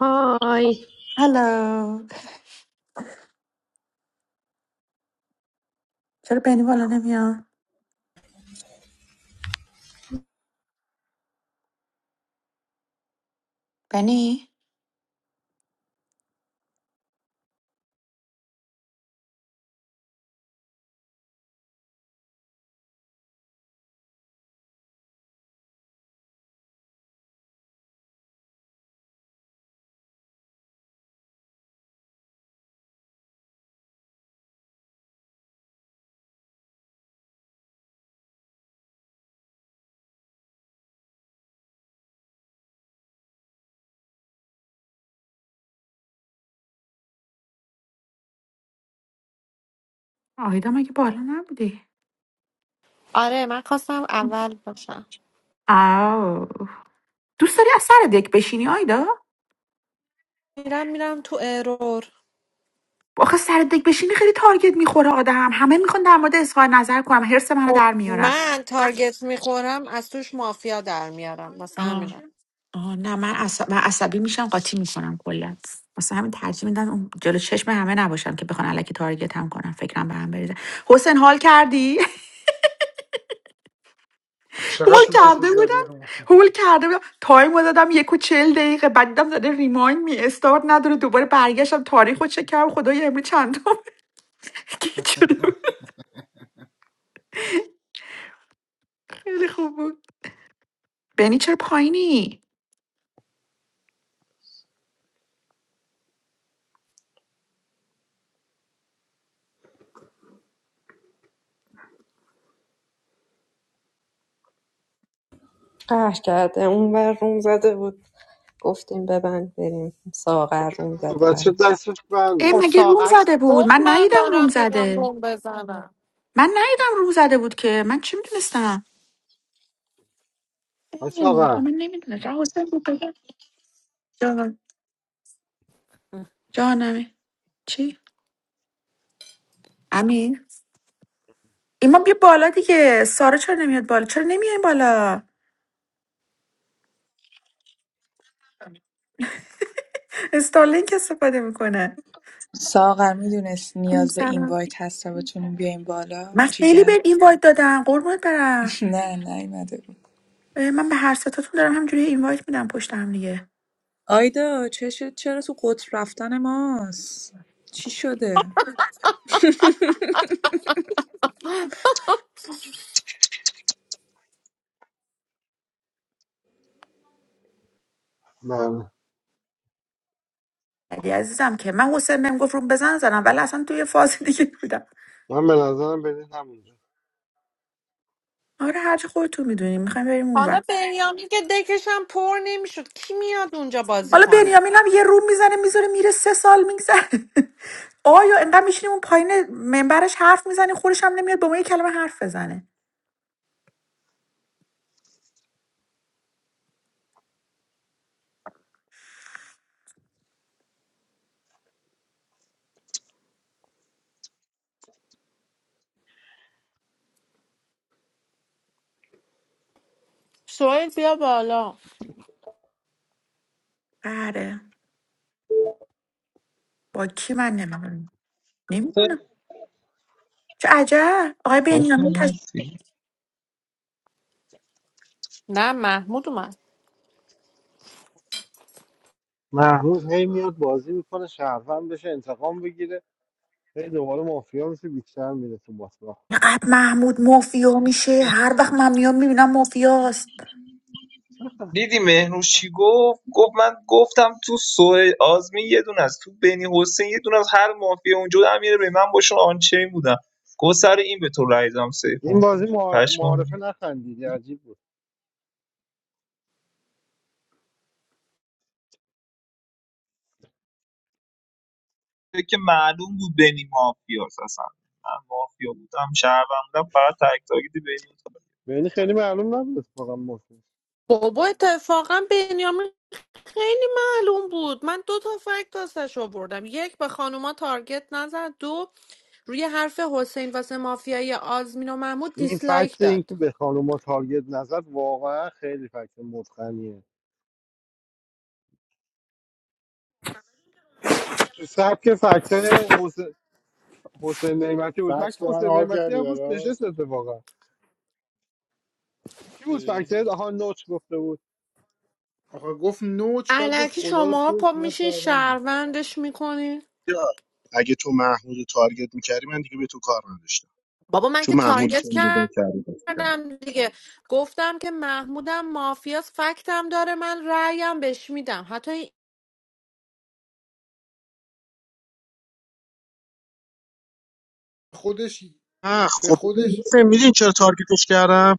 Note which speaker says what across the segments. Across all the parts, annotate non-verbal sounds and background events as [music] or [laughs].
Speaker 1: های
Speaker 2: هلو چرا بنی بالا نمیاد بنی آیدا مگه بالا نبودی
Speaker 3: آره من خواستم اول باشم
Speaker 2: آو دوست داری از سر دک بشینی آیدا
Speaker 3: میرم میرم تو ارور
Speaker 2: آخه سر دک بشینی خیلی تارگت میخوره آدم همه میخوان در مورد اظهار نظر کنم حرس منو
Speaker 3: خب
Speaker 2: در میارن
Speaker 3: من تارگت میخورم از توش مافیا در میارم مثلا
Speaker 2: آه
Speaker 3: همینا
Speaker 2: آه نه من, عصب... من عصبی میشم قاطی میکنم کلا واسه همین ترجیح میدم اون جلو چشم همه نباشم که بخوان علکی تارگت هم کنم فکرم به هم بریزه حسین حال کردی [laughs]
Speaker 4: چقدر
Speaker 2: هول
Speaker 4: طول
Speaker 2: کرده
Speaker 4: کشید زدی
Speaker 2: بودم هول کرده بودم تایم رو دادم یک و چل دقیقه بعد دیدم زده ریمایند می استارت نداره دوباره برگشتم تاریخ رو چک کردم خدای امروز چندم گیج شده بود. خیلی خوب بود بنی چرا پایینی
Speaker 1: قهر کرده اون بر روم زده بود گفتیم ببند بریم ساغر روم زده
Speaker 5: بچه
Speaker 1: قهر کرد.
Speaker 5: دستش
Speaker 2: ای
Speaker 3: خب
Speaker 5: بنده
Speaker 2: مگه روم
Speaker 3: ساقش
Speaker 2: زده بود
Speaker 3: گفت
Speaker 2: من
Speaker 3: من
Speaker 2: ندیدم روم
Speaker 3: دارم میرم
Speaker 2: زده
Speaker 3: روم بزنم
Speaker 2: من ندیدم روم زده بود که من چی میدونستم
Speaker 5: بچه
Speaker 2: خب
Speaker 5: آقا
Speaker 2: من نمیدونستم حسین بود بگم جان جانمه چی امین ایمان بیا بالا دیگه سارا چرا نمیاد بالا چرا نمیای بالا استارلینک استفاده میکنه
Speaker 6: ساغر میدونست
Speaker 2: این
Speaker 6: نیاز به این
Speaker 2: سلام
Speaker 6: وایت هست تا بتونیم بیایم بالا
Speaker 2: من خیلی
Speaker 6: جیگر
Speaker 2: به این وایت دادم قربونت
Speaker 6: [laughs]
Speaker 2: برم
Speaker 6: نه نیومده بود
Speaker 2: اه، من به هر ستاتون دارم همجوری این وایت میدم پشت هم دیگه
Speaker 6: آیدا چه شد چرا تو قطر رفتن ماست چی شده
Speaker 5: من
Speaker 2: علی عزیزم که من حسین بهم گفت رو بزن زدم ولی اصلا توی فاز دیگه بودم
Speaker 5: من به نظرم برید همونجا
Speaker 2: آره هرچی خودتون میدونیم میخوایم بریم
Speaker 3: حالا
Speaker 2: اونور
Speaker 3: بنیامین که دکشم پر نمیشد کی میاد اونجا بازی
Speaker 2: حالا
Speaker 3: کنه
Speaker 2: بنیامین هم یه روم میزنه میذاره میره سه سال میگذره [laughs] آیا انقدر میشینیم اون پایین منبرش حرف میزنی خورش هم نمیاد با ما یه کلمه حرف بزنه
Speaker 3: سویل بیا بالا
Speaker 2: آره با کی من نمیدونم نمیدونم چه عجب آقای بنیامین
Speaker 7: حسین هستی
Speaker 3: نه محمود اومد
Speaker 5: محمود هی میاد بازی میکنه شهروند بشه انتقام بگیره هی دوباره مافیا میشه بیشتر میره تو باسما
Speaker 2: اینقدر محمود مافیا میشه هر وقت من میام میبینم مافیاست
Speaker 7: دیدی مهنوش چی گفت گفت من گفتم تو سوه آزمی یه دونه است تو بنی حسین یه دونه از هر مافیا اونجا بود، امیر به من باشون آنچین بودم گفت سر این به تو رای دادم سیف
Speaker 5: این
Speaker 7: مافیا
Speaker 5: بازی معار-
Speaker 7: پشمام
Speaker 5: معارفه
Speaker 7: ریخت.
Speaker 5: نخندیدی عجیب بود
Speaker 7: فکر که معلوم بود بنی مافیاست اصلا من مافیا بودم شهروند بودم فقط تک تاکید بنی بود
Speaker 5: یعنی خیلی معلوم نبود اتفاقا مافیا
Speaker 3: بابا اتفاقا بنیامین خیلی معلوم بود من دو تا فکت واسش آوردم یک به خانوما تارگت نزد دو روی حرف حسین واسه مافیای آزمین و محمود
Speaker 5: این
Speaker 3: دیسلایک
Speaker 5: فکت اینکه
Speaker 3: داد
Speaker 5: که به خانوما تارگت نزد واقعا خیلی فکت متقنیه تو سبک فکت حسین حسین نعمتی بود
Speaker 4: بکس
Speaker 5: فکت
Speaker 4: من
Speaker 5: حسین
Speaker 4: حال
Speaker 5: نعمتی
Speaker 4: کردی
Speaker 5: هم روز
Speaker 4: براش
Speaker 5: نشست اتفاقا چی بود فکت
Speaker 4: دیدی؟
Speaker 5: آها نوچ گفته بود
Speaker 4: آخه گفت نوچ بعد گفت
Speaker 3: علکی
Speaker 4: خدا رو
Speaker 3: شما
Speaker 4: شکر که
Speaker 3: پا
Speaker 4: من
Speaker 3: میشین
Speaker 4: شهروندم
Speaker 3: شهروندش میکنین
Speaker 8: یا اگه تو محمود رو تارگت میکردی من دیگه به تو کار نداشتم
Speaker 3: بابا من
Speaker 8: چون
Speaker 3: که
Speaker 8: محمود
Speaker 3: تارگت
Speaker 8: تو نگاه کردی بازی کرد
Speaker 3: کردم دیگه گفتم که محمودم مافیاس فکتم داره من رأیم بهش میدم حتی این-
Speaker 4: خودش
Speaker 8: آه
Speaker 4: به
Speaker 8: خب
Speaker 4: خودش
Speaker 8: میدین چرا تارگتش کردم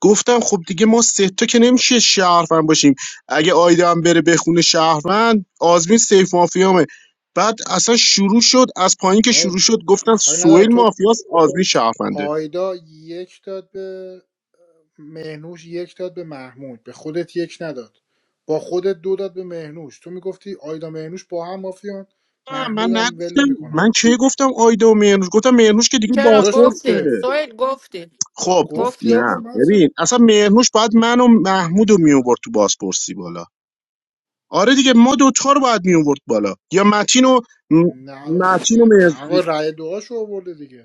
Speaker 8: گفتم خب دیگه ما سه تا که نمیشه شهروند باشیم اگه آیده هم بره بخونه شهروند آزمین سیف مافیامه بعد اصلا شروع شد از پایین که
Speaker 4: آقا
Speaker 8: شروع شد
Speaker 4: تو
Speaker 8: گفتم
Speaker 4: کاری نداره
Speaker 8: سوئیل
Speaker 4: تو
Speaker 8: مافیاس آزمین شهرونده
Speaker 4: آیدا یک داد به مهنوش یک داد به محمود به خودت یک نداد با خودت دو داد به مهنوش تو میگفتی آیدا مهنوش با هم مافیان
Speaker 8: نه، من
Speaker 4: محمودم ول
Speaker 8: نگفتم
Speaker 4: میکنم
Speaker 8: من چه گفتم آیده و مهرنوش گفتم مهرنوش که دیگه
Speaker 3: چرا
Speaker 4: داداش تو
Speaker 3: گفتی
Speaker 4: اه.
Speaker 8: بازپرسه
Speaker 3: سویل گفتی
Speaker 8: خب
Speaker 4: گفتی
Speaker 3: گفتی
Speaker 4: آقا
Speaker 8: نه
Speaker 4: من اصلا
Speaker 8: ببین اصلا مهرنوش باید من و محمود رو میوورد تو بازپرسی بالا آره دیگه ما دوتا رو باید میوورد بالا یا متین و م-
Speaker 4: نه
Speaker 8: متین و مهر-
Speaker 4: نه آقا رأی دعاشو آورده دیگه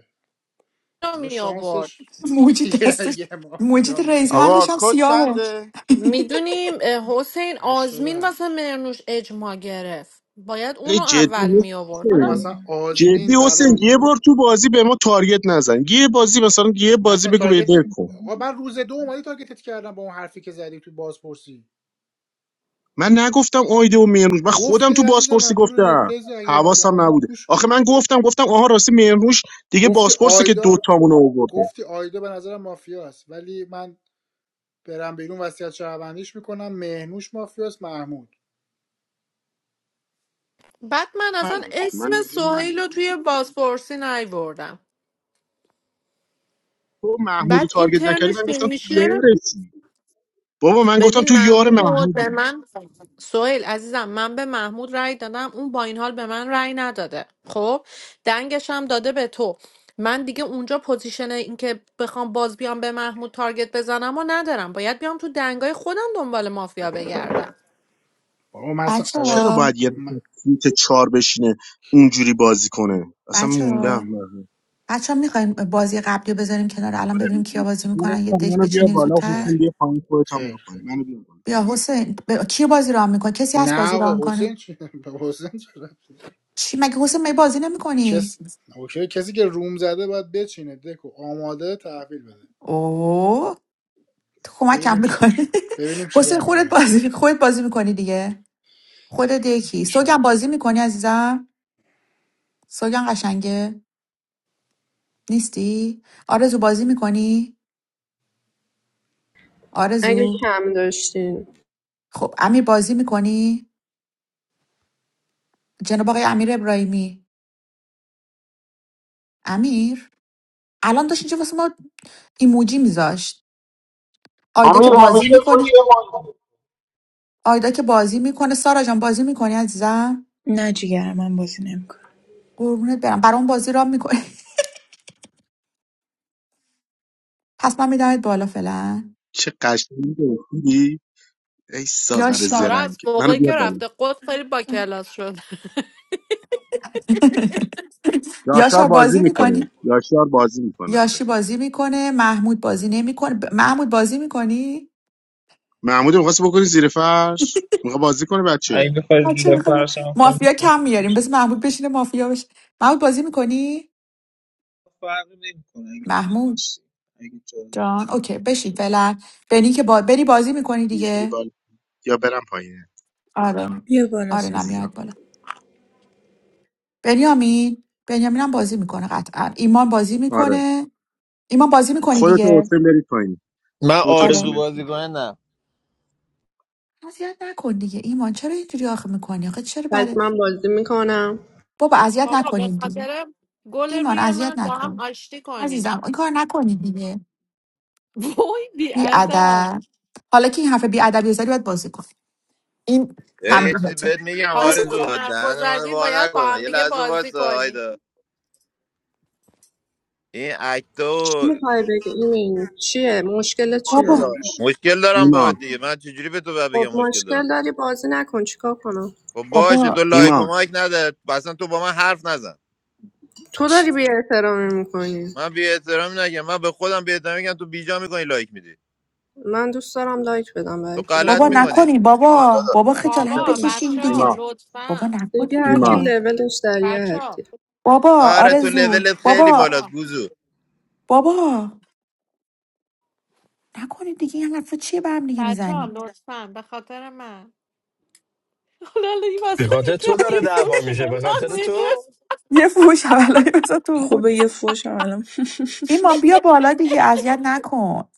Speaker 3: اینو
Speaker 4: حالا
Speaker 3: می آوردم.
Speaker 4: شانسش [laughs]
Speaker 2: موجی
Speaker 4: یه
Speaker 2: دستش
Speaker 4: یه
Speaker 2: موجی
Speaker 4: مافیا اومد.
Speaker 2: رئیس هندش
Speaker 9: آقا
Speaker 2: هم
Speaker 9: کد
Speaker 2: سیاهه
Speaker 9: چنده
Speaker 3: میدونیم حسین
Speaker 4: هشت.
Speaker 3: آزمین
Speaker 4: با
Speaker 3: واسه مرنوش اجماع گرفت باید
Speaker 8: آره
Speaker 3: اونو
Speaker 8: جدی
Speaker 3: اول می آورد حالا
Speaker 8: حسین.
Speaker 4: مثلا آزمین
Speaker 8: جدی حسین
Speaker 4: برام
Speaker 8: یه بار تو بازی به ما تارگت نزن یه بازی مثلا یه بازی
Speaker 4: مثلا
Speaker 8: بگو به
Speaker 4: تارگت
Speaker 8: ول کن
Speaker 4: آقا من روز دو اومدی تارگتت کردم با اون حرفی که زدی تو بازپرسی
Speaker 8: من نگفتم آیده و مهرنوش من خودم
Speaker 4: گفتی
Speaker 8: تو
Speaker 4: عزیز
Speaker 8: بازپرسی
Speaker 4: من برو
Speaker 8: گفتم
Speaker 4: ریپلیز رو اگه با
Speaker 8: حواسم
Speaker 4: هم بود
Speaker 8: نبوده
Speaker 4: گوش
Speaker 8: آخه من گفتم گفتم آها راستی مهرنوش دیگه
Speaker 4: گفتی
Speaker 8: بازپرسه که
Speaker 4: آیدا
Speaker 8: دوتامون رو آورده
Speaker 4: گفتی آیدا به نظرم مافیاست ولی من برم بیرون وصیت شهروندیش میکنم مهنوش مافیاست محمود
Speaker 3: بعد من اصلا اسم
Speaker 8: من
Speaker 3: سهیل رو توی بازپرسی نیوردم
Speaker 8: تو محمودو رو
Speaker 3: بعد این
Speaker 8: تارگت نکردی
Speaker 3: ترنش
Speaker 8: من
Speaker 3: فیلم
Speaker 8: گفتم تو
Speaker 3: میشه
Speaker 8: یارشی بابا من گفتم
Speaker 3: ببین
Speaker 8: تو یار
Speaker 3: محمود به
Speaker 8: محمودی
Speaker 3: من سهیل عزیزم من به محمود رأی دادم اون با این حال به من رأی نداده خب دنگش هم داده به تو من دیگه اونجا پوزیشن اینکه بخوام باز بیام به محمود تارگت بزنم و ندارم باید بیام تو دنگای خودم دنبال مافیا بگردم
Speaker 4: بابا مثلا
Speaker 2: بچه
Speaker 4: آقا
Speaker 8: چرا
Speaker 2: ها
Speaker 8: باید یه
Speaker 4: م...
Speaker 8: نفر سیت چار بشینه
Speaker 4: که
Speaker 8: اونجوری بازی کنه اصلا
Speaker 2: بچه
Speaker 4: ساغر
Speaker 8: موندم
Speaker 2: ها بچه ها میخوایم بازی قبلی رو بذاریم کنار الان ببینیم
Speaker 8: آره،
Speaker 2: کیا بازی میکنن یه دک
Speaker 8: منو بیار
Speaker 2: بچینیم
Speaker 8: بالا
Speaker 4: خیر
Speaker 2: زودتر
Speaker 8: حسین بیا پایین خودت هم
Speaker 4: خیر
Speaker 8: برو
Speaker 4: خیر
Speaker 8: پایین منو بیار بالا
Speaker 2: بیا حسین ب... کی بازی ران میکنه کسی هست
Speaker 4: نه
Speaker 2: بازی ران
Speaker 4: آقا
Speaker 2: کنه
Speaker 4: حسین چی [laughs] حسین چرا
Speaker 2: چی مگه حسین می بازی نمیکنی
Speaker 4: کس اوکی کسی که روم زده باید بچینه دکو آماده تحویل بده
Speaker 2: اوه تو کمک
Speaker 4: ببینیم چی
Speaker 2: میکنی
Speaker 4: ببینیم
Speaker 2: [laughs] حسین
Speaker 4: چیکار
Speaker 2: خودت
Speaker 4: میکنید
Speaker 2: بازی خودت بازی میکنی دیگه خودت یکی سوگم
Speaker 4: ایشالله
Speaker 2: بازی میکنی عزیزم سوگن قشنگه نیستی آرزو بازی میکنی
Speaker 1: اگه
Speaker 2: آرزو
Speaker 1: کم داشتین
Speaker 2: خب امیر بازی میکنی جناب آقای امیر ابراهیمی امیر الان داشت اینجا واسه ما ایموجی میذاشت آیدا که
Speaker 9: امیر
Speaker 2: بازی
Speaker 9: همیشه تو
Speaker 2: میکنه
Speaker 9: چه
Speaker 2: آیدا که بازی میکنه سارا جان بازی میکنی عزیزم
Speaker 6: نه جیگر من بازی نمیکنم
Speaker 2: قربونت برم برام بازی را میکنه [laughs] پس من میدمت بالا فعلا
Speaker 8: چه قشنگی گفتی ای ساغر
Speaker 2: یاشا
Speaker 3: سارا از
Speaker 8: زرنگ منو
Speaker 3: موقعی
Speaker 8: بیار
Speaker 3: که
Speaker 8: بالا
Speaker 3: رفته قد خیلی با کلاس شد [laughs]
Speaker 2: [laughs]
Speaker 8: یاشار
Speaker 2: یاشا
Speaker 8: بازی
Speaker 2: بازی
Speaker 8: میکنه
Speaker 2: میکنی
Speaker 8: یاشار بازی میکنه آره
Speaker 2: یاشی بازی میکنه محمود بازی نمیکنه ب- محمود بازی میکنی
Speaker 8: محمود میخواست بکنی زیر فرش میخواد بازی کنه
Speaker 7: اگه
Speaker 8: بچه
Speaker 7: بخوای
Speaker 2: بچه
Speaker 7: زیر
Speaker 2: میخواد ب-
Speaker 7: فرشم کنی
Speaker 2: مافیا
Speaker 7: کن.
Speaker 2: کم میاریم بس محمود بشینه مافیا بشه محمود بازی میکنی
Speaker 7: فرقی نمیکنه اگه جا
Speaker 2: محمود
Speaker 7: داشتی. اگه جا داشتی.
Speaker 2: جان اوکی بشین فعلا بنی که با... بنی بازی میکنی
Speaker 8: میاری
Speaker 2: دیگه
Speaker 8: بالا یا برم پایین
Speaker 2: آره
Speaker 6: بیا بالا
Speaker 2: آره
Speaker 6: ساری
Speaker 2: نمیاد
Speaker 8: عزیزم
Speaker 2: بالا بنیامین بنیامین هم بازی میکنه قطعا ایمان بازی
Speaker 8: آره
Speaker 2: میکنه ایمان بازی میکنی
Speaker 8: خودت و
Speaker 2: دیگه
Speaker 8: حسین برید پایین
Speaker 10: من
Speaker 8: خودتو
Speaker 10: آرزو
Speaker 2: آره
Speaker 8: حوصله کن
Speaker 10: بازی کنه نه
Speaker 2: اذیت نکن دیگه ایمان چرا اینجوری آخه میکنی آخه چرا
Speaker 1: پس
Speaker 2: بله
Speaker 1: من بازی میکنم
Speaker 2: بابا اذیت
Speaker 3: بابا به
Speaker 2: نکنین دیگه
Speaker 3: خاطر گل
Speaker 2: ایمان
Speaker 3: روی
Speaker 2: اذیت
Speaker 3: من با هم
Speaker 2: نکن
Speaker 3: آشتی کنیم
Speaker 2: عزیزم این کار نکنید دیگه
Speaker 3: وای
Speaker 2: بی
Speaker 3: بیادر
Speaker 2: ادب حالا که این حرف بی ادبی رو زدی باید بازی کن این
Speaker 10: اه، یه چیزی
Speaker 2: تنبیهاته
Speaker 10: بهت میگم
Speaker 3: حالا
Speaker 2: از این
Speaker 3: که
Speaker 10: آرزو
Speaker 2: بابا
Speaker 3: حرفو
Speaker 10: دهن من
Speaker 3: زدی
Speaker 10: وا
Speaker 3: باید با
Speaker 10: نکنه
Speaker 3: هم
Speaker 10: یه
Speaker 3: دیگه
Speaker 10: لحظه
Speaker 3: بازی
Speaker 10: وایسا
Speaker 3: کنیم
Speaker 10: آیدا این اکتا
Speaker 1: چی
Speaker 10: و
Speaker 1: میخوای بگی این چیه مشکل
Speaker 8: ایمان
Speaker 2: بابا
Speaker 1: چیه
Speaker 8: داداش
Speaker 10: مشکل دارم
Speaker 8: ایمان
Speaker 10: باهات دیگه من چجوری به تو باید
Speaker 1: خب
Speaker 10: بگم مشکل دارم
Speaker 1: مشکل داری بازی نکن چیکار کنم
Speaker 10: خب باشه
Speaker 2: بابا
Speaker 10: تو لایک و
Speaker 8: ایمان
Speaker 10: مایک نده اصلا تو با من حرف نزن
Speaker 1: تو داری
Speaker 2: چ-
Speaker 1: بی احترامی میکنی
Speaker 10: من بی احترامی نگم من به خودم بی احترامی میگم تو بیجا میکنی لایک میدی
Speaker 1: من دوست دارم لایک بدم
Speaker 10: تو
Speaker 1: برای که
Speaker 10: غلط
Speaker 2: بابا
Speaker 1: بخوام لایک
Speaker 10: میکنی
Speaker 2: نکنین
Speaker 8: ایمان
Speaker 2: بابا
Speaker 8: داداش
Speaker 2: بابا خجالت
Speaker 3: بابا
Speaker 8: خاطر من.
Speaker 2: بکشین
Speaker 3: بچه ها
Speaker 2: دیگه
Speaker 8: ایمان
Speaker 2: بابا
Speaker 3: لطفا
Speaker 1: دیگه
Speaker 2: نکنین این
Speaker 1: هر کی
Speaker 8: ایمان
Speaker 2: کارو
Speaker 1: لولش در یه
Speaker 3: بچه ها
Speaker 1: حدی
Speaker 2: بابا
Speaker 10: آره تو
Speaker 2: آرزو
Speaker 3: لطفا
Speaker 10: لولت خیلی
Speaker 2: بابا
Speaker 3: بچه
Speaker 10: بالاست
Speaker 3: ها
Speaker 10: گوزو
Speaker 2: بابا نکنین دیگه این حرفا چیه به هم دیگه
Speaker 3: بچه ها
Speaker 2: میزنیم
Speaker 3: لطفا به خاطر من حالا الان این
Speaker 11: به
Speaker 3: وسط
Speaker 11: خاطر
Speaker 3: یکم
Speaker 11: تو داره
Speaker 3: یه
Speaker 11: دعوا
Speaker 3: فوشی به
Speaker 11: میشه به
Speaker 3: من
Speaker 11: خاطر
Speaker 3: میده
Speaker 11: تو
Speaker 2: یه فوش اولایی واسه تو بخور
Speaker 6: خوبه یه فوش الان
Speaker 2: ایمان بیا بالا دیگه اذیت نکن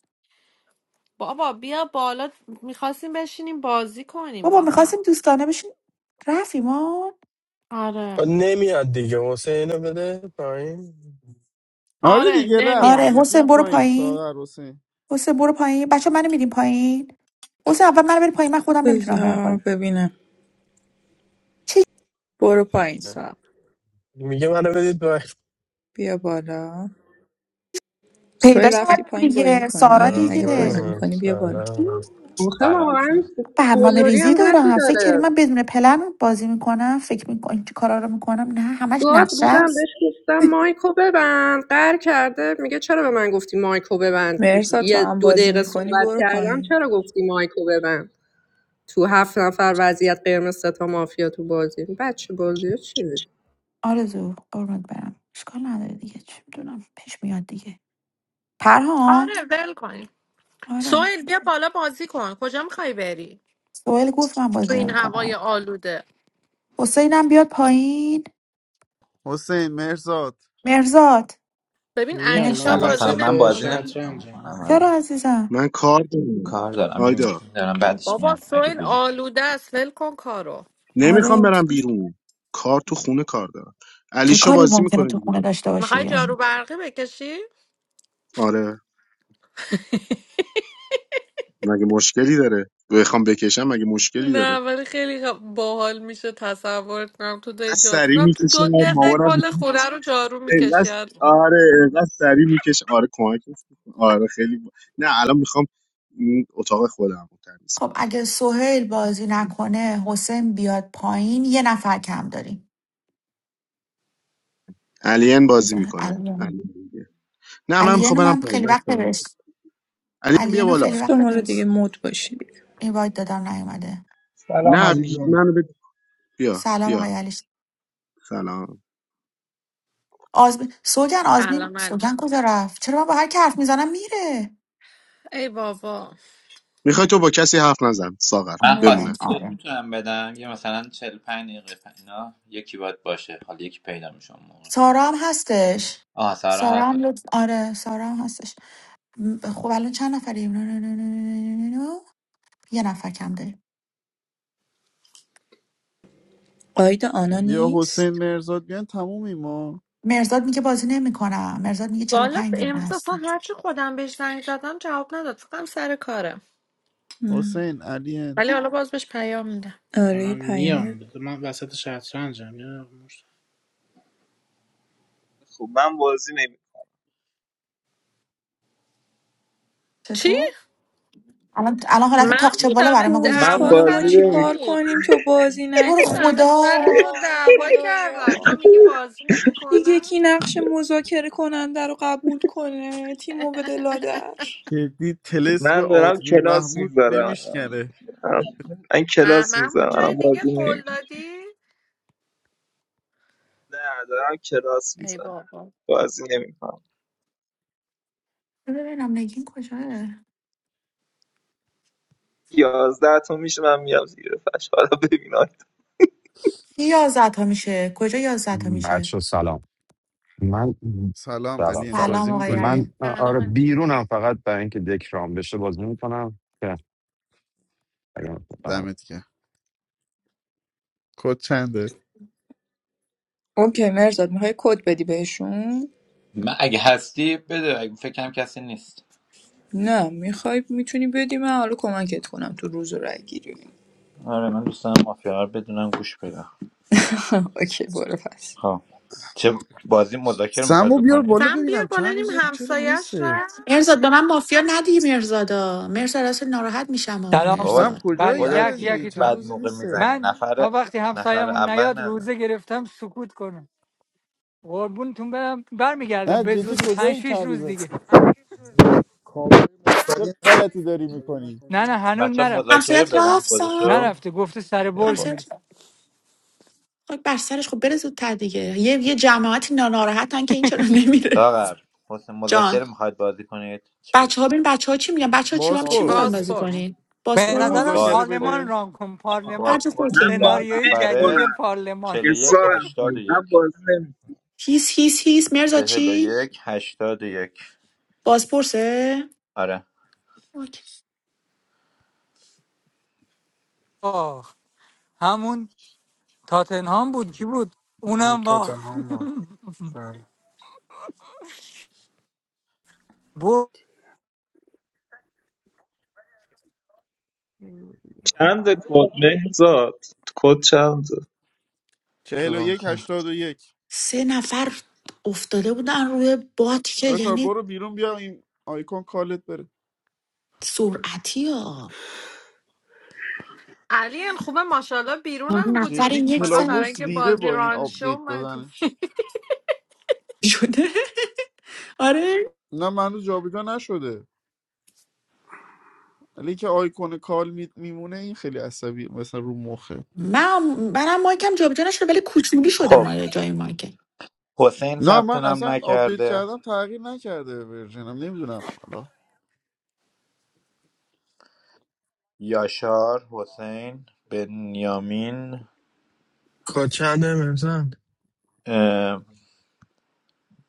Speaker 3: بابا بیا بالا میخواستیم بشینیم بازی کنیم
Speaker 2: بابا
Speaker 3: با هم
Speaker 2: میخواستیم دوستانه بشین رفت ایمان
Speaker 3: آره
Speaker 11: نمیاد دیگه حسین اینو بده پایین
Speaker 9: آره
Speaker 3: آره
Speaker 9: دیگه رفت
Speaker 3: نمیاد
Speaker 2: آره
Speaker 9: دیگه
Speaker 2: حسین
Speaker 9: بیان
Speaker 2: برو
Speaker 9: پایین
Speaker 2: پایین
Speaker 9: ساغر حسین
Speaker 2: حسین برو پایین بچه منو میدیم پایین حسین اول منو بری پایین من
Speaker 6: [laughs]
Speaker 2: خودم نمیتونم برم
Speaker 6: بذار
Speaker 2: پایین
Speaker 6: ببینم برو پایین ساغر
Speaker 11: میگه منو بدید پایین
Speaker 6: بیا بالا
Speaker 2: پیدا
Speaker 6: سوی رفتی
Speaker 2: کردم
Speaker 6: پایین بازی
Speaker 2: دیگه سارا
Speaker 6: کنی اگه
Speaker 2: دیگه
Speaker 6: بازی
Speaker 11: آها
Speaker 6: میکنی بیا بالا
Speaker 11: سلام
Speaker 1: آخه
Speaker 12: سلام
Speaker 1: واقعا
Speaker 12: سلام
Speaker 2: برنامه
Speaker 1: قلدری
Speaker 2: ریزی
Speaker 1: هم حدی
Speaker 2: دارم فکر کردی
Speaker 1: داره
Speaker 2: من بدون پلن بازی میکنم فکر میکنم این کارا رو میکنم نه همش
Speaker 1: گاد
Speaker 2: نقشه
Speaker 1: بودم بهش
Speaker 2: است
Speaker 1: گفتم مایکو ببند قهر کرده میگه چرا به من گفتی مایکو ببند
Speaker 6: مرسا تو
Speaker 1: یه
Speaker 6: هم
Speaker 1: دو
Speaker 6: بازی
Speaker 1: دقیقه
Speaker 6: میکنی
Speaker 1: صحبت
Speaker 6: برو
Speaker 1: کردم
Speaker 6: پایین
Speaker 1: چرا گفتی مایکو ببند تو هفت نفر وضعیت قرمز سه تا مافیا تو بازی بچه بازی ها چی بود
Speaker 2: آرزو قربونت برم اشکال نداره دیگه چه میدونم پیش میاد دیگه پرهام
Speaker 3: آره ول کنیم
Speaker 2: آره
Speaker 3: سویل بیا بالا بازی کن کجا میخوای بری
Speaker 2: سوال گفت من
Speaker 3: تو
Speaker 2: بازی
Speaker 3: این هوای
Speaker 2: نمیکنم
Speaker 3: آلوده
Speaker 2: حسینم بیاد پایین
Speaker 9: حسین مرزاد
Speaker 2: مرزاد
Speaker 3: ببین
Speaker 4: میام
Speaker 3: علیشا
Speaker 4: من
Speaker 12: سلام
Speaker 2: مرزاد
Speaker 3: بازی
Speaker 12: سلام. من
Speaker 4: وسط
Speaker 12: بازی
Speaker 3: نمیکنه
Speaker 12: نمیتونم
Speaker 4: شطرنجم
Speaker 12: بکنم الان
Speaker 2: چرا عزیزم
Speaker 8: من کار دارم
Speaker 12: کار دارم یه
Speaker 8: آیدا
Speaker 12: میتونم دارم بعدش
Speaker 3: بابا
Speaker 12: میام اگه
Speaker 3: سویل
Speaker 12: بودی
Speaker 3: آلوده است ول کن کارو
Speaker 8: نمیخوام
Speaker 2: آره
Speaker 8: برم بیرون کار تو خونه کار دارم
Speaker 2: چه
Speaker 8: علیشا
Speaker 2: کاری
Speaker 8: بازی
Speaker 2: ممکنه
Speaker 8: میکنه
Speaker 2: تو خونه
Speaker 8: دیگه
Speaker 2: داشته
Speaker 3: میخوای
Speaker 2: باشی
Speaker 3: جارو برقی بکشی
Speaker 8: آره مگه مشکلی داره بخوام بکشم مگه مشکلی داره
Speaker 3: نه ولی خیلی خ- باحال میشه تصور کنم تو
Speaker 8: اینقدر
Speaker 3: دای جا
Speaker 8: سریع
Speaker 3: کنم تو
Speaker 8: میکشم
Speaker 3: دو دقیقه
Speaker 8: مامانم
Speaker 3: کل خونه رو جارو
Speaker 8: [laughs] اینقدر
Speaker 3: میکشید
Speaker 8: آره اینقدر سریع میکشم آره کمکش می‌کنم. آره خیلی با... نه الان میخوام این اتاق خودم رو تمیز
Speaker 2: خب
Speaker 8: کنم
Speaker 2: اگه سهیل بازی نکنه حسین بیاد پایین یه نفر کم داریم
Speaker 8: الین بازی
Speaker 2: بذار
Speaker 8: میکنه
Speaker 2: علیان
Speaker 8: نه من میخوام
Speaker 2: علیان
Speaker 8: برم
Speaker 2: من
Speaker 8: پایین
Speaker 2: خیلی وقت
Speaker 8: بچه‌ها،
Speaker 2: بهش
Speaker 8: علی بیا
Speaker 2: علیان خیلی
Speaker 8: بالا
Speaker 2: وقت
Speaker 6: گفتم حالا
Speaker 2: بهش
Speaker 6: دیگه مود باشی دیگه.
Speaker 2: این باید دادم نیومده
Speaker 13: سلام
Speaker 8: نه بی...
Speaker 13: عزیزان
Speaker 8: منو بد... بیا
Speaker 2: سلام
Speaker 8: بیا
Speaker 2: آقای علیش
Speaker 8: سلام
Speaker 2: آزمین سوگن آزمین
Speaker 3: الان انجام
Speaker 2: سوگن کجا رفت چرا من با هر که حرف میزنم میره
Speaker 3: ای بابا
Speaker 8: میخوای تو با کسی حرف نزن ساغر
Speaker 12: من
Speaker 2: آره
Speaker 8: بمونه
Speaker 12: خاصی کد
Speaker 2: آره
Speaker 12: میتونم بدم یه مثلا چهل و پنج دقیقه پ- اینا یکی باید باشه حالا یکی پیدا میشه اون موقع
Speaker 2: سارا هم هستش
Speaker 12: آه سارا
Speaker 2: سارا
Speaker 12: هست
Speaker 2: هم لطف آره سارا هم هستش م، خب الان چند نفریم نه، نه، نه، نه، نه، نه، نه، یه نفر کم داریم
Speaker 6: آیدا آنا
Speaker 9: بیا
Speaker 6: نیست
Speaker 9: حسین مرزاد بیان تمومی ما
Speaker 2: مرزاد میگه بازی نمیکنم مرزاد میگه
Speaker 3: بالا
Speaker 2: 45 دقیقه
Speaker 3: امروز
Speaker 2: هست
Speaker 3: اصلا هرچی خودم بهش زنگ زدم جواب نداد فکرم سر کاره
Speaker 6: ام.
Speaker 9: حسین علین
Speaker 3: ولی حالا باز بهش پیام میدم
Speaker 6: آره یه
Speaker 4: من
Speaker 6: پیامه
Speaker 4: میام من وسط شطرنجم یه مشت-
Speaker 7: خب من بازی نمی
Speaker 3: چی
Speaker 2: چطور؟ الان الان حالت
Speaker 3: من
Speaker 2: تاقچه بالا
Speaker 3: بودم
Speaker 2: برای ما
Speaker 6: بود
Speaker 7: من
Speaker 3: دعوا
Speaker 2: گذاشتی
Speaker 6: حالا ما
Speaker 7: بازی
Speaker 3: سر
Speaker 7: نمی‌کنم.
Speaker 3: تو
Speaker 6: چیکار کنیم
Speaker 3: بود
Speaker 6: تو بازی
Speaker 2: تو
Speaker 3: من
Speaker 2: رو
Speaker 6: نکنی
Speaker 3: بودم
Speaker 2: خدا
Speaker 3: سر تو
Speaker 6: وای
Speaker 3: دعوا کردن
Speaker 6: خدایا
Speaker 3: تو میگی بازی
Speaker 6: دیگه
Speaker 3: نمیکنم
Speaker 6: کی نقش مذاکره کننده رو قبول کنه تیمو بده لادر
Speaker 9: جدی تلس به
Speaker 7: من دارم
Speaker 9: آزمین
Speaker 7: کلاس
Speaker 9: محمود
Speaker 7: میذارم
Speaker 9: نمیشکنه
Speaker 7: من کلاس
Speaker 3: اممو
Speaker 7: میذارم
Speaker 3: جای
Speaker 7: الان
Speaker 3: دیگه
Speaker 7: بازی
Speaker 3: قول
Speaker 7: نمیکنم
Speaker 3: دادی
Speaker 7: نه دارم کلاس
Speaker 3: ای
Speaker 7: میذارم
Speaker 3: بابا
Speaker 7: بازی نمیکنم
Speaker 2: بذار ببینم نگین کجاه
Speaker 7: یازده تا میشه من میام زیر فش حالا ببینم
Speaker 2: کی یازده تا میشه کجا یازده تا میشه
Speaker 14: بچه سلام من
Speaker 9: سلام
Speaker 14: سلام
Speaker 9: علین
Speaker 14: سلام
Speaker 2: سلام
Speaker 9: بازی
Speaker 2: آقای
Speaker 14: من
Speaker 2: علی
Speaker 9: میکنی
Speaker 3: الان
Speaker 14: آره
Speaker 3: من چی؟
Speaker 14: بیرونم فقط برای اینکه دکرام بشه بازی میکنم که
Speaker 9: دمت گرم کد چنده
Speaker 6: اوکی مرزاد میخوای کد بدی بهشون
Speaker 12: من اگه هستی بده اگه فکر کسی نیست
Speaker 6: نه میخوای میتونی بدی من حالا کمکت کنم تو روز و رای گیری
Speaker 12: آره من دوست دارم مافیا رو بدونم گوش بدم
Speaker 6: [laughs] اوکی برو پس
Speaker 12: خب چه بازی مذاکره میخواید
Speaker 9: سمو بیار
Speaker 12: بکنید
Speaker 9: بالا
Speaker 3: سم بیا
Speaker 9: ببینم
Speaker 3: بالا
Speaker 9: چند
Speaker 3: نیم
Speaker 9: روزه چرا
Speaker 3: همسایش
Speaker 9: نیسته
Speaker 3: را
Speaker 2: مرزاد به من مافیا ندی مرزادا مرزاد راست ناراحت میشم آ
Speaker 15: سلام
Speaker 12: بابا
Speaker 9: سم
Speaker 2: مرزاد
Speaker 15: بر
Speaker 9: کجایی
Speaker 15: یک
Speaker 12: خودت
Speaker 9: عوضی
Speaker 15: یکتون
Speaker 9: چند
Speaker 12: بعد
Speaker 9: روزه
Speaker 12: موقع
Speaker 9: نیسته
Speaker 12: میزنی
Speaker 15: من
Speaker 12: نفر
Speaker 15: تا وقتی
Speaker 12: نفر
Speaker 15: همسایمون
Speaker 12: اول
Speaker 15: نیاد
Speaker 12: نزن
Speaker 15: روزه گرفتم سکوت کنم قربونتون برم برمیگردم
Speaker 9: نه
Speaker 15: به
Speaker 9: جدی
Speaker 15: زودی پنج
Speaker 9: کجایی
Speaker 15: شیش
Speaker 9: چند
Speaker 15: روز
Speaker 9: روزه
Speaker 15: دیگه
Speaker 4: کاپو
Speaker 9: چه
Speaker 4: مستقیم
Speaker 9: غلطی داری
Speaker 4: استفاده
Speaker 9: میکنی
Speaker 15: نه نه
Speaker 4: نکنیم.
Speaker 15: هنوز
Speaker 12: بچه
Speaker 15: نرفته
Speaker 12: مذاکره
Speaker 2: همسایت
Speaker 12: بدم
Speaker 2: رفت
Speaker 12: کدشو
Speaker 2: سام
Speaker 15: نرفته گفته سر
Speaker 12: یا
Speaker 15: برج
Speaker 12: باز
Speaker 2: همسایت
Speaker 15: میره
Speaker 2: خاک بر سرش خب بره زودتر دیگه یه یه جماعتی نا- ناراحتن که این چرا نمیره
Speaker 12: داغر حسن
Speaker 2: جان
Speaker 12: مذاکره میخواید بازی کنید چی بود
Speaker 2: بچه ها بین بچه ها چی میگن بچه ها چی هم چی
Speaker 4: کاپو
Speaker 2: میخوان
Speaker 9: بازپرس
Speaker 4: بده
Speaker 2: بازی
Speaker 3: بازپرس
Speaker 4: ها؟
Speaker 2: کنین
Speaker 15: به
Speaker 9: میخوای
Speaker 15: نظرم
Speaker 2: باسپورس
Speaker 9: مذاکره
Speaker 15: پارلمان
Speaker 9: بده
Speaker 12: بازپرس
Speaker 15: ران کن
Speaker 2: هر
Speaker 15: پارلمان
Speaker 2: جا
Speaker 12: بازپرس
Speaker 7: من
Speaker 2: خودتون
Speaker 12: ده
Speaker 7: بازی
Speaker 15: سناریوی
Speaker 12: نفره
Speaker 15: جدید
Speaker 7: نمیکنم
Speaker 15: پارلمان
Speaker 12: چهل و یک
Speaker 7: اصرارم
Speaker 12: هشتاد و
Speaker 7: کنید من
Speaker 12: یک
Speaker 7: بازی نمیکنم.
Speaker 2: هیس هیس هیس مرزا
Speaker 12: چهل و
Speaker 2: چی؟
Speaker 12: یک هشتاد و یک
Speaker 2: بازپرسه؟
Speaker 12: آره
Speaker 2: اوکی.
Speaker 15: آه همون تاتنهام بود کی بود
Speaker 4: هم
Speaker 15: اونم با
Speaker 4: تاتنهام با بله
Speaker 15: بود
Speaker 7: چند کد مهزاد کد چند
Speaker 12: تو
Speaker 9: چهل و
Speaker 12: روم
Speaker 9: یک
Speaker 12: کن.
Speaker 9: هشتاد و یک
Speaker 2: سه نفر افتاده بودن روی باد که
Speaker 9: آشار
Speaker 2: یعنی
Speaker 9: برو بیرون بیا این آیکون کالت بره
Speaker 2: سرعتی ها
Speaker 3: علی ان خوبه ماشاءالله بیرون هم
Speaker 2: نفر
Speaker 9: جدی
Speaker 3: بودیم
Speaker 2: یک
Speaker 3: فقط برای
Speaker 2: زن
Speaker 9: کلابوس
Speaker 3: اینکه
Speaker 9: ریده
Speaker 3: بازی
Speaker 9: با این
Speaker 3: رانشو
Speaker 9: آپدیت
Speaker 3: اومدیم
Speaker 9: دادنش
Speaker 3: [laughs]
Speaker 2: شده آره
Speaker 9: نه منو جابجا نشده ولی که آیکون کال می- میمونه این خیلی عصبی مثلا رو مخه
Speaker 2: من منم مایکم جابجا نشده ولی کوچولی شده
Speaker 12: خب
Speaker 2: مایه جای مایکم
Speaker 12: حسین
Speaker 9: نه
Speaker 12: ثبت
Speaker 9: من
Speaker 12: نام
Speaker 9: اصلا آپدیت
Speaker 12: نکرده
Speaker 9: کردم تغییر نکرده ورژنم نمیدونم حالا
Speaker 12: یاشار حسین بنیامین
Speaker 11: کچنده مرزان
Speaker 12: اه،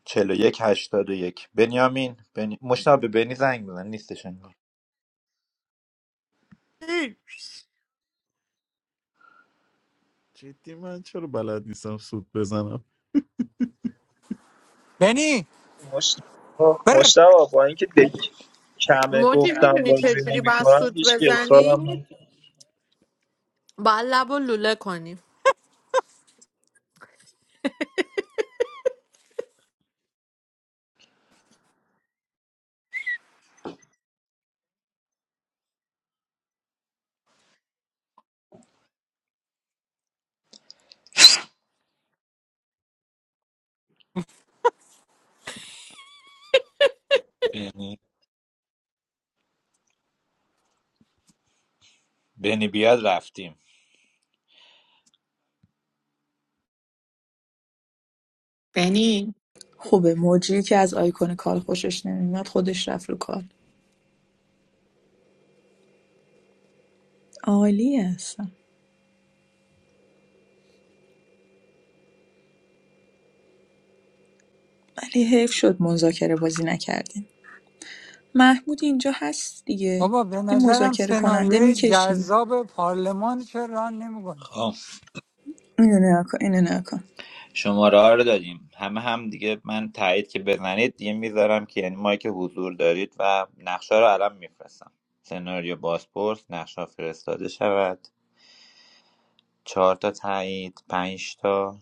Speaker 12: چهل و یک هشتاد و یک بنیامین بنی... مشتاق به بنی زنگ بزن نیستش انگار
Speaker 9: جدی من چرا بلد نیستم سود بزنم
Speaker 15: بنی
Speaker 7: مشتبه
Speaker 15: بر
Speaker 7: مشتبه با اینکه دک کمه
Speaker 3: موجی
Speaker 7: گفتم
Speaker 3: میدونی
Speaker 7: بازی
Speaker 3: چجوری باید
Speaker 7: نمیکنم
Speaker 3: سود
Speaker 7: هیچ که اصرارم
Speaker 3: بزنی
Speaker 7: نکرد
Speaker 3: باید لب و لوله کنی
Speaker 12: بنی بنی بیاد رفتیم
Speaker 2: یعنی
Speaker 6: خوبه موجی که از آیکون کال خوشش نمیاد خودش رفت رو کال عالی هستم ولی حیف شد مذاکره بازی نکردیم محمود اینجا هست دیگه
Speaker 15: بابا به
Speaker 6: یه
Speaker 15: نظرم
Speaker 6: مذاکره کننده
Speaker 15: سناریوی
Speaker 6: میکشی
Speaker 15: جذاب پارلمان چه ران نمیکنی
Speaker 12: خب
Speaker 6: اینو نگاه کن اینو نگاه کن
Speaker 12: شماره ها رو دادیم همه هم دیگه من تایید که بزنید دیگه میذارم که یعنی مایی که حضور دارید و نقشه رو الان میفرستم سناریو بازپرس نقشه فرستاده شود چهار تا تایید پنج تا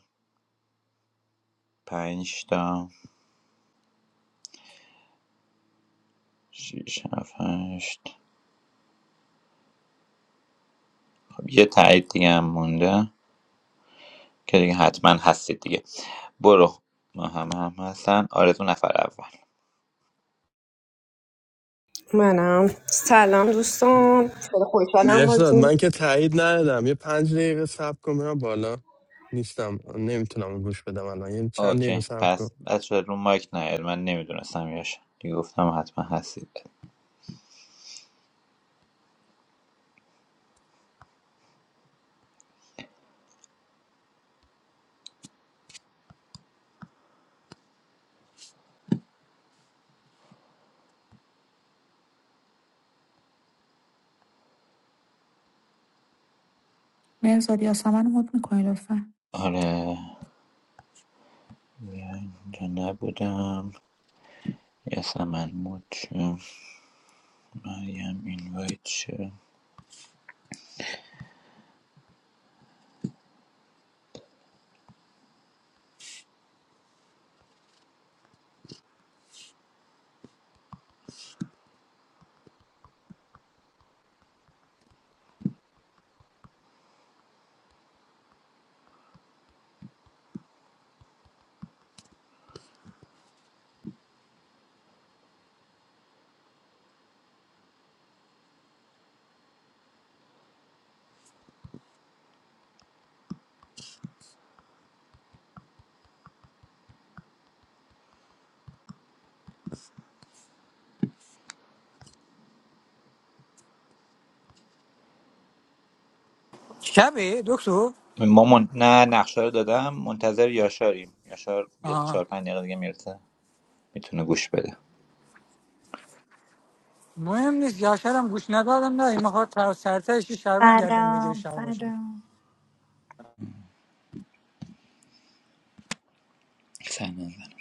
Speaker 12: پنج تا شیش هفت، هشت خب یه تایید دیگه هم مونده که دیگه حتما هستید دیگه برو ما هم هم هستن آرزو نفر اول
Speaker 1: منم سلام دوستان خیلی خوشحالم
Speaker 11: مرزاد
Speaker 1: بازی
Speaker 11: من که تایید ندادم یه پنج دقیقه صبر کن برم بالا نیستم نمیتونم گوش بدم الان یه چند دقیقه
Speaker 12: اوکی
Speaker 11: صبر کن
Speaker 12: پس بس شد رو مایک نیاد من نمیدونستم یاش دیگه گفتم حتما هستید
Speaker 2: مرزاد یاسمن رو مد میکنی لطفا
Speaker 12: آره اینجا نبودم یاسمن مود شد مریم اینوایت شد
Speaker 15: شبه دکتر
Speaker 12: ما من... نه نقشه رو دادم منتظر یاشاریم یاشار یه
Speaker 15: آها
Speaker 12: چهار پنج دقیقه دیگه میرسه میتونه گوش بده
Speaker 15: مهم نیست یاشرم گوش ندادم نه میخواد سرتش شهروند گردم بگیره
Speaker 16: Adam.
Speaker 15: شهر باشه
Speaker 16: Adam.
Speaker 12: سر نزن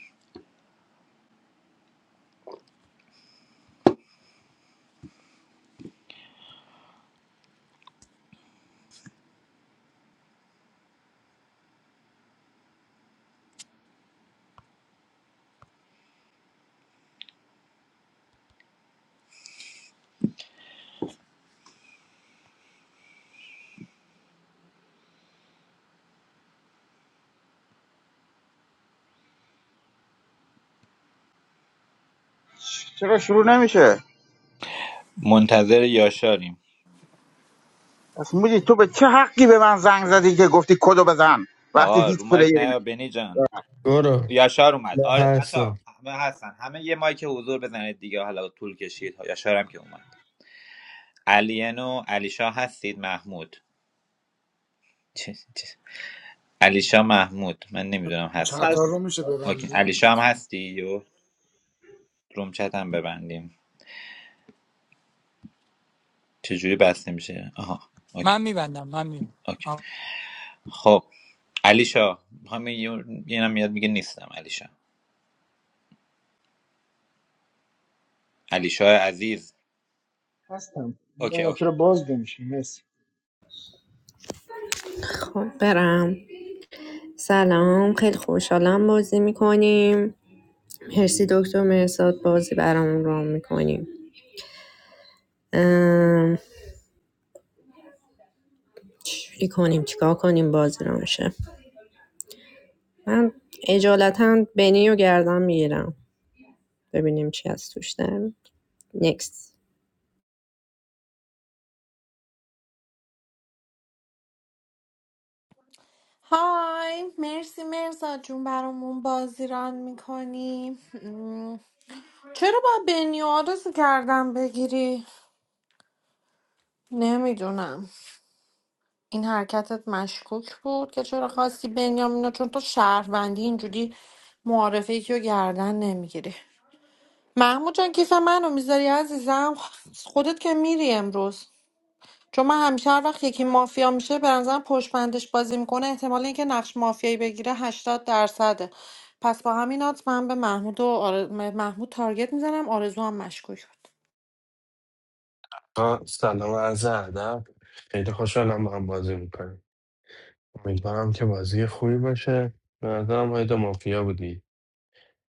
Speaker 17: چرا شروع نمیشه
Speaker 12: منتظر یاشاریم
Speaker 17: پس موجی تو به چه حقی به من زنگ زدی که گفتی کدو بزن وقتی
Speaker 12: آقا
Speaker 17: هیچ
Speaker 12: رو مایک
Speaker 17: پلیری
Speaker 12: نیا بنی جان
Speaker 11: برو
Speaker 12: یاشار اومد
Speaker 11: نه
Speaker 12: آره بچه
Speaker 11: هستم
Speaker 12: همه هستن همه یه مایک حضور بزنید دیگه حالا طول کشید یاشار هم که اومد علینو علیشا هستید محمود چه چه علیشا محمود من نمیدونم
Speaker 7: من
Speaker 12: هستید
Speaker 4: چطار رو میشه
Speaker 7: هستم
Speaker 12: اوکی
Speaker 4: ببندی
Speaker 12: علیشا هم
Speaker 4: لطفا
Speaker 12: هستی یو روم چت هم ببندیم چجوری بسته میشه آها اوکی
Speaker 15: من میبندم من
Speaker 12: اوکی
Speaker 15: میبندم
Speaker 12: خب علیشا همین یه- اینم میاد میگه نیستم علیشا علیشا عزیز
Speaker 13: هستم
Speaker 12: اوکی
Speaker 13: نمیدونم چرا
Speaker 12: اوکی
Speaker 13: باز نمیشه مرسی
Speaker 1: خب برم سلام خیلی خوشحالم بازی میکنیم مرسی دکتر مرساد بازی برامون رام میکنیم چی کنیم چیکار کنیم بازی رو من اجالتا بنی رو گردن میگیرم ببینیم چی از توش داریم نیکست
Speaker 3: های مرسی مرزا جون برامون بازی ران میکنی چرا با بنیاد رو گردن بگیری؟ نمیدونم این حرکتت مشکوک بود که چرا خواستی بنیامینو چون تو شهروندی اینجوری معارفه یکی رو گردن نمیگیری محمود جان کیف منو میذاری عزیزم خودت که میری امروز چون من همیشه هر وقت یکی مافیا میشه به نظرم پشت بندش بازی میکنه احتمال اینکه نقش مافیایی بگیره هشتاد درصده پس با همین آت من به محمود و آر- محمود تارگت میزنم آرزو هم مشکوک بود
Speaker 11: آه، سلام عرض ادب خیلی خوشحالم با هم بازی میکنیم امیدوارم که بازی خوبی باشه به نظرم های دو مافیا بودی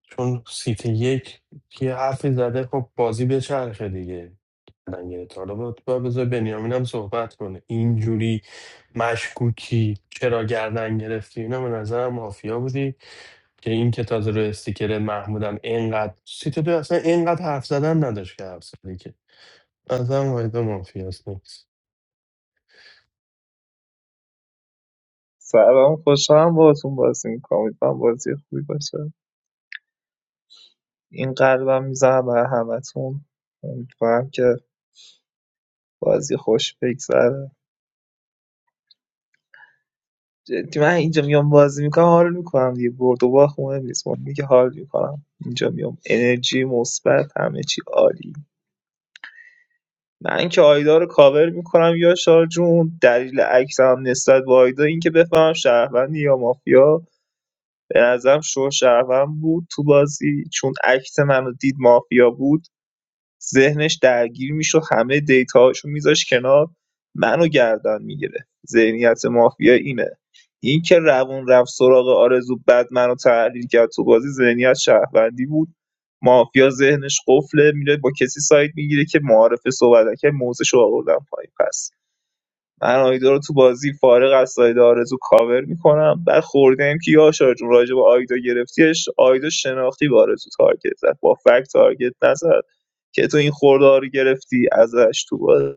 Speaker 11: چون سیت یک یه حرفی زده خب بازی به چرخه دیگه الان گرفت. حالا باید باید بذار بنیامین هم صحبت کنه اینجوری مشکوکی چرا گردن گرفتی اینا به نظرم مافیا بودی که این که تازه رو استیکر محمودم اینقدر سیت دو اصلا اینقدر حرف زدن نداشت که حرف زدی که به نظرم آیدا مافیاست نیست
Speaker 7: سلام خوشحالم باهاتون بازی میکنم امیدوارم بازی خوبی باشه این قلبم میزنم برای همتون امیدوارم که بازی خوش بگذره جدی من اینجا میام بازی میکنم حال میکنم دیگه برد و باخت مهم نیست مهم اینه که حال میکنم اینجا میام انرژی مثبت همه چی عالی من که آیدا رو کاور میکنم یا شارجون دلیل عکسم نسبت به آیدا اینکه بفهمم شهروندی یا مافیا به نظرم شو شهروند بود تو بازی چون عکس منو دید مافیا بود ذهنش درگیر میشد همه دیتاهاشو میذاش کنار منو گردن میگیره ذهنیت مافیا اینه این که روون رفت سراغ آرزو بعد منو تحلیل کرد تو بازی ذهنیت شهروندی بود مافیا ذهنش قفله میره با کسی سایت میگیره که معارف صحبت که موزش رو آوردن پایین پس من آیدا رو تو بازی فارغ از ساید آرزو کاور میکنم بعد خورده که یاشار جون راجع به آیدا گرفتیش آیدا شناختی به آرزو تارگت زد با فکت تارگت نزد که تو این خورده رو گرفتی ازش تو بازی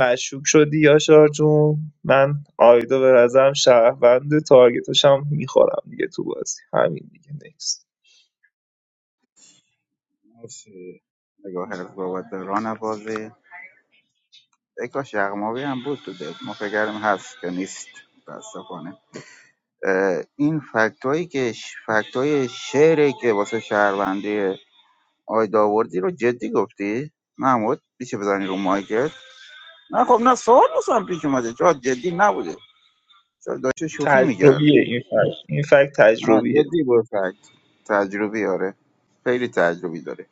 Speaker 7: مشکوک شدی یاشار جون من آیدا به نظرم شهروند تارگتش هم میخورم دیگه تو بازی همین دیگه نیست
Speaker 17: مرسی. نگاه هرز بابت به ران بازی ای کاش یغماوی هم بود تو دل ما فکر کردیم هست که نیست متاسفانه اه، این فکت که ش... فکت شعری که واسه شهروندی آی داوردی رو جدی گفتی محمود میشه بزنی رو مایکت نه خب نه سوال واسم پیش اومده چرا جدی نبوده چرا داشته شوخی میکردی
Speaker 7: تجربیه این فکت این فکت
Speaker 17: آه
Speaker 7: تجربیه
Speaker 17: جدی با فکت تجربی آره خیلی تجربی داره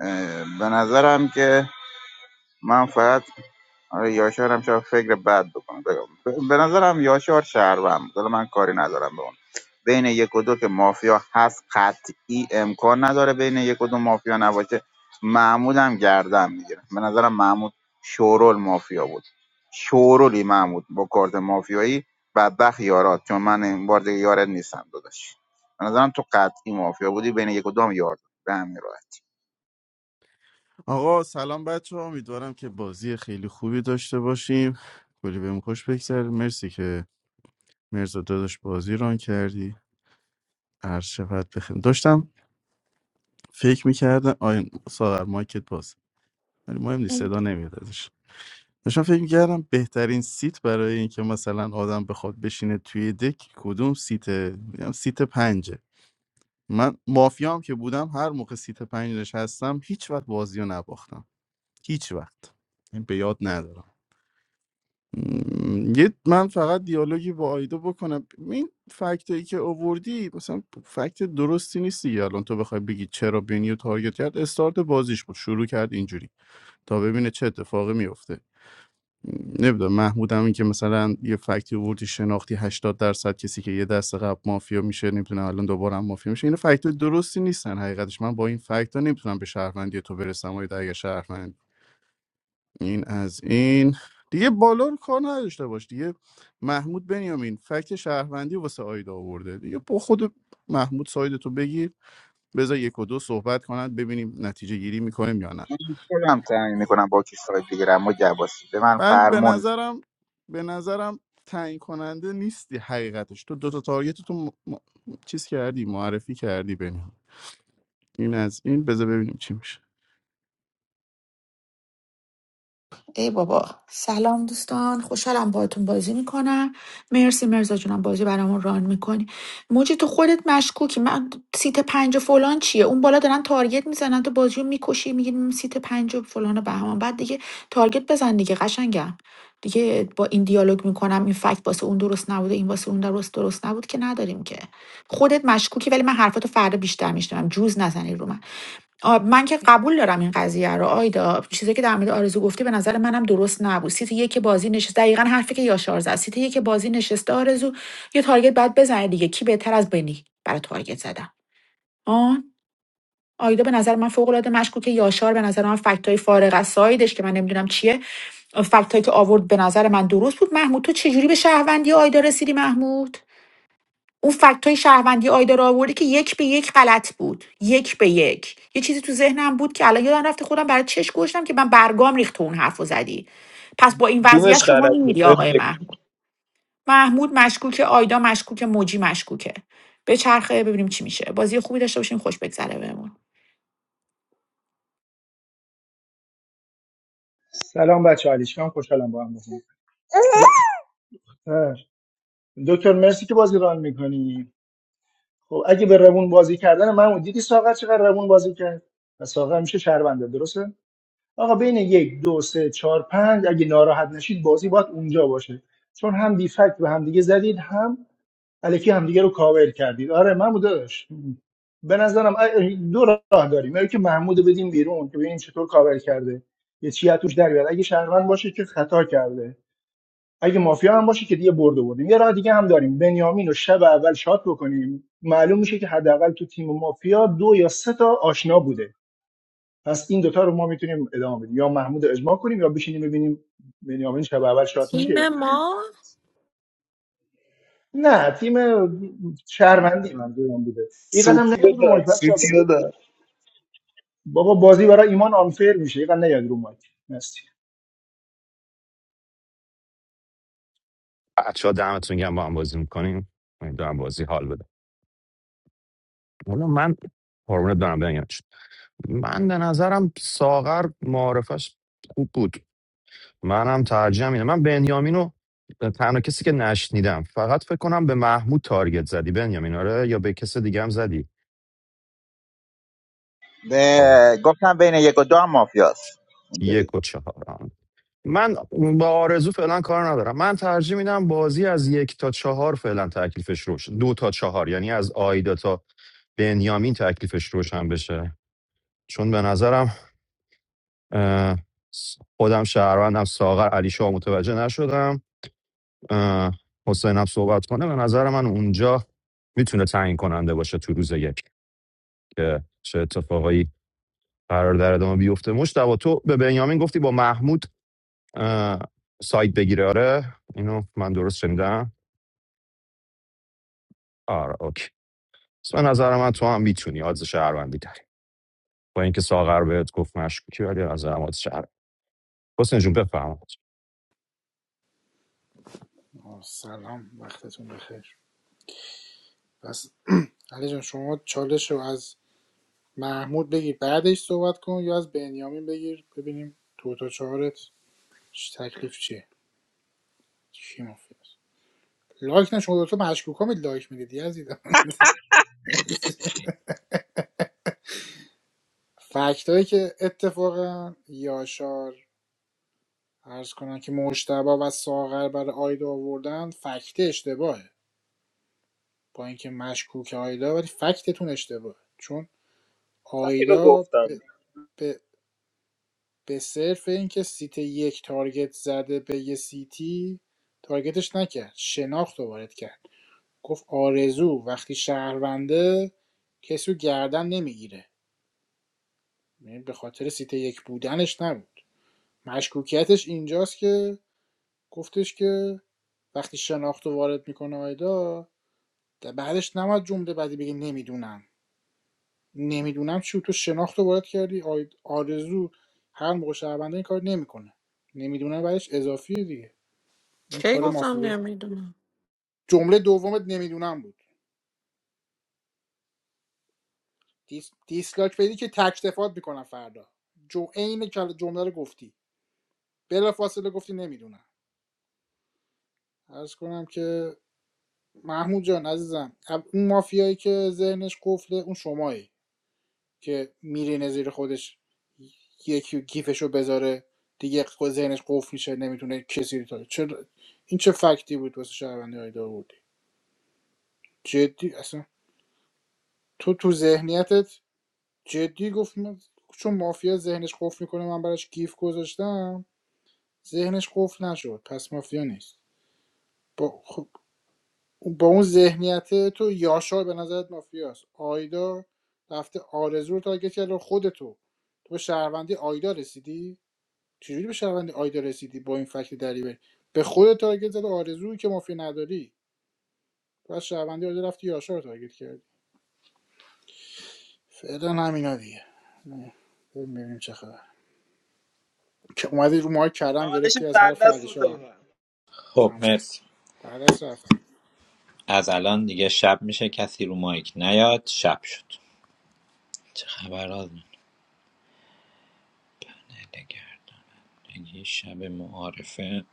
Speaker 17: اه، به نظرم که من فقط آره یاشار هم شاید فکر بد بکنه بگم. به نظرم یاشار شهروند بود. حالا من کاری ندارم به اون بین یک و دو که مافیا هست قطعی امکان نداره بین یک و دو مافیا نباشه محمود هم گردن میگیره به نظرم محمود شورول مافیا بود شورولی محمود با کارت مافیایی بدبخت یارات چون من این بار دیگه یارت نیستم داداش به نظرم تو قطعی مافیا بودی بین یک و دو هم یار بود. به همین راحت
Speaker 9: آقا سلام بچه ها امیدوارم که بازی خیلی خوبی داشته باشیم کلی بهم خوش بگذره مرسی که مرزا داداش بازی ران کردی هر شفت بخیر داشتم فکر میکردم آین ساغر مایکت باز ولی مهم نیست صدا نمیاد ازش داشتم فکر میکردم بهترین سیت برای اینکه مثلا آدم بخواد بشینه توی دک کدوم سیته میگم سیت پنجه من مافیام که بودم هر موقع سیت پنج نشستم هیچ وقت بازی رو نباختم هیچ وقت این به یاد ندارم م، یه من فقط دیالوگی با آیدا بکنم این فکتایی که آوردی مثلا فکت درستی نیست دیگه الان تو بخوای بگی چرا بینیو تارگت کرد استارت بازیش بود شروع کرد اینجوری تا ببینه چه اتفاقی میفته نمیدونم محمود هم این که مثلا یه فکتی آوردی شناختی هشتاد درصد کسی که یه دست قبل مافیا میشه نمیتونه الان دوباره هم مافیا میشه این فکت درستی نیستن حقیقتش من با این فکت ها نمیتونم به شهروندی تو برسم و این از این دیگه بالا رو کار نداشته باش دیگه محمود بنیامین فکت شهروندی واسه آیدا آورده دیگه با خود محمود ساید تو بگیر بذار یک و دو صحبت کنند ببینیم نتیجه گیری میکنیم یا نه
Speaker 17: من خودم تعیین میکنم با کی سایت بگیرم و جواسی به من
Speaker 9: من به
Speaker 17: فرمون
Speaker 9: نظرم به نظرم تعیین کننده نیستی حقیقتش تو دو تا تارگت تو م... م- چیز کردی معرفی کردی بنیام این از این بذار ببینیم چی میشه
Speaker 2: ای بابا سلام دوستان خوشحالم باهاتون بازی میکنم مرسی مرزا جونم بازی برامون ران میکنی موجی تو خودت مشکوکی من سیت پنج و فلان چیه اون بالا دارن تارگت میزنن تو بازی میکشی میگی سیت پنج و فلان و بهمان بعد دیگه تارگت بزن دیگه قشنگم دیگه با این دیالوگ میکنم این فکت واسه اون درست نبوده این واسه اون درست درست نبود که نداریم که خودت مشکوکی ولی من حرفاتو فردا بیشتر میشنوم جوز نزنی رو من آ، من که قبول دارم این قضیه رو آیدا چیزی که در مورد آرزو گفتی به نظر منم درست نبود سیت یک بازی نشست دقیقا حرفی که یاشار زد سیت یک بازی نشسته آرزو یه تارگت بعد بزنه دیگه کی بهتر از بنی برای تارگت زدن آن آیدا به نظر من فوق العاده مشکوکه یاشار به نظر من فکت فارغ از سایدش که من نمیدونم چیه فکت که آورد به نظر من درست بود محمود تو چجوری به شهروندی آیدا رسیدی محمود اون فکت های شهروندی آیدا رو آورده که یک به یک غلط بود یک به یک یه چیزی تو ذهنم بود که الان یادم رفته خودم برای چش گوشتم که من برگام ریخت تو اون حرف زدی پس با این وضعیت
Speaker 7: کدومش
Speaker 2: شما
Speaker 7: غلط
Speaker 2: میمیری
Speaker 7: بوده
Speaker 2: آقای
Speaker 7: بگو.
Speaker 2: محمود محمود مشکوک آیدا مشکوکه موجی مشکوکه به چرخه ببینیم چی میشه بازی خوبی داشته باشیم خوش بگذره بهمون
Speaker 13: سلام بچه علیشم خوشحالم با هم بازی می‌کنم. دکتر مرسی که بازی ران میکنی خب اگه به روون بازی کردن من دیدی ساغر چقدر روون بازی کرد و ساغر میشه شهرونده درسته آقا بین یک دو سه چهار پنج اگه ناراحت نشید بازی باید اونجا باشه چون هم بیفکت به هم دیگه زدید هم الکی همدیگه رو کاور کردید آره محمود داداش به نظرم دو راه داریم یا که محمود بدیم بیرون که ببینیم چطور کاور کرده یه چی از توش در بیاد اگه شهروند باشه که خطا کرده اگه مافیا هم باشه که دیگه برده بردیم یه راه دیگه هم داریم بنیامین رو شب اول شات بکنیم معلوم میشه که حداقل تو تیم مافیا دو یا سه تا آشنا بوده پس این دوتا رو ما میتونیم ادامه بدیم یا محمود رو اجماع کنیم یا بشینیم ببینیم بنیامین شب اول شات میشه
Speaker 3: تیم ما
Speaker 13: نه تیم شهروندی منظورم بوده یه قدم
Speaker 7: سوتی
Speaker 13: نیاد
Speaker 7: رو
Speaker 13: رو
Speaker 7: داد
Speaker 13: مایک بچه‌ها
Speaker 7: سوتی رو
Speaker 13: بازی
Speaker 7: داد
Speaker 13: بابا بازی برای ایمان آنفیر میشه یه قدم نیاد رو مایک مرسی
Speaker 14: بچه ها دمتون گم با هم بازی میکنیم امیدوارم بازی حال بده حالا من قربونت برم بنگش من به نظرم ساغر معارفش خوب بود منم ترجیحم اینه من بنیامینو تنها کسی که نشنیدم فقط فکر کنم به محمود تارگت زدی بنیامین آره یا به کس دیگه هم زدی بابا
Speaker 17: به گفتم بین یک و دو هم مافیاست اینطوری
Speaker 14: یک و چهار من با آرزو فعلا کار ندارم من ترجیح میدم بازی از یک تا چهار فعلا تکلیفش روش دو تا چهار یعنی از آیدا تا بنیامین تکلیفش روشن بشه چون به نظرم اه، خودم شهروندم ساغر علی شاه متوجه نشدم اه، حسینم صحبت کنه به نظر من اونجا میتونه تعیین کننده باشه تو روز یک که چه اتفاقایی قرار در ادامه بیفته مشتبه تو به بنیامین گفتی با محمود اه، سایت بگیره آره اینو من درست شنیدم آره اوکی پس به نظر من تو هم میتونی آدز شهروندی داری با اینکه ساغر بهت گفت مشکوکی ولی به نظر من آدز شهروند حسین جون بفهم
Speaker 4: آه، سلام وقتتون بخیر بس علی جان شما چالش رو از محمود بگیر بعدش صحبت کن یا از بنیامین بگیر ببینیم دو تا چهارت تکلیف چیه چی مفید لایک نه شما دوتا مشکوک هم لایک میدید یزید [laughs] فکت هایی که اتفاقا یاشار ارز کنن که مجتبی و ساغر برای آیدا آوردن فکت اشتباهه با اینکه مشکوک آیدا ولی فکتتون اشتباهه چون
Speaker 7: همین رو
Speaker 4: آیدا
Speaker 7: گفتم
Speaker 4: به, به به صرف اینکه سیت یک تارگت زده به یه سیتی تارگتش نکرد شناخت رو وارد کرد گفت آرزو وقتی شهرونده کسی رو گردن نمیگیره یعنی به خاطر سیت یک بودنش نبود مشکوکیتش اینجاست که گفتش که وقتی شناخت رو وارد میکنه آیدا در بعدش نماد جمله بعدی بگه نمیدونم نمیدونم چی تو شناخت رو وارد کردی آرزو هر موقع شهرونده این کار نمیکنه نمیدونم بعدش اضافیه دیگه این
Speaker 3: کی
Speaker 4: کار
Speaker 3: گفتم
Speaker 4: مافیه
Speaker 3: نمیدونم
Speaker 4: جمله دومت نمیدونم بود دیس... دیسلاک بدی که تک دفات میکنم فردا جو عین کل- جمله رو گفتی بلافاصله فاصله گفتی نمیدونم عرض کنم که محمود جان عزیزم اب- اون مافیایی که ذهنش قفله اون شمایی که میرینه زیر خودش یکی گیفشو بذاره دیگه خود ذهنش قفل میشه نمیتونه کسی رو تا چرا این چه فکتی بود واسه شهروندی های داوودی جدی اصلا تو تو ذهنیتت جدی گفت من- چون مافیا ذهنش قفل میکنه من براش گیف گذاشتم ذهنش قفل نشد پس مافیا نیست با, خب، با اون ذهنیت تو یاشار به نظرت مافیاست آیدا رفته آرزو رو تارگت کرده خودتو تو به شهروندی آیدا رسیدی چجوری به شهروندی آیدا رسیدی با این فکت دریوری به خودت تارگت زده آرزویی که مافیا نداری تو از شهروندی آیدا رفتی یاشار رو تارگت کردی فعلا همینا دیگه نه، ببینیم چه خبر که اومدی رو ماه کردم
Speaker 7: چالش
Speaker 4: گرفتی از
Speaker 7: سر
Speaker 4: حرف
Speaker 7: دست رو
Speaker 4: علیشا
Speaker 7: دارم
Speaker 12: خب
Speaker 4: همون
Speaker 12: مرسی
Speaker 4: بعدس رفتی
Speaker 12: از الان دیگه شب میشه کسی رو مایک نیاد شب شد چه خبر از نگردنگی شب معارفه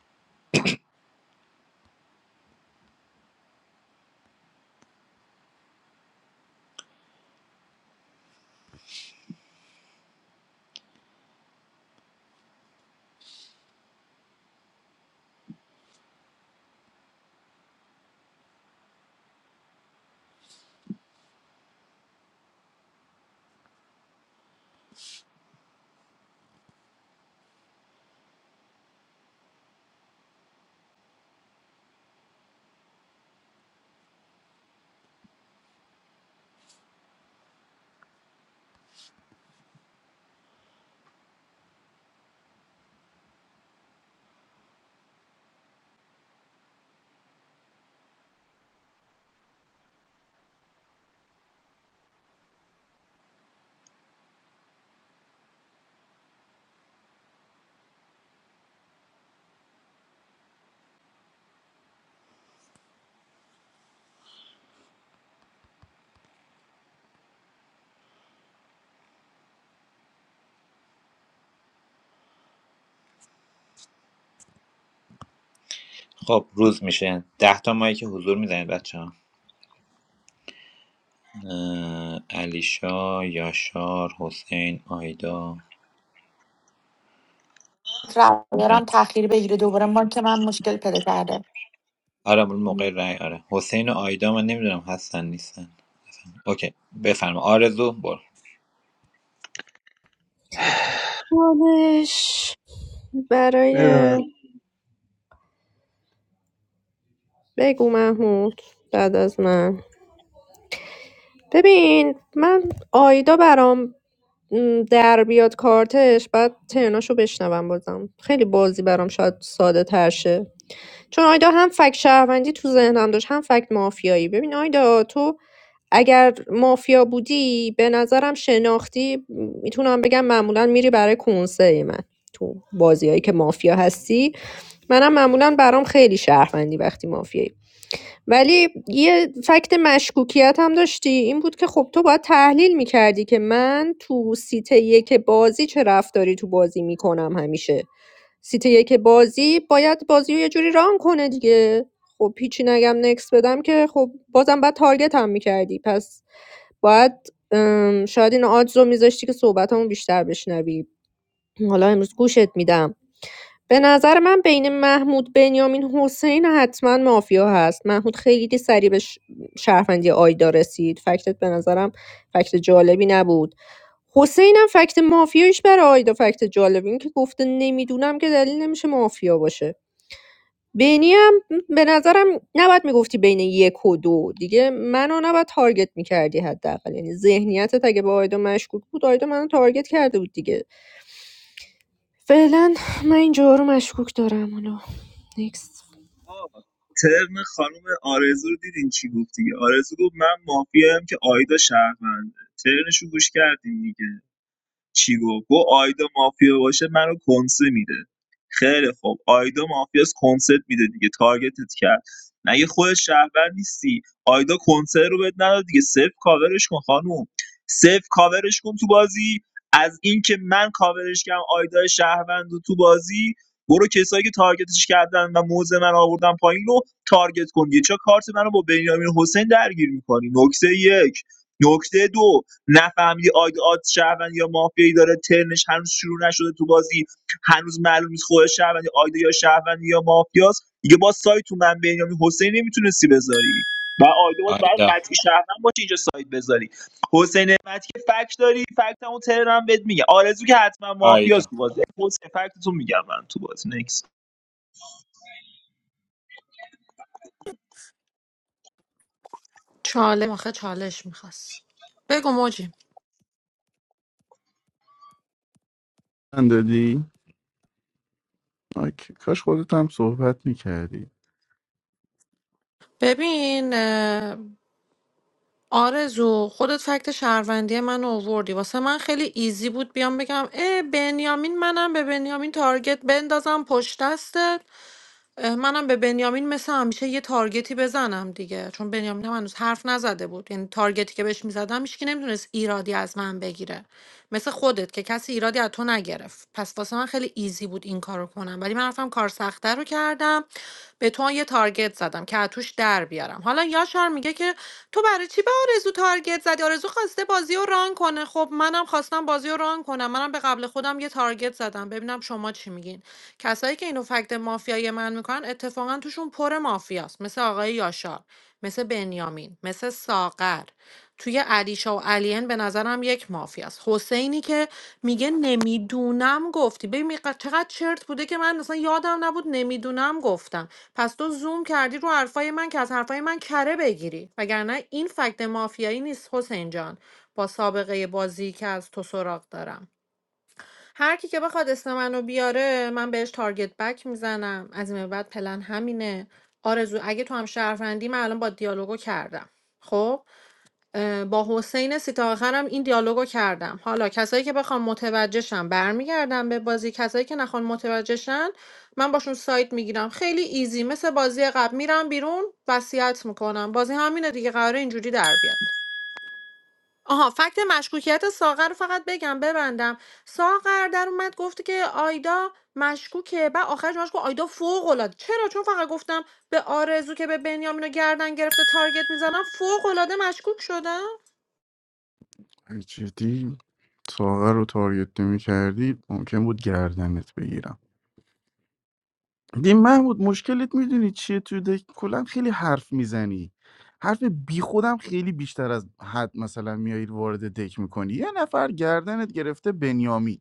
Speaker 12: خب روز میشه ده تا مایک که حضور میزنید بچه ها علیشا یاشار حسین آیدا
Speaker 2: رمیرم تاخیر بگیره دوباره ما که من مشکل پیدا کرده
Speaker 12: آره مال موقع رای آره حسین و آیدا من نمیدونم هستن نیستن اوکی بفرما آرزو برو
Speaker 1: چالش
Speaker 7: بدونم
Speaker 1: برای بگو محمود بعد از من ببین من آیدا برام م، در بیاد کارتش بعد ترناشو بشنوم بازم خیلی بازی برام شاید ساده تر شه چون آیدا هم فکت شهروندی تو ذهنم داشت هم فکت مافیایی ببین آیدا تو اگر مافیا بودی به نظرم شناختی میتونم بگم معمولا میری برای کنسه من تو بازیایی که مافیا هستی منم معمولا برام خیلی شهروندی وقتی مافیایی ولی یه فکت مشکوکیت هم داشتی این بود که خب تو باید تحلیل میکردی که من تو سیت یک بازی چه رفتاری تو بازی میکنم همیشه سیت یک بازی باید بازی رو یه جوری ران کنه دیگه خب پیچی نگم نکس بدم که خب بازم باید تارگت هم میکردی پس باید ام، شاید این آدز رو میذاشتی که صحبت همون بیشتر بشنوی حالا امروز گوشت میدم به نظر من بین محمود بنیامین حسین حتما مافیا هست محمود خیلی سریع به ش- شهروندی آیدا رسید فکتت به نظرم فکت جالبی نبود حسین هم فکت مافیایش برای آیدا فکت جالبی این که گفته نمیدونم که دلیل نمیشه مافیا باشه بینی هم به نظرم نباید میگفتی بین یک و دو دیگه منو نباید تارگت میکردی حداقل یعنی ذهنیتت اگه به آیدا مشکوک بود آیدا منو تارگت کرده بود دیگه فعلا من این جوها رو مشکوک دارم حالا نیکست
Speaker 7: آه، ترم خانم آرزو رو دیدین چی گفت دیگه آرزو گفت من مافیایم که آیدا شهرونده ترنشو گوش کردین دیگه چی گفت گفت آیدا مافیا باشه منو کنسه میده خیلی خب آیدا مافیاس کنسرت میده دیگه تارگتت کرد مگه خود شهروند نیستی آیدا کنسرت رو بهت نداد دیگه صفر کاورش کن خانوم صفر کاورش کن تو بازی از اینکه من کاورش کردم آیدا شهروند رو تو بازی برو کسایی که تارگتش کردن و موزه من آوردن پایین رو تارگت کن یه چرا کارت منو با بنیامین حسین درگیر میکنی نکته یک نکته دو نفهمیدی آید آدز شهروند یا مافیایی داره ترنش هنوز شروع نشده تو بازی هنوز معلوم نیست خود شهروند آید یا شهروند یا مافیاست دیگه با سایت تو من بنیامین حسین نمیتونستی بذاری و آیده باز برای
Speaker 12: آیدا
Speaker 7: قطعی شهروند باشه اینجا سایت بذاری حسین نعمتی که فکت داری فکت همون تهران بهت میگه آرزو که حتما مافیاست
Speaker 12: آیدا
Speaker 7: تو بازی حسین فکتتون میگم من تو بازی نکس
Speaker 3: چاله آخه چالش میخواست بگو موجی
Speaker 9: من دادی آی، کاش خودت هم صحبت میکردی
Speaker 3: ببین اه، آرزو خودت فکت شهروندی من اووردی واسه من خیلی ایزی بود بیام بگم اه بنیامین منم به بنیامین تارگت بندازم پشت دستت اه، منم به بنیامین مثل همیشه یه تارگتی بزنم دیگه چون بنیامین هم هنوز حرف نزده بود یعنی تارگتی که بهش میزدم هیچکی نمیتونست ایرادی از من بگیره مثل خودت که کسی ایرادی از تو نگرفت پس واسه من خیلی ایزی بود این کارو کنم ولی من رفتم کار سخته رو کردم به تو هم یه تارگت زدم که از توش در بیارم حالا یاشار میگه که تو برای چی به آرزو تارگت زدی آرزو خواسته بازی رو ران کنه خب منم خواستم بازی رو ران کنم منم به قبل خودم یه تارگت زدم ببینم شما چی میگین کسایی که اینو فکت مافیایی من میکنن اتفاقا توشون پر مافیاست مثل آقای یاشار مثل بنیامین مثل ساغر توی علیشا و علین به نظرم یک مافیاست حسینی که میگه نمیدونم گفتی ببین می- چقدر چرت بوده که من اصلا یادم نبود نمیدونم گفتم پس تو زوم کردی رو حرفای من که از حرفای من کره بگیری وگرنه این فکت مافیایی نیست حسین جان با سابقه بازی که از تو سراغ دارم هر کی که بخواد اسم منو بیاره من بهش تارگت بک میزنم از این به بعد پلن همینه آرزو اگه تو هم شهروندی من الان با دیالوگو کردم خب اه، با حسین سیتا آخرم این دیالوگو کردم حالا کسایی که بخوام متوجهشن برمیگردم به بازی کسایی که نخوان متوجهشن من باشون سایت میگیرم خیلی ایزی مثل بازی قبل میرم بیرون وصیت میکنم بازی همینه دیگه قراره اینجوری در بیاد آها فکت مشکوکیت ساغر رو فقط بگم ببندم ساغر در اومد گفته که آیدا مشکوکه بعد آخرش مشکوک آیدا فوق العاده چرا چون فقط گفتم به آرزو که به بنیامین رو گردن گرفته تارگت میزنم فوق العاده مشکوک شدم
Speaker 9: جدی ساغر رو تارگت نمی‌کردی ممکن بود گردنت بگیرم دیم محمود مشکلت میدونی چیه تو دک کلا خیلی حرف میزنی حرف بی خودم خیلی بیشتر از حد مثلا میایید وارد دک میکنی یه نفر گردنت گرفته بنیامین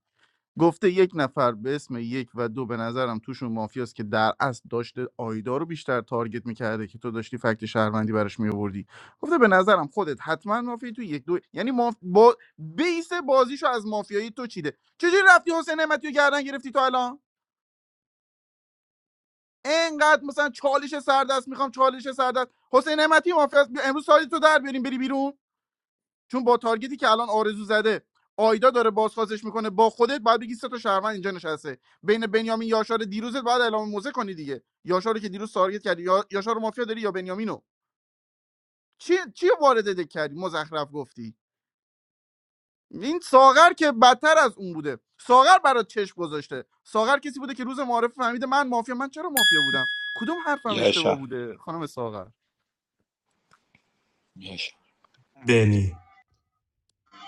Speaker 9: گفته یک نفر به اسم یک و دو به نظرم توشون مافیاست که در اصل داشته آیدا رو بیشتر تارگت میکرده که تو داشتی فکت شهروندی براش میآوردی گفته به نظرم خودت حتما مافیایی تو یک دو یعنی ماف... با... بیس بازیشو از مافیایی تو چیده چجوری رفتی حسین نعمتی رو گردن گرفتی تو الان انقدر مثلا چالش سردست میخوام چالش سردست حسین نعمتی مافیاست بیا امروز سالی تو در بیاریم بری بیرون چون با تارگتی که الان آرزو زده آیدا داره بازخواستش میکنه با خودت باید بگی سه تا شهروند اینجا نشسته بین بنیامین یاشار دیروزت بعد اعلام موزه کنی دیگه یاشار رو که دیروز تارگت کردی یا... یاشار مافیا داری یا بنیامینو چی چی وارد دک کردی مزخرف گفتی این ساغر که بدتر از اون بوده ساغر برات چشم گذاشته ساغر کسی بوده که روز معارف فهمیده من مافیا من چرا مافیا بودم کدوم حرفم
Speaker 12: یاشا
Speaker 9: اشتباه بوده خانم ساغر
Speaker 12: یاشا
Speaker 11: بنی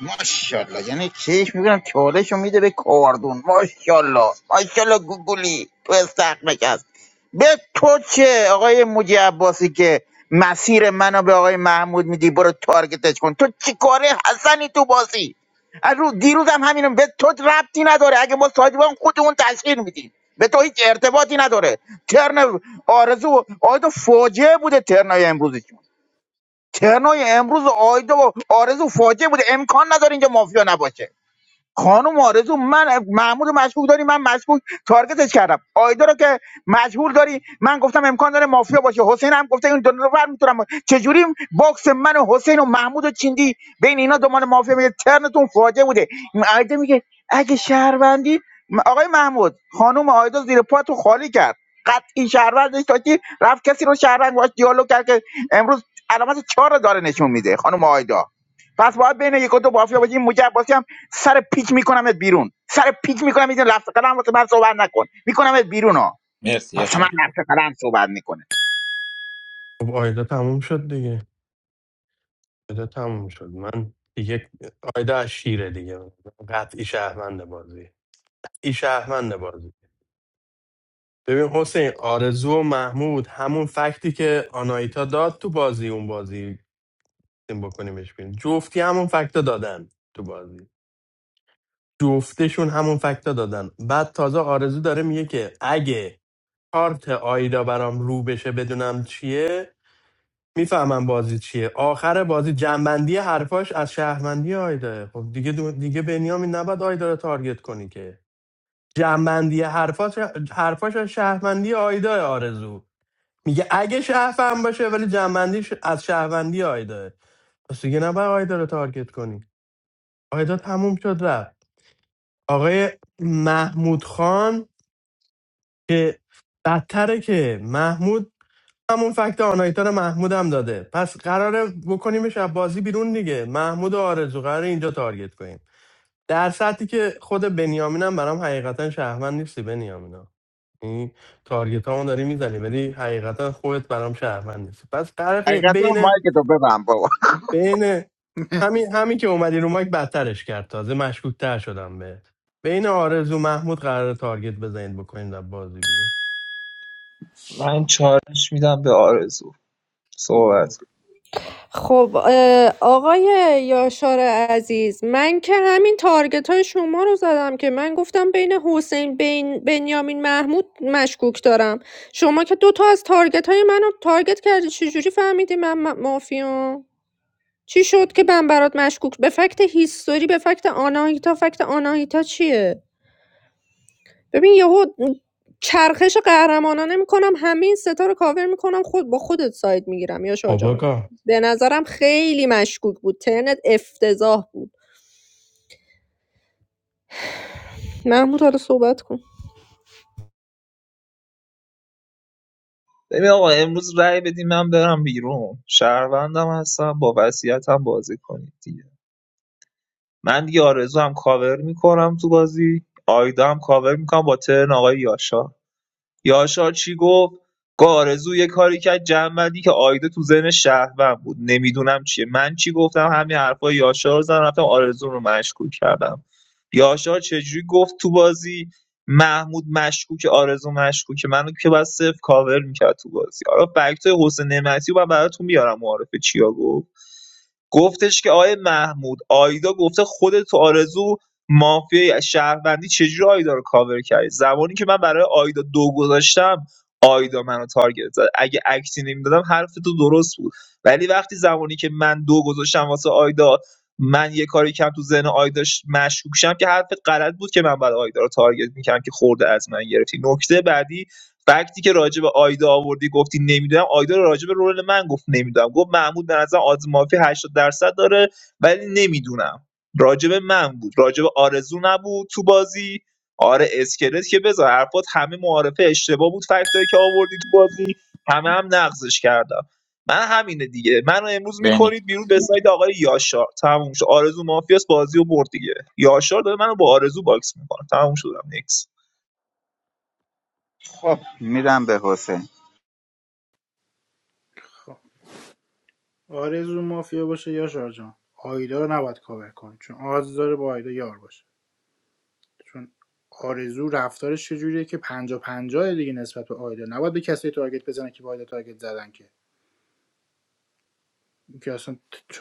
Speaker 17: ماشاءالله یعنی چیش میبینم چالشو میده به کاردون ماشاءالله ماشاءالله گوگولی تو استخمک هست به تو چه آقای موجی عباسی که مسیر منو به آقای محمود میدی برو تارگتش کن تو چی کاره حسنی تو بازی از رو دیروزم همینم به تو ربطی نداره اگه ما ساجبان خودمون تشکیل میدیم به تو هیچ ارتباطی نداره ترن آرزو آیدو فاجعه بوده ترنای امروزش ترنای امروز آیدا و آرزو فاجعه بوده امکان نداره اینجا مافیا نباشه خانم آرزو من محمود رو مشکوک داری من مشکوک تارگتش کردم آیدا رو که مجبور داری من گفتم امکان داره مافیا باشه حسین هم گفته این دو نفر میتونم چجوری باکس من و حسین و محمود و چیندی بین اینا دنبال مافیا میگه ترنتون فاجعه بوده آیدا میگه اگه شهروندی آقای محمود خانم آیدا زیر پاتو خالی کرد قطعی شهروندش داشتی رفت کسی رو شهروند باش دیالوگ کرد که امروز علامت چهار رو داره نشون میده خانم آیدا پس باید بین یک و دو مافیا باشه این مجبور سر پیک میکنمت بیرون سر پیک میکنم اینجا لفظ قلم واسه من صحبت نکن میکنمت بیرون ها
Speaker 12: مرسی
Speaker 17: واسه من
Speaker 12: یاشا
Speaker 17: لفظ قلم صحبت میکنه
Speaker 11: خب آیدا تموم شد دیگه آیدا تموم شد من دیگه آیدا از شیره دیگه قطعی شهروند بازی این شهروند بازی ببین حسین آرزو و محمود همون فکتی که آنایتا داد تو بازی اون بازی این بکنیمش بین جفتی همون فکتا دادن تو بازی جفتشون همون فکتا دادن بعد تازه آرزو داره میگه که اگه کارت آیدا برام رو بشه بدونم چیه میفهمم بازی چیه آخر بازی جنبندی حرفاش از شهروندی آیدا خب دیگه دو- دیگه بنیامین نباید آیدا رو تارگت کنی که جنبندی حرفاش حرفاش از شهروندی آیدای آرزو میگه اگه شهروند باشه ولی جنبندیش از شهروندی آیداه پس دیگه نباید آیدا رو تارگت کنی آیدا تموم شد رفت آقای محمود خان که بدتره که محمود همون فکت آنایتا رو محمود هم داده پس قراره بکنیمش از بازی بیرون دیگه محمود و آرزو قراره اینجا تارگت کنیم در سطحی که خود بنیامینم برام حقیقتا شهروند نیستی بنیامین این تارگت ها داری میزنی ولی حقیقتا خودت برام شهروند نیست پس فرق
Speaker 17: حقیقتا
Speaker 11: بین
Speaker 17: مایک تو ببن بابا
Speaker 11: بین
Speaker 4: [laughs]
Speaker 11: همین همین که اومدی رو مایک بدترش کرد تازه مشکوک تر شدم به بین آرزو محمود قرار تارگت بزنید بکنید از بازی بیرون
Speaker 7: من چالش میدم به آرزو صحبت
Speaker 4: شورور
Speaker 1: خب آقای یاشار عزیز من که همین تارگت های شما رو زدم که من گفتم بین حسین بین بنیامین محمود مشکوک دارم شما که دوتا از تارگت های منو تارگت کردی چجوری فهمیدی من م- مافیام چی شد که من برات مشکوک به فکت هیستوری به فکت آناهیتا فکت آناهیتا چیه ببین یهو چرخش قهرمانانه میکنم همه این ستا رو کاور میکنم خود با خودت ساید میگیرم یا
Speaker 11: خب
Speaker 1: جان
Speaker 11: آقا.
Speaker 1: به نظرم خیلی مشکوک بود ترنت افتضاح بود محمود حالا صحبت کن
Speaker 7: ببین آقا امروز رأی بدیم من برم بیرون شهروندم هستم با وصیتم بازی کنید دیگه من دیگه آرزو هم کاور میکنم تو بازی آیدا هم کاور میکنم با ترن آقای یاشار یاشار چی گفت گفت یه کاری کرد جمع‌بندی که آیده تو ذهن شهروند بود نمیدونم چیه من چی گفتم همین حرفای یاشار رو زدم رفتم آرزو رو مشکوک کردم یاشار چجوری گفت تو بازی محمود مشکوک آرزو مشکوک منو که بعد صفر کاور میکرد تو بازی حالا فکتای حسین نعمتی رو من براتون میارم معارفه چیا گفت گفتش که آقای محمود آیدا گفته خودت تو آرزو مافیای شهروندی چجوری آیدا رو کاور کردی زمانی که من برای آیدا دو گذاشتم آیدا منو تارگت زد اگه اکتی نمیدادم حرف تو درست بود ولی وقتی زمانی که من دو گذاشتم واسه آیدا من یه کاری کم تو ذهن آیداش مشکوک شم که حرفت غلط بود که من بعد آیدا رو تارگت میکردم که خورده از من گرفتی نکته بعدی فکتی که راجع به آیدا آوردی گفتی نمیدونم آیدا رو راجع به رول من گفت نمیدونم گفت محمود به نظر آز مافی 80 درصد داره ولی نمیدونم راجع به من بود راجع به آرزو نبود تو بازی آره اسکلت که بذار حرفات همه معارفه اشتباه بود فکتایی که آوردی تو بازی همه هم نقضش کردم من همینه دیگه منو امروز
Speaker 12: بنی
Speaker 7: میکنید بیرون به ساید آقای یاشار تموم شد آرزو مافیاس بازی و برد دیگه یاشار داره منو با آرزو باکس میکنه تموم شدم نیکس
Speaker 17: خب میرم به حسین
Speaker 4: خب آرزو مافیا باشه یا جان آیدا رو نباید کاور کنی چون آرزو داره با آیدا یار باشه چون آرزو رفتارش چجوریه که پنجا پنجاه دیگه نسبت به آیدا نباید به کسی تارگت بزنه که با آیدا تارگت زدن که این که اصلا ت-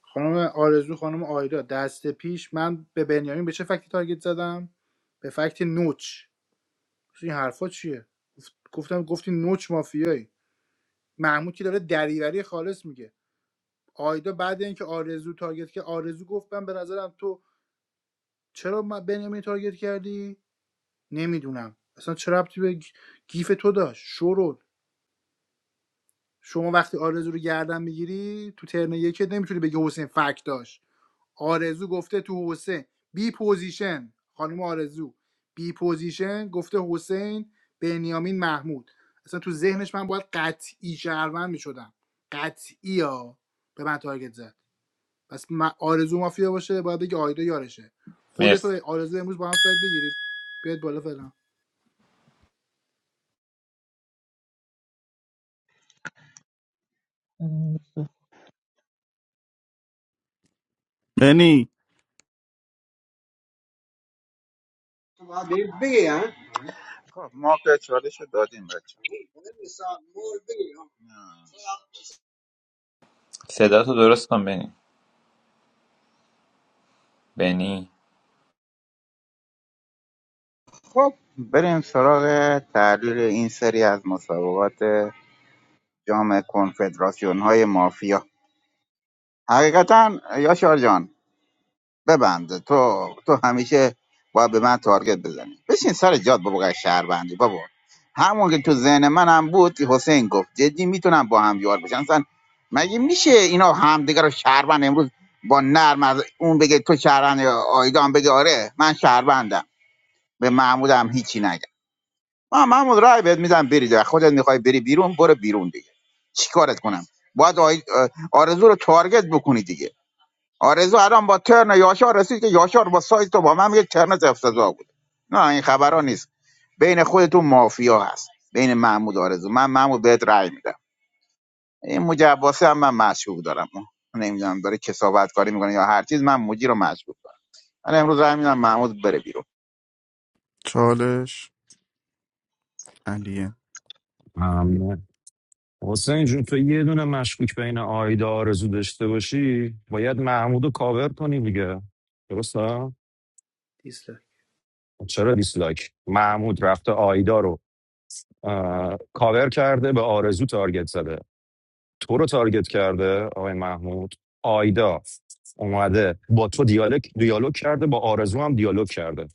Speaker 4: خانم آرزو خانم آیدا دست پیش من به بنیامین به چه فکتی تارگت زدم به فکت نوچ این حرفا چیه گفت- گفتم گفتی نوچ مافیایی محمود که داره دریوری خالص میگه آیدا بعد اینکه آرزو تارگت که آرزو گفت من به نظرم تو چرا من بنیامین تارگت کردی نمیدونم اصلا چرا ربطی به گ- گیف تو داشت شورول شما وقتی آرزو رو گردن میگیری تو ترن یکت نمیتونی بگی حسین فک داشت آرزو گفته تو حسین بی پوزیشن خانم آرزو بی پوزیشن گفته حسین بنیامین محمود اصلا تو ذهنش من باید قطعی شهروند میشدم قطعی ها به من تارگت زد پس م- آرزو مافیا باشه باید بگی آیدا یارشه
Speaker 12: مرسی
Speaker 4: خودتو آرزو امروز با هم سایت بگیرید بیاد بالا فعلا
Speaker 9: بنی
Speaker 17: خب ما که چالش رو دادیم بچه
Speaker 12: صدا تو درست کن بنی بنی
Speaker 17: خب بریم سراغ تحلیل این سری از مسابقات جام کنفدراسیون های مافیا حقیقتا یاشار جان ببنده تو تو همیشه باید به من تارگت بزنی بشین سر جاد بابا قای شهروندی بابا همون که تو ذهن منم بود که حسین گفت جدی میتونم با هم یار بشن اصلا مگه میشه اینا همدیگه رو شهروند امروز با نرم از اون بگه تو شهروند آیدان بگه آره من شهروندم به محمود هم هیچی نگم ما محمود رای بهت میدم بری دیگه خودت میخوای بری بیرون برو بیرون دیگه چیکارت کنم باید آی- آرزو رو تارگت بکنی دیگه آرزو الان با ترن یاشار رسید که یاشار با سایت تو با من یک ترنت افتضاح بود نه این خبرها نیست بین خودتون مافیا هست بین محمود آرزو من محمود بهت رأی میدم این موجی عباسی هم من مشکوک دارم نمیدونم داره کسابت کاری میکنه یا هر چیز من موجی رو مشکوک دارم من امروز رأی میدم محمود بره بیرون
Speaker 9: چالش علیه.
Speaker 14: ممنون حسین جون تو یه دونه مشکوک بین آیدا آرزو داشته باشی باید محمود رو کاور کنی دیگه درسته
Speaker 4: دیسلک
Speaker 14: چرا دیسلایک محمود رفته آیدا رو اه، کاور کرده به آرزو تارگت زده تو رو تارگت کرده آقای محمود آیدا اومده با تو دیالوگ دیالوگ کرده با آرزو هم دیالوگ کرده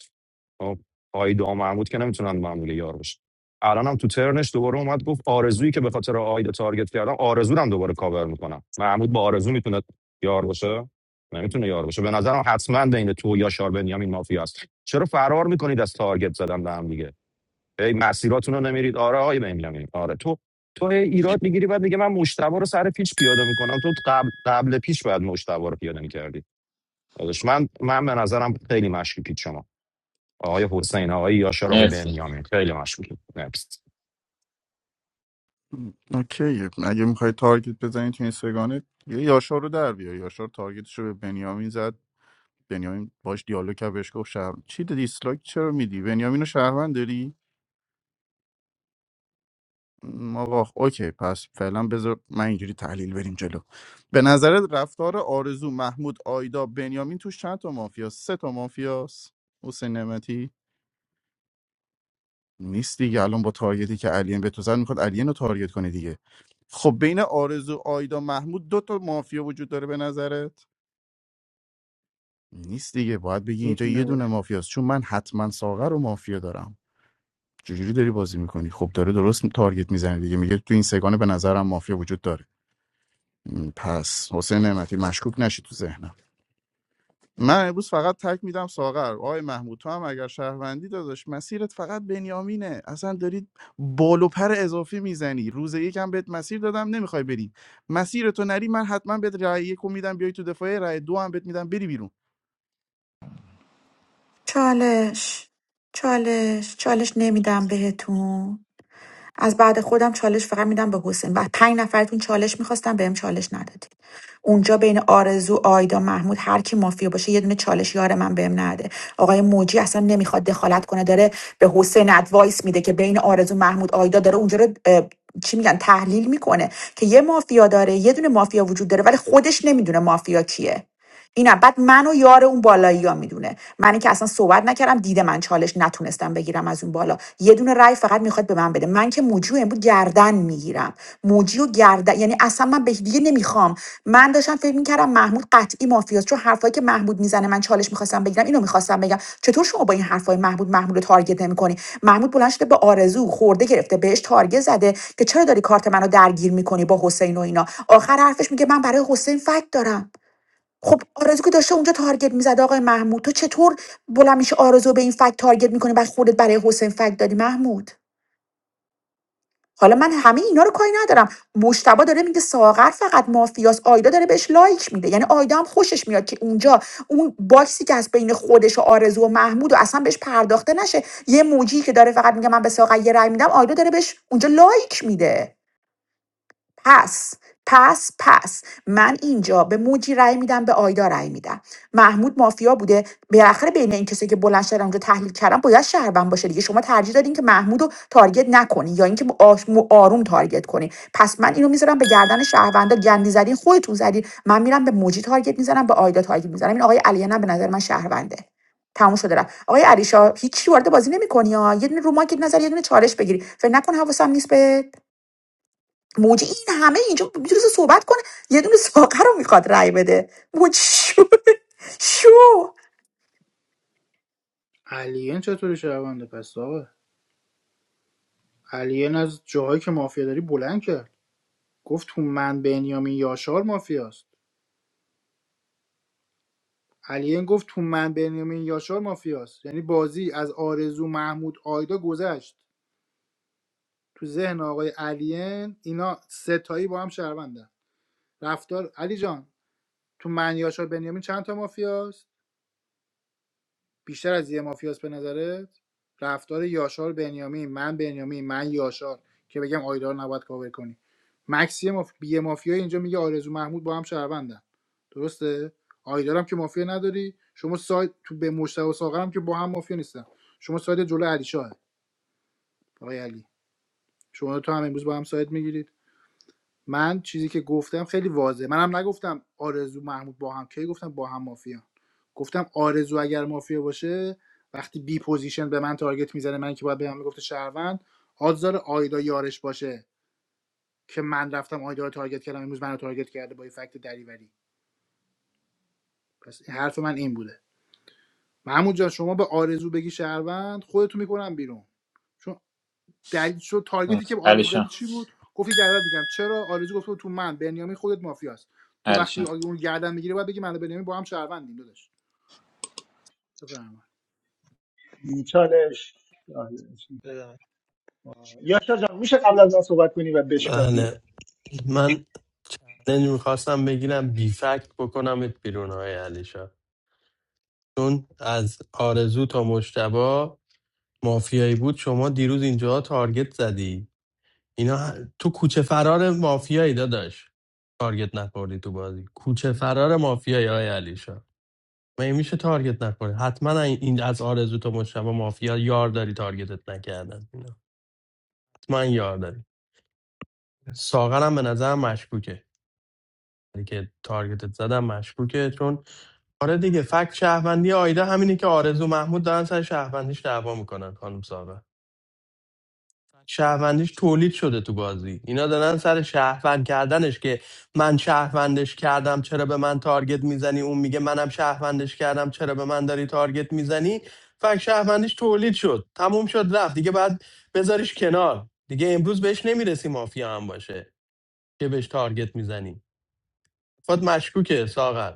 Speaker 14: خب آقای دام محمود که نمیتونن معمولی یار باشن الان هم تو ترنش دوباره اومد گفت آرزویی که به خاطر آیدا تارگت کردم آرزو رو هم دوباره کاور میکنم محمود با آرزو میتونه یار باشه نمیتونه یار باشه به نظرم حتما بین تو یا شار بنیامین مافیا است چرا فرار میکنید از تارگت زدن به هم دیگه هی مسیراتون رو نمیرید آره آقای بنیامین آره تو تو هی ایراد میگیری بعد میگه من مشتبه رو سر پیچ پیاده میکنم تو قبل قبل پیش باید مشتبه رو پیاده میکردی من من به نظرم خیلی مشکی پیچ شما آقای حسین آقای یاشار آقای
Speaker 12: مرسی
Speaker 14: بنیامین خیلی مشغول نبست
Speaker 9: اوکی اگه میخوای تارگت بزنی تو این سگانه یه یاشار رو در بیا یاشار تارگتش رو به بنیامین زد بنیامین باش دیالوگ کرد بهش گفت شهر چی دیسلایک چرا میدی بنیامین رو شهروند داری م، آقا اوکی پس فعلا بذار من اینجوری تحلیل بریم جلو به نظر رفتار آرزو محمود آیدا بنیامین توش چند تا مافیاست سه تا مافیاست حسین نعمتی نیست دیگه الان با تارگتی که الین به تو زد میخواد الین رو تارگت کنه دیگه خب بین آرزو آیدا محمود دو تا مافیا وجود داره به نظرت نیست دیگه باید بگی اینجا
Speaker 4: میتونه
Speaker 9: یه
Speaker 4: باشه
Speaker 9: دونه مافیاست چون من حتما ساغر رو مافیا دارم چجوری داری بازی میکنی خب داره درست تارگت میزنه دیگه میگه تو این سگانه به نظرم مافیا وجود داره م، پس حسین نعمتی مشکوک نشی تو ذهنم من امروز فقط تک میدم ساغر آقای محمود تو هم اگر شهروندی داداش مسیرت فقط بنیامینه اصلا دارید بال و پر اضافی میزنی روز یکم بهت مسیر دادم نمیخوای بری مسیر تو نری من حتما بهت رای یکو میدم بیای تو دفاعی رای دو هم بهت میدم بری بیرون
Speaker 2: چالش چالش چالش نمیدم بهتون از بعد خودم چالش فقط میدم به حسین و پنج نفرتون چالش میخواستم بهم چالش ندادید اونجا بین آرزو آیدا محمود هر کی مافیا باشه یه دونه چالش یار من بهم نده آقای موجی اصلا نمیخواد دخالت کنه داره به حسین ادوایس میده که بین آرزو محمود آیدا داره اونجا رو چی میگن تحلیل میکنه که یه مافیا داره یه دونه مافیا وجود داره ولی خودش نمیدونه مافیا کیه اینم بعد منو یار اون بالایی ها میدونه منی که اصلا صحبت نکردم دیده من چالش نتونستم بگیرم از اون بالا یه دونه رای فقط میخواد به من بده من که موجی بود گردن میگیرم موجی و گردن یعنی اصلا من به دیگه نمیخوام من داشتم فکر میکردم محمود قطعی مافیاست چون حرفایی که محمود میزنه من چالش میخواستم بگیرم اینو میخواستم بگم چطور شما با این حرفای محمود محمود رو تارگت نمیکنی محمود بلند شده به آرزو خورده گرفته بهش تارگت زده که چرا داری کارت منو درگیر میکنی با حسین و اینا آخر حرفش میگه من برای حسین فکت دارم خب آرزو که داشته اونجا تارگت میزد آقای محمود تو چطور بلند میشه آرزو به این فکت تارگت میکنی و خودت برای حسین فکت دادی محمود حالا من همه اینا رو کاری ندارم مشتبا داره میگه ساغر فقط مافیاس آیدا داره بهش لایک میده یعنی آیدا هم خوشش میاد که اونجا اون باکسی که از بین خودش و آرزو و محمود و اصلا بهش پرداخته نشه یه موجی که داره فقط میگه من به ساغر یه رأی میدم آیدا داره بهش اونجا لایک میده پس پس پس من اینجا به موجی رأی میدم به آیدا رأی میدم محمود مافیا بوده بالاخره بین این کسی که بلند شدن اونجا تحلیل کردن باید شهروند باشه دیگه شما ترجیح دادین که محمود رو تارگت نکنی یا اینکه آش- مو- آروم تارگت کنی پس من اینو میذارم به گردن شهروندا گندی زدین خودتون زدین من میرم به موجی تارگت میزنم به آیدا تارگت میزنم این آقای علی نه به نظر من شهرونده تموم شده رفت آقای علیشا هیچی وارد بازی نمی‌کنی ها یه دونه رو ماکت نظر یه دونه چالش بگیری فکر نکن حواسم نیست بهت موجی این همه اینجا میتونست صحبت کنه یه دونه ساقه رو میخواد رای بده موجی شو شو
Speaker 4: الین چطوری شونده پس آقا الین از جاهایی که مافیا داری بلند کرد گفت تو من بنیامین یاشار مافیاست الین گفت تو من بنیامین یاشار مافیاست یعنی بازی از آرزو محمود آیدا گذشت تو ذهن آقای الین اینا ستایی با هم شهروندن رفتار علی جان تو من یاشار بنیامین چند تا مافیاست بیشتر از یه مافیاس به نظرت رفتار یاشار بنیامین من بنیامین من یاشار که بگم آیدار نباید کاور کنی مکسی ماف... یه مافیا اینجا میگه آرزو محمود با هم شهروندن درسته آیدارم که مافیا نداری شما سایت تو به مشتاق و ساغرم که با هم مافیا نیستن شما سایت جلو علی شاه آقای علی شما تو هم امروز با هم سایت میگیرید من چیزی که گفتم خیلی واضحه منم نگفتم آرزو محمود با هم کی گفتم با هم مافیا گفتم آرزو اگر مافیا باشه وقتی بی پوزیشن به من تارگت میزنه من که باید به من میگفته شهروند آزار آیدا یارش باشه که من رفتم آیدا رو تارگت کردم امروز منو تارگت کرده با این فکت دریوری پس حرف من این بوده محمود جان شما به آرزو بگی شهروند خودتو میکنم بیرون چون دلیل شد تارگتی
Speaker 12: مرسی
Speaker 4: که آرزو زدی
Speaker 12: علیشان
Speaker 4: چی بود گفتی گردن میگم چرا آرزو گفته تو من بنیامین خودت مافیاست تو وقتی
Speaker 12: علیشان
Speaker 4: آگه اون گردن میگیره باید بگی من و بنیامین با هم شهروندیم داداش بفرما
Speaker 13: چالش چالش. یاشار جان میشه قبل از من صحبت کنی و بشکافی
Speaker 11: بله من نمیخواستم بگیرم بی فکت بکنمت بیرون های علیشا چون از آرزو تا مشتبه مافیایی بود شما دیروز اینجا تارگت زدی اینا تو کوچه فرار مافیایی داداش تارگت نخوردی تو بازی کوچه فرار مافیایی های علیشا مگه میشه تارگت نخوری حتما این از آرزو تو مشتبه مافیا یار داری تارگتت نکردن اینا حتما یار داری ساغرم به نظرم مشکوکه یعنی که تارگتت زدم مشکوکه چون آره دیگه فکت شهروندی آیده همینه که آرزو محمود دارن سر شهروندیش دعوا میکنن خانم ساغر شهروندیش تولید شده تو بازی اینا دارن سر شهروند کردنش که من شهروندش کردم چرا به من تارگت میزنی اون میگه منم شهروندش کردم چرا به من داری تارگت میزنی فکر شهروندیش تولید شد تموم شد رفت دیگه بعد بذاریش کنار دیگه امروز بهش نمیرسی مافیا هم باشه که بهش تارگت میزنی فقط مشکوکه ساغر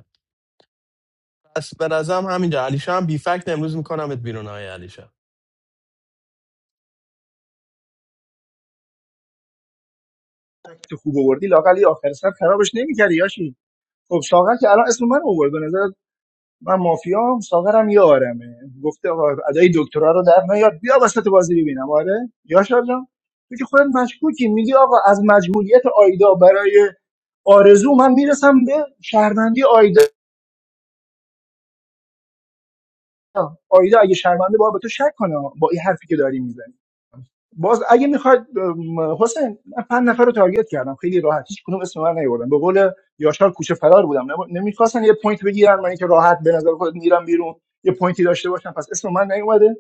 Speaker 11: پس به نظرم همینجا علیشا هم بی فکت امروز میکنمت بیرون های علیشا
Speaker 13: تو خوب آوردی لاقل یه آخر سر خرابش نمی‌کردی یاشی خب ساغر که الان اسم من آورد به نظر من مافیا ساغرم یارمه گفته آقا ادای دکترا رو در نیار بیا وسط بازی ببینم آره یاشار جان تو که خودت مشکوکی میگی آقا از مجهولیت آیدا برای آرزو من میرسم به شهروندی آیدا اگه شرمنده با به تو شک کنه با این حرفی که داری میزنی باز اگه میخواد حسین من پنج نفر رو تارگت کردم خیلی راحت هیچ کدوم اسم من نیوردم به قول یاشار کوچه فرار بودم نمیخواستن یه پوینت بگیرن من که راحت به نظر خود میرم بیرون یه پوینتی داشته باشم پس اسم من نیومده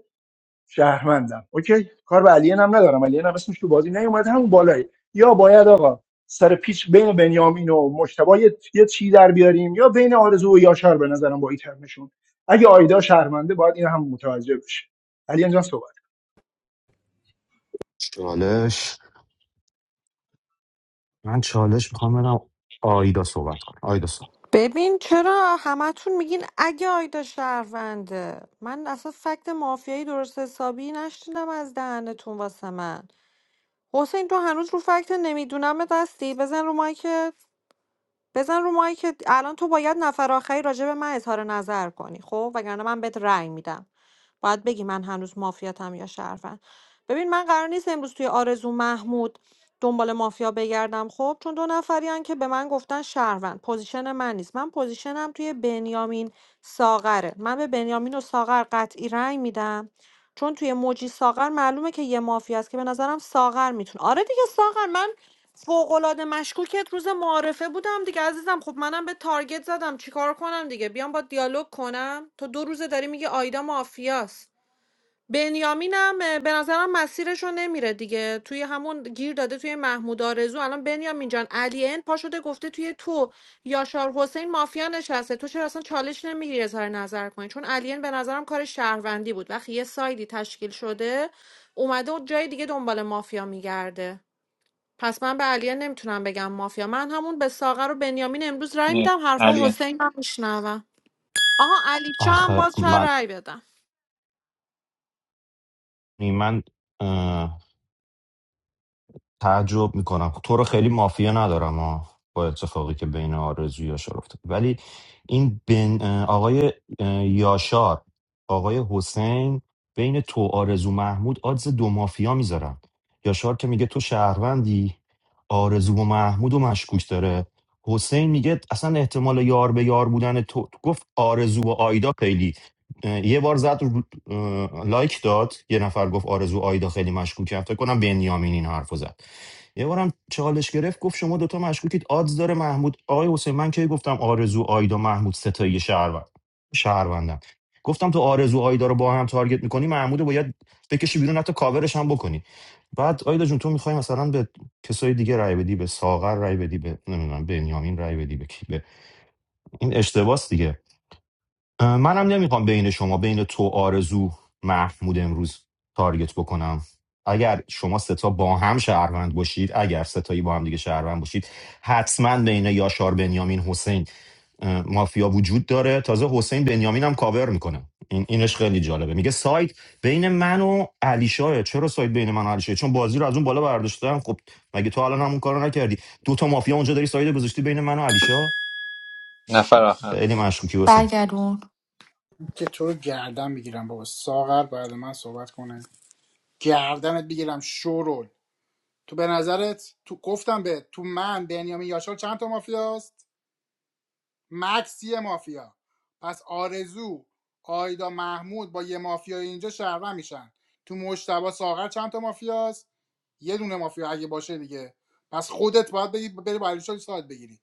Speaker 13: شهرمندم اوکی کار به علیه هم ندارم علیه هم اسمش تو بازی نیومد همون بالایی یا باید آقا سر پیچ بین بنیامین و مشتبه یه یه چی در بیاریم یا بین آرزو و یاشار به نظرم با این ترمشون اگه آیدا شهرمنده باید این هم متوجه بشه علی جان صحبت
Speaker 14: چالش من چالش میخوام بدم آیدا صحبت کنه آیدا صحبت
Speaker 3: ببین چرا همتون میگین اگه آیدا شهرونده من اصلا فکت مافیایی درست حسابی نشنیدم از دهنتون واسه من حسین تو هنوز رو فکت نمیدونم دستی بزن رو مایک بزن رو مایی که الان تو باید نفر آخری راجع به من اظهار نظر کنی خب وگرنه من بهت رأی میدم باید بگی من هنوز مافیاتم یا شرفن ببین من قرار نیست امروز توی آرزو محمود دنبال مافیا بگردم خب چون دو نفریان که به من گفتن شهروند پوزیشن من نیست من پوزیشنم توی بنیامین ساغره من به بنیامین و ساغر قطعی رأی میدم چون توی موجی ساغر معلومه که یه مافیاست که به نظرم ساغر میتونه آره دیگه ساغر من فوق‌العاده مشکوکت روز معارفه بودم دیگه عزیزم خب منم به تارگت زدم چیکار کنم دیگه بیام با دیالوگ کنم تو دو روزه داری میگه آیدا مافیاست بنیامینم اه، به نظرم مسیرشو نمیره دیگه توی همون گیر داده توی محمود آرزو الان بنیامین جان علین پا شده گفته توی تو یاشار حسین مافیا نشسته تو چرا اصلا چالش نمیگیری اظهار نظر کنی چون علین به نظرم کار شهروندی بود وقتی یه سایدی تشکیل شده اومده و جای دیگه دنبال مافیا میگرده پس من به علیه نمیتونم بگم مافیا من همون به ساغر و بنیامین امروز رای
Speaker 12: مرسی
Speaker 3: میدم حرفا
Speaker 12: علیان
Speaker 3: حسین هم میشنوم آها علی چا هم
Speaker 14: آخه
Speaker 3: باز چه
Speaker 14: من
Speaker 3: رای بدم
Speaker 14: من تعجب میکنم تو رو خیلی مافیا ندارم ها با اتفاقی که بین آرزو و یاشار افتاد ولی این بن اه، آقای اه، یاشار آقای حسین بین تو آرزو محمود آدز دو مافیا میذارن یاشار که میگه تو شهروندی آرزو و محمود و مشکوک داره حسین میگه اصلا احتمال یار به یار بودن تو گفت آرزو و آیدا خیلی اه، یه بار زد رو- اه، لایک داد یه نفر گفت آرزو آیدا خیلی مشکوکه فکر کنم بنیامین این حرفو زد یه بارم چالش گرفت گفت شما دوتا مشکوکید آدز داره محمود آقای حسین من که گفتم آرزو آیدا محمود ستایی شهروند شهروندم گفتم تو آرزو آیدا رو با هم تارگت میکنی محمود رو باید بکشی بیرون حتی کاورش هم بکنی بعد آیدا جون تو میخوای مثلا به کسای دیگه رای بدی به ساغر رای بدی به نمیدونم بنیامین رای بدی به کی به این اشتباس دیگه اه، منم نمیخوام بین شما بین تو آرزو محمود امروز تارگت بکنم اگر شما ستا با هم شهروند باشید اگر ستایی با هم دیگه شهروند باشید حتما بین یاشار بنیامین حسین اه، مافیا وجود داره تازه حسین بنیامین هم کاور میکنه این اینش خیلی جالبه میگه سایت بین من و علیشاه چرا سایت بین من و علیشاه چون بازی رو از اون بالا برداشتم خب مگه تو الان همون کارو نکردی دو تا مافیا اونجا داری سایت گذاشتی بین من و علیشاه
Speaker 12: نفر آخر
Speaker 14: خیلی مشکوکی حسین
Speaker 2: برگردون
Speaker 4: که تو رو گردن میگیرم بابا ساغر بعد من صحبت کنه گردنت میگیرم شورول تو به نظرت تو گفتم به تو من بنیامین یاشار چند تا مافیاست مکسی مافیا پس آرزو آیدا محمود با یه مافیا اینجا شهروند میشن تو مشتبه ساغر چند تا مافیاست یه دونه مافیا اگه باشه دیگه پس خودت باید بگی بری با علیشا ساعت بگیری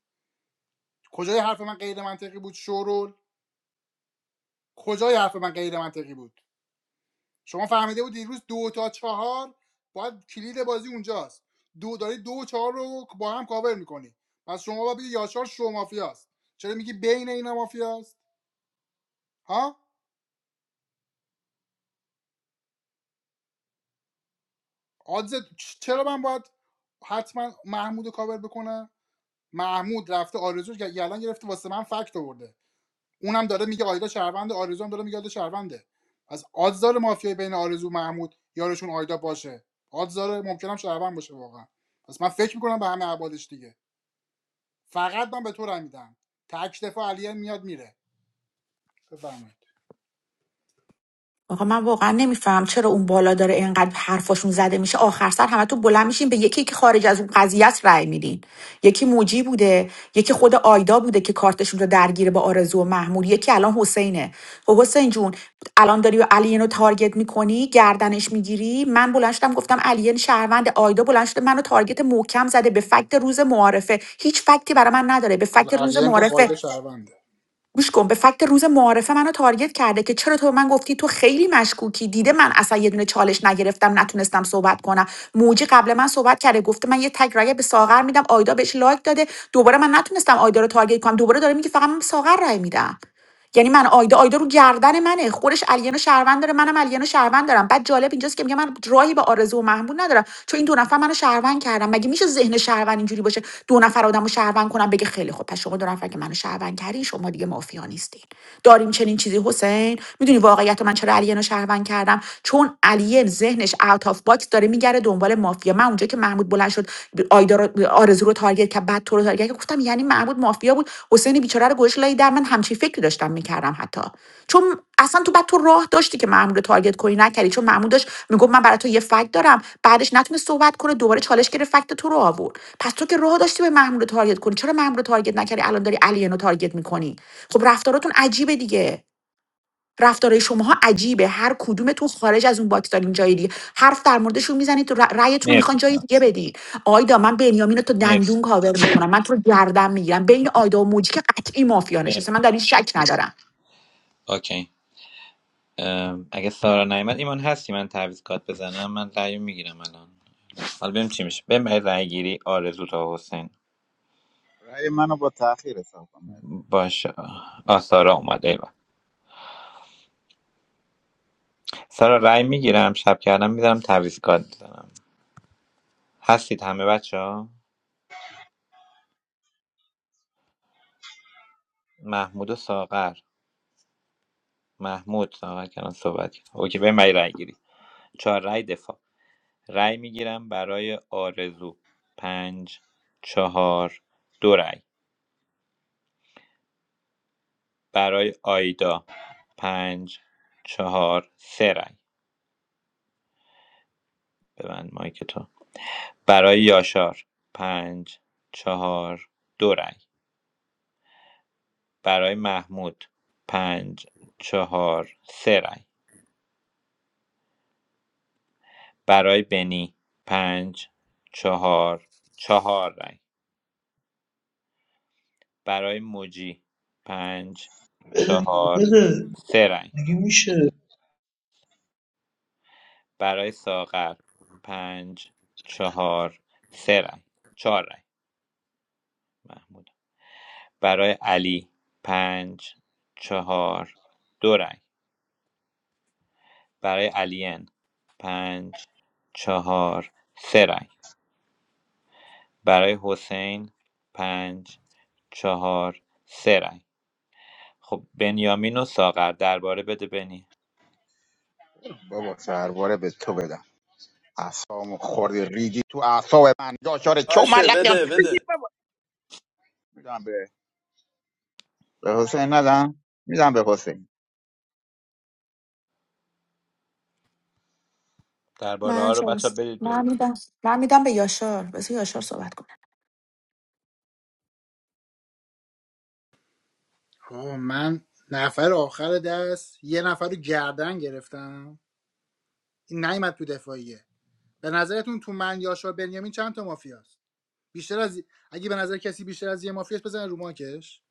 Speaker 4: کجای حرف من غیر منطقی بود شورول کجای حرف من غیر منطقی بود شما فهمیده بود دیروز دو تا چهار باید کلید بازی اونجاست دو داری دو و چهار رو با هم کاور میکنی پس شما باید بگی یاشار شو مافیاست چرا میگی بین اینا مافیاست ها آدز چرا من باید حتما محمود کاور بکنم محمود رفته آرزو رو گ- گرفته واسه من فکت آورده اونم داره میگه آیدا شهرونده آرزو هم داره میگه آیدا شهرونده از آدز مافیای بین آرزو و محمود یارشون آیدا باشه آدز داره ممکنم شهروند باشه واقعا پس من فکر میکنم به همه عبادش دیگه فقط من به تو رای میدم تک دفاع علیه میاد میره بفرمایید
Speaker 2: آقا من واقعا نمیفهم چرا اون بالا داره اینقدر حرفاشون زده میشه آخر سر همه تو بلند میشین به یکی که خارج از اون قضیه است رأی میدین یکی موجی بوده یکی خود آیدا بوده که کارتشون رو درگیره با آرزو و محمود یکی الان حسینه خب حسین جون الان داری علیه رو تارگت میکنی گردنش میگیری من بلند شدم گفتم علیه شهروند آیدا بلند شده منو تارگت محکم زده به فکت روز معارفه هیچ فکتی برای من نداره به فکت روز
Speaker 4: علیه گفت
Speaker 2: معارفه
Speaker 4: آیدا شهرونده
Speaker 2: گوش کن به فکت روز معارفه منو تارگت کرده که چرا تو به من گفتی تو خیلی مشکوکی دیده من اصلا یه دونه چالش نگرفتم نتونستم صحبت کنم موجی قبل من صحبت کرده گفته من یه تگ رایه به ساغر میدم آیدا بهش لایک داده دوباره من نتونستم آیدا رو تارگت کنم دوباره داره میگه فقط من به ساغر رای میدم یعنی من آیدا آیدا رو گردن منه خودش علینا شهروند داره منم علینا شهروند دارم بعد جالب اینجاست که میگه من راهی به آرزو و محمود ندارم چون این دو نفر منو شهروند کردم مگه میشه ذهن شهروند اینجوری باشه دو نفر آدمو شهروند کنم بگه خیلی خوب پس شما دو نفر که منو شهروند کردین شما دیگه مافیا نیستین داریم چنین چیزی حسین میدونی واقعیت من چرا علینا شهروند کردم چون علی ذهنش اوت آف باکس داره میگره دنبال مافیا من اونجا که که محمود بلند شد ب- آیدا رو آرزو رو تارگت کرد بعد تو رو تارگت کرد گفتم یعنی محمود مافیا بود حسین بیچاره رو گوش لای در من همچین فکری داشتم میکردم حتی چون اصلا تو بعد تو راه داشتی که محمود رو تارگت کنی نکردی چون محمود داشت میگفت من برای تو یه فکت دارم بعدش نتونه صحبت کنه دوباره چالش گرفت فکت تو رو آورد پس تو که راه داشتی به محمود رو تارگت کنی چرا محمود رو تارگت نکردی الان داری علیه رو تارگت میکنی خب رفتاراتون عجیبه دیگه رفتارهای شماها عجیبه هر کدومتون خارج از اون باکس دارین جای دیگه حرف در موردشون میزنید تو رأیتون رو
Speaker 12: مرسی
Speaker 2: میخوان جای
Speaker 12: سلام.
Speaker 2: دیگه بدین آیدا من بنیامین رو تو
Speaker 12: مرسی
Speaker 2: دندون کاور میکنم من تو رو گردن میگیرم بین آیدا و موجی که قطعی مافیا نشسته
Speaker 12: مرسی
Speaker 2: من در این شک ندارم
Speaker 12: اوکی ام، اگه سارا نیومد ایمان هستی من تعویض کات بزنم من رأیو میگیرم الان حالا ببینیم چی میشه بریم برای رأی گیری آرزو تا حسین
Speaker 17: رأی منو با تاخیر حساب کنم
Speaker 12: باشه آه سارا اومد ایوه سارا رأی میگیرم شب کردم میذارم تعویض کارت میزنم هستید همه بچه ها محمود و ساغر محمود ساغر کردن صحبت کرد اوکی به من رای گیری چهار رای دفاع رای میگیرم برای آرزو پنج چهار دو رأی برای آیدا پنج چهار سه رأی ببند مایک تو برای یاشار پنج چهار دو رأی برای محمود پنج چهار سه رای برای بنی پنج چهار چهار رای برای موجی پنج چهار سه رای
Speaker 7: میشه
Speaker 12: برای ساغر پنج چهار سه رای چهار رای محمود برای علی پنج چهار دو رای برای علین پنج چهار سه رای برای حسین پنج چهار سه رای خب بنیامین و ساغر درباره بده بنی
Speaker 17: بابا سرباره به تو بدم اعصابمو خوردی ریدی تو اعصاب من یاشار چو
Speaker 11: باشه
Speaker 17: ملقیان
Speaker 11: بده بده
Speaker 17: میدم به به حسین ندم میدم به حسین
Speaker 12: درباره
Speaker 2: من
Speaker 12: ها رو بچه
Speaker 2: چالش
Speaker 12: ها برید
Speaker 2: من
Speaker 12: برید
Speaker 2: میدم من میدم به یاشار بذار یاشار صحبت کنه
Speaker 4: آه، من نفر آخر دست یه نفر رو گردن گرفتم این نیومد تو دفاعیه به نظرتون تو من یاشا بنیامین چند تا مافیاست بیشتر از اگه به نظر کسی بیشتر از یه مافیاست بزن رو ماکش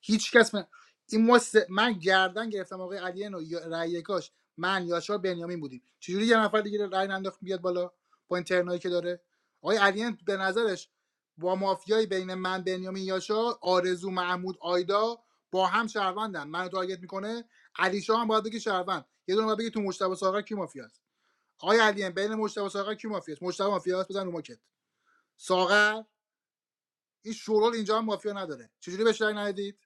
Speaker 4: هیچ کس من... این ما سه- من گردن گرفتم آقای علی نو یا- رأی یکاش من یاشا بنیامین بودیم چجوری یه نفر دیگه رأی ننداخت بیاد بالا با این که داره آقای علیان به نظرش با مافیای بین من بنیامین یاشا آرزو محمود آیدا با هم شهروندن منو تارگت میکنه علی شاه هم باید بگه شهروند یه دونه باید بگه تو مجتبی ساغر کی مافیاست آقای علیان بین مجتبی ساغر کی مافیاست مجتبی مافیاست بزن رو ماکت ساغر این شورال اینجا هم مافیا نداره چجوری بهش رأی ندید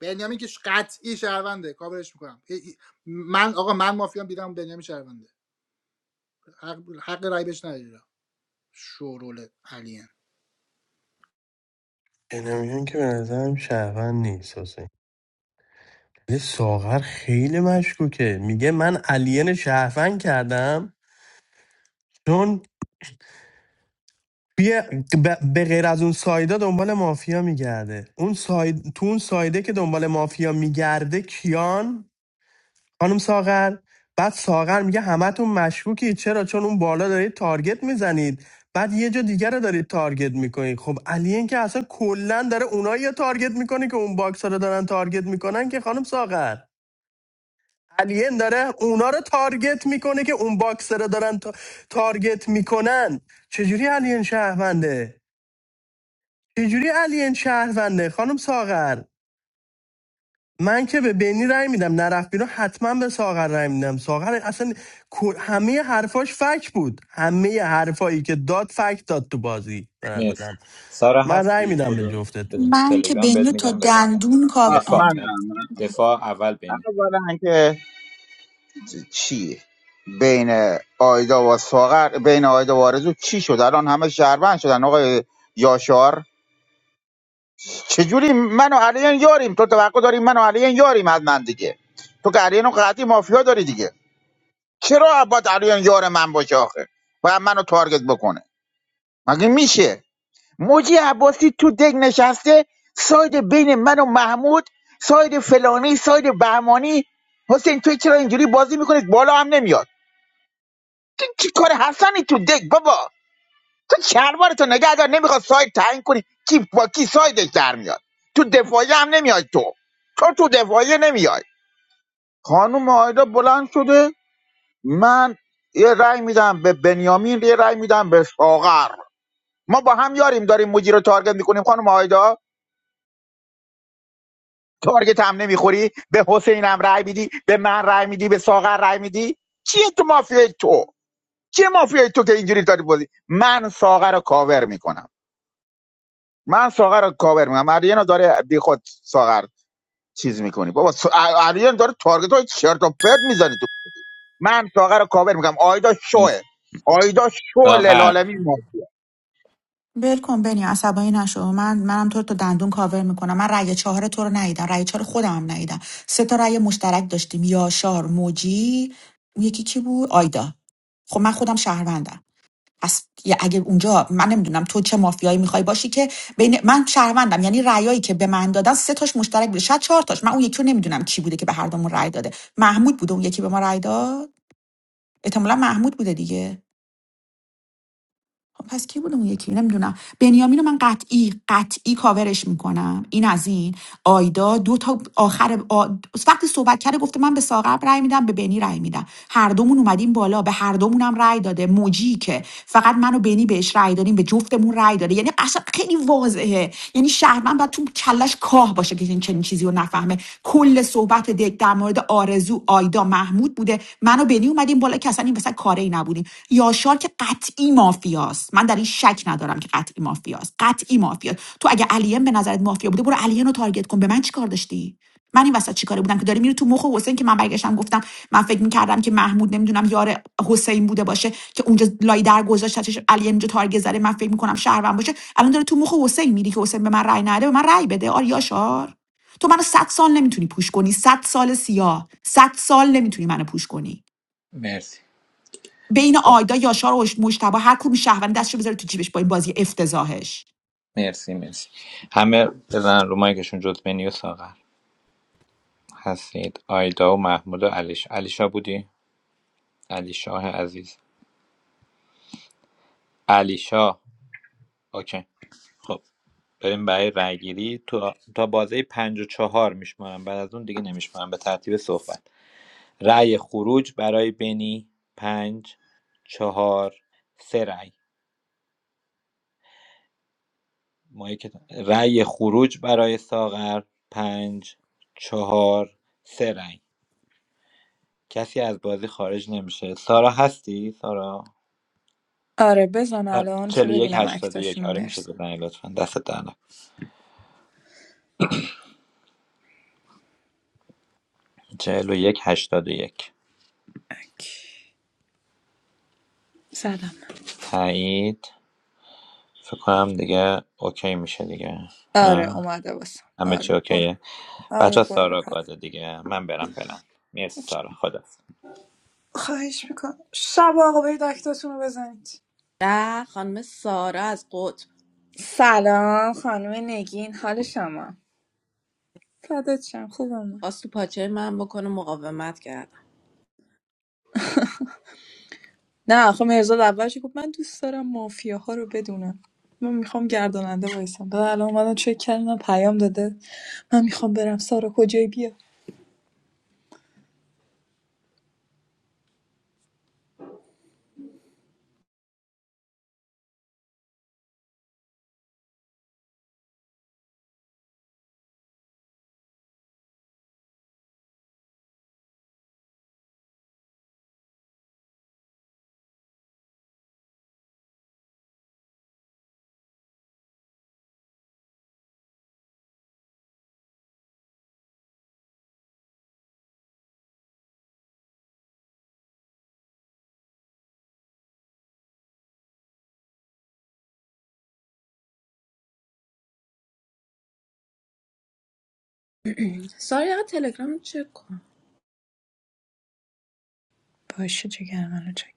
Speaker 4: بنیامین که قطعی شهرونده کاورش میکنم من آقا من مافیا دیدم بنیامین شهرونده حق, حق رأی بهش ندید شورال علیان
Speaker 11: اینم که به نظرم شهروند نیست به ساغر خیلی مشکوکه میگه من الین شهروند کردم چون توی ب- به غیر از اون سایدا دنبال مافیا میگرده اون ساید... تو اون سایده که دنبال مافیا میگرده کیان خانم ساغر بعد ساغر میگه همتون مشکوکی چرا چون اون بالا دارید تارگت میزنید بعد یه جا دیگر رو دارید تارگت میکنید خب الین که اصلا کلا داره اونایی رو تارگت میکنه که اون باکس رو دارن تارگت میکنن که خانم ساغر الین داره اونا رو تارگت میکنه که اون باکسر رو دارن تا- تارگت میکنن چجوری الین شهرونده چجوری الین شهرونده خانم ساغر من که به بینی رای میدم نرفت بیرون حتما به ساغر رای میدم ساغر اصلا همه حرفاش فک بود همه حرفایی که داد فک داد تو بازی به
Speaker 12: مرسی
Speaker 11: نظرم
Speaker 12: سارا
Speaker 11: من رای
Speaker 12: هستی
Speaker 11: میدم به
Speaker 12: کدو بده.
Speaker 11: جفتتون
Speaker 12: تلگرام بهت میگم بزن
Speaker 17: آه،
Speaker 12: دفاع
Speaker 17: منم
Speaker 12: نه
Speaker 17: منم
Speaker 12: دفاع اول بنی
Speaker 17: اولا که چی بین آیدا و ساغر بین آیدا و آرزو چی شد الان همه شهروند شدن آقای یاشار چجوری من و علیان یاریم تو توقع داری من و علیان یاریم از من دیگه تو که علیان و قطعی مافیا داری دیگه چرا باید علیان یار من باشه آخه باید منو تارگت بکنه مگه میشه موجی عباسی تو دگ نشسته ساید بین من و محمود ساید فلانی ساید بهمانی حسین تو چرا اینجوری بازی میکنی بالا هم نمیاد تو چی کار حسنی تو دگ بابا تو چربار تو نگه دار نمیخواد ساید تعیین کنی کی با کی سایدش در میاد تو دفاعی هم نمیای تو تو تو دفاعی نمیای خانم آیدا بلند شده من یه رأی میدم به بنیامین یه رأی میدم به ساغر ما با هم یاریم داریم مجری رو تارگت میکنیم خانم آیدا تارگت هم نمیخوری به حسین هم رای میدی به من رای میدی به ساغر رای میدی چیه تو مافیای تو چیه مافیای تو که اینجوری داری بازی من ساغر رو کاور میکنم من ساغر رو کاور میکنم مرینا داره بی خود ساغر چیز میکنی بابا س... آریان داره تارگت های چرت و پرت میزنی تو من ساغر رو کاور میکنم آیدا
Speaker 12: مرسی.
Speaker 17: شوه آیدا شوه
Speaker 12: ساغر
Speaker 17: للالمی مافیا
Speaker 2: ول کن بنی عصبانی نشو من منم تو رو تا دندون کاور میکنم من رأی چهار تو رو ندیدم رأی چهار خودم هم ندیدم سه تا رأی مشترک داشتیم یاشار موجی اون یکی کی بود آیدا خب من خودم شهروندم پس یه- اگه اونجا من نمیدونم تو چه مافیایی میخوای باشی که بین من شهروندم یعنی رأیایی که به من دادن سه تاش مشترک بوده شاید چهار تاش من اون یکی رو نمیدونم کی بوده که به هر دومون رأی داده محمود بوده اون یکی به ما رأی داد احتمالاً محمود بوده دیگه خب پس کی بوده اون یکی نمیدونم بنیامین رو من قطعی قطعی کاورش میکنم این از این آیدا دو تا آخر آ... وقتی صحبت کرده گفته من به ساغر رأی میدم به بنی رأی میدم هر دومون اومدیم بالا به هر دومونم رأی داده موجی که فقط من و بنی بهش رأی دادیم به جفتمون رأی داده یعنی قشنگ خیلی واضحه یعنی شهرمن باید تو کلش کاه باشه که این چنین چیزی رو نفهمه کل صحبت دک در مورد آرزو آیدا محمود بوده من و بنی اومدیم بالا که اصلا این وسط کاری نبودیم کردیم یاشار که قطعی مافیاست من در این شک ندارم که قطعی مافیاست قطعی مافیاست تو اگه علیم به نظرت مافیا بوده برو علیم رو تارگت کن به من چیکار داشتی من این وسط چیکاره بودم که داری میری تو مخ حسین که من برگشتم گفتم من فکر میکردم که محمود نمیدونم یار حسین بوده باشه که اونجا لای در گذاشت چش علی اینجا تارگت زده من فکر میکنم شهروند باشه الان داره تو مخ حسین میری که حسین به من رأی نده به من رأی بده آر یاشار تو منو 100 سال نمیتونی پوش کنی 100 سال سیاه 100 سال نمیتونی منو پوش کنی
Speaker 12: مرسی
Speaker 2: بین
Speaker 12: خب.
Speaker 2: آیدا یاشار و مشتبه هر کدوم شهروند دستشو بذاره تو جیبش با این بازی افتضاحش
Speaker 12: مرسی مرسی همه بزن رو مایکشون جز بنی و ساغر هستید آیدا و محمود و علیش علیشا بودی علیشاه عزیز علیشا اوکی خب بریم برای رای گیری تو تا بازه پنج و چهار میشمارم بعد از اون دیگه نمیشمارم به ترتیب صحبت رای خروج برای بنی پنج چهار سه رای ما یک- رای خروج برای ساغر پنج چهار سه رای کسی از بازی خارج نمیشه سارا هستی سارا
Speaker 6: آره بزن
Speaker 12: آره،
Speaker 6: الان که
Speaker 12: 41 یک
Speaker 6: ببینم
Speaker 12: هشتاد و یک.
Speaker 6: اکتاشونو
Speaker 12: آره میشه
Speaker 6: مرسم
Speaker 12: بزنی لطفا دست در نکن 41 یک. هشتاد و یک.
Speaker 6: اک. زدم
Speaker 12: تایید فکر کنم دیگه اوکی میشه دیگه
Speaker 6: آره
Speaker 12: نه
Speaker 6: اومده باسم
Speaker 12: همه
Speaker 6: آره
Speaker 12: چی
Speaker 6: برو
Speaker 12: اوکیه بچه
Speaker 6: آره برو
Speaker 12: سارا
Speaker 6: بکن
Speaker 12: گاده دیگه من برم فعلا مرسی سارا خدا
Speaker 6: خواهش میکنم شب آقا برید اکتاتونو بزنید
Speaker 18: ده خانم سارا از قطب
Speaker 6: سلام خانم نگین حال شما فدات شم خوبم
Speaker 18: خواست تو پاچه من بکنه مقاومت کردم
Speaker 6: نه آخه مرزاد اولش گفت من دوست دارم مافیاها رو بدونم من میخوام گرداننده وایسم بعد الان اومدم چک کردم پیام داده من میخوام برم سارا کجای بیا
Speaker 18: سارا یه تلگرام چک کن
Speaker 6: باشه جگر منو چک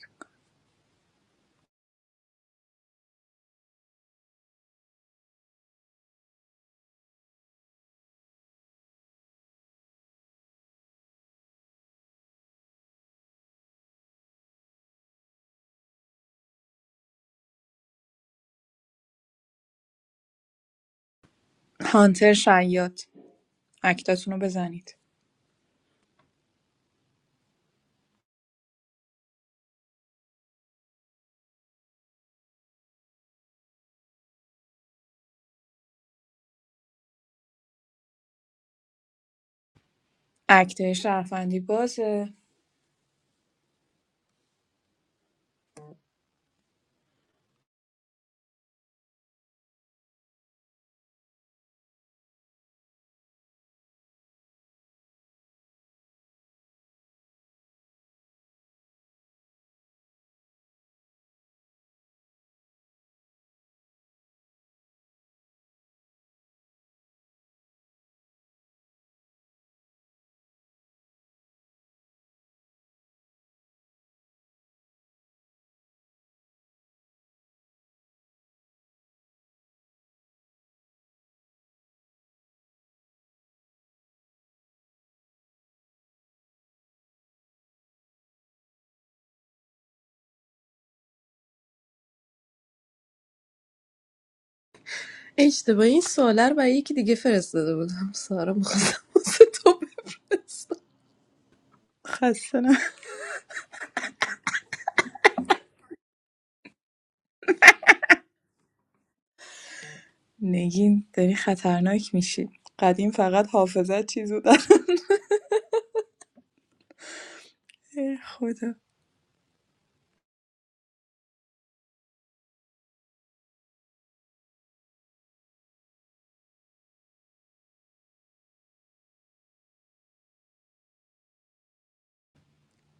Speaker 6: هانتر شیاد اکتاتون رو بزنید اکته شرفندی بازه
Speaker 18: اشتباهی این سواله رو برای یکی دیگه فرستاده بودم سارا میخواستم واسه تو بفرستم
Speaker 6: خسته نه نگین داری خطرناک میشی قدیم فقط حافظت چیز داره ای خدا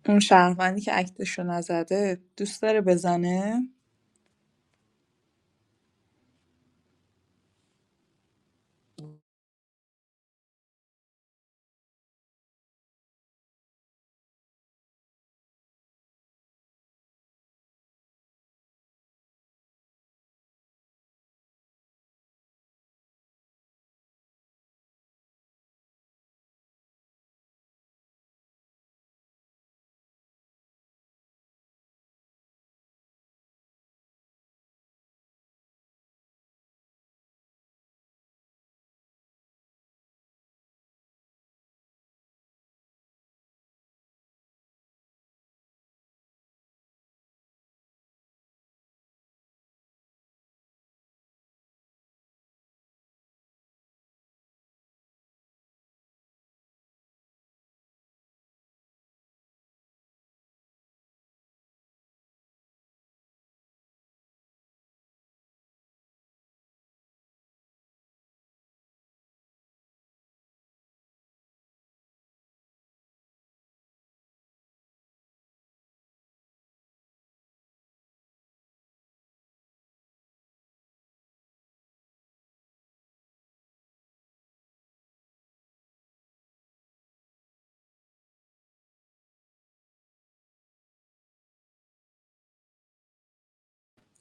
Speaker 6: اون شهروندی که اکتش رو نزده دوست داره بزنه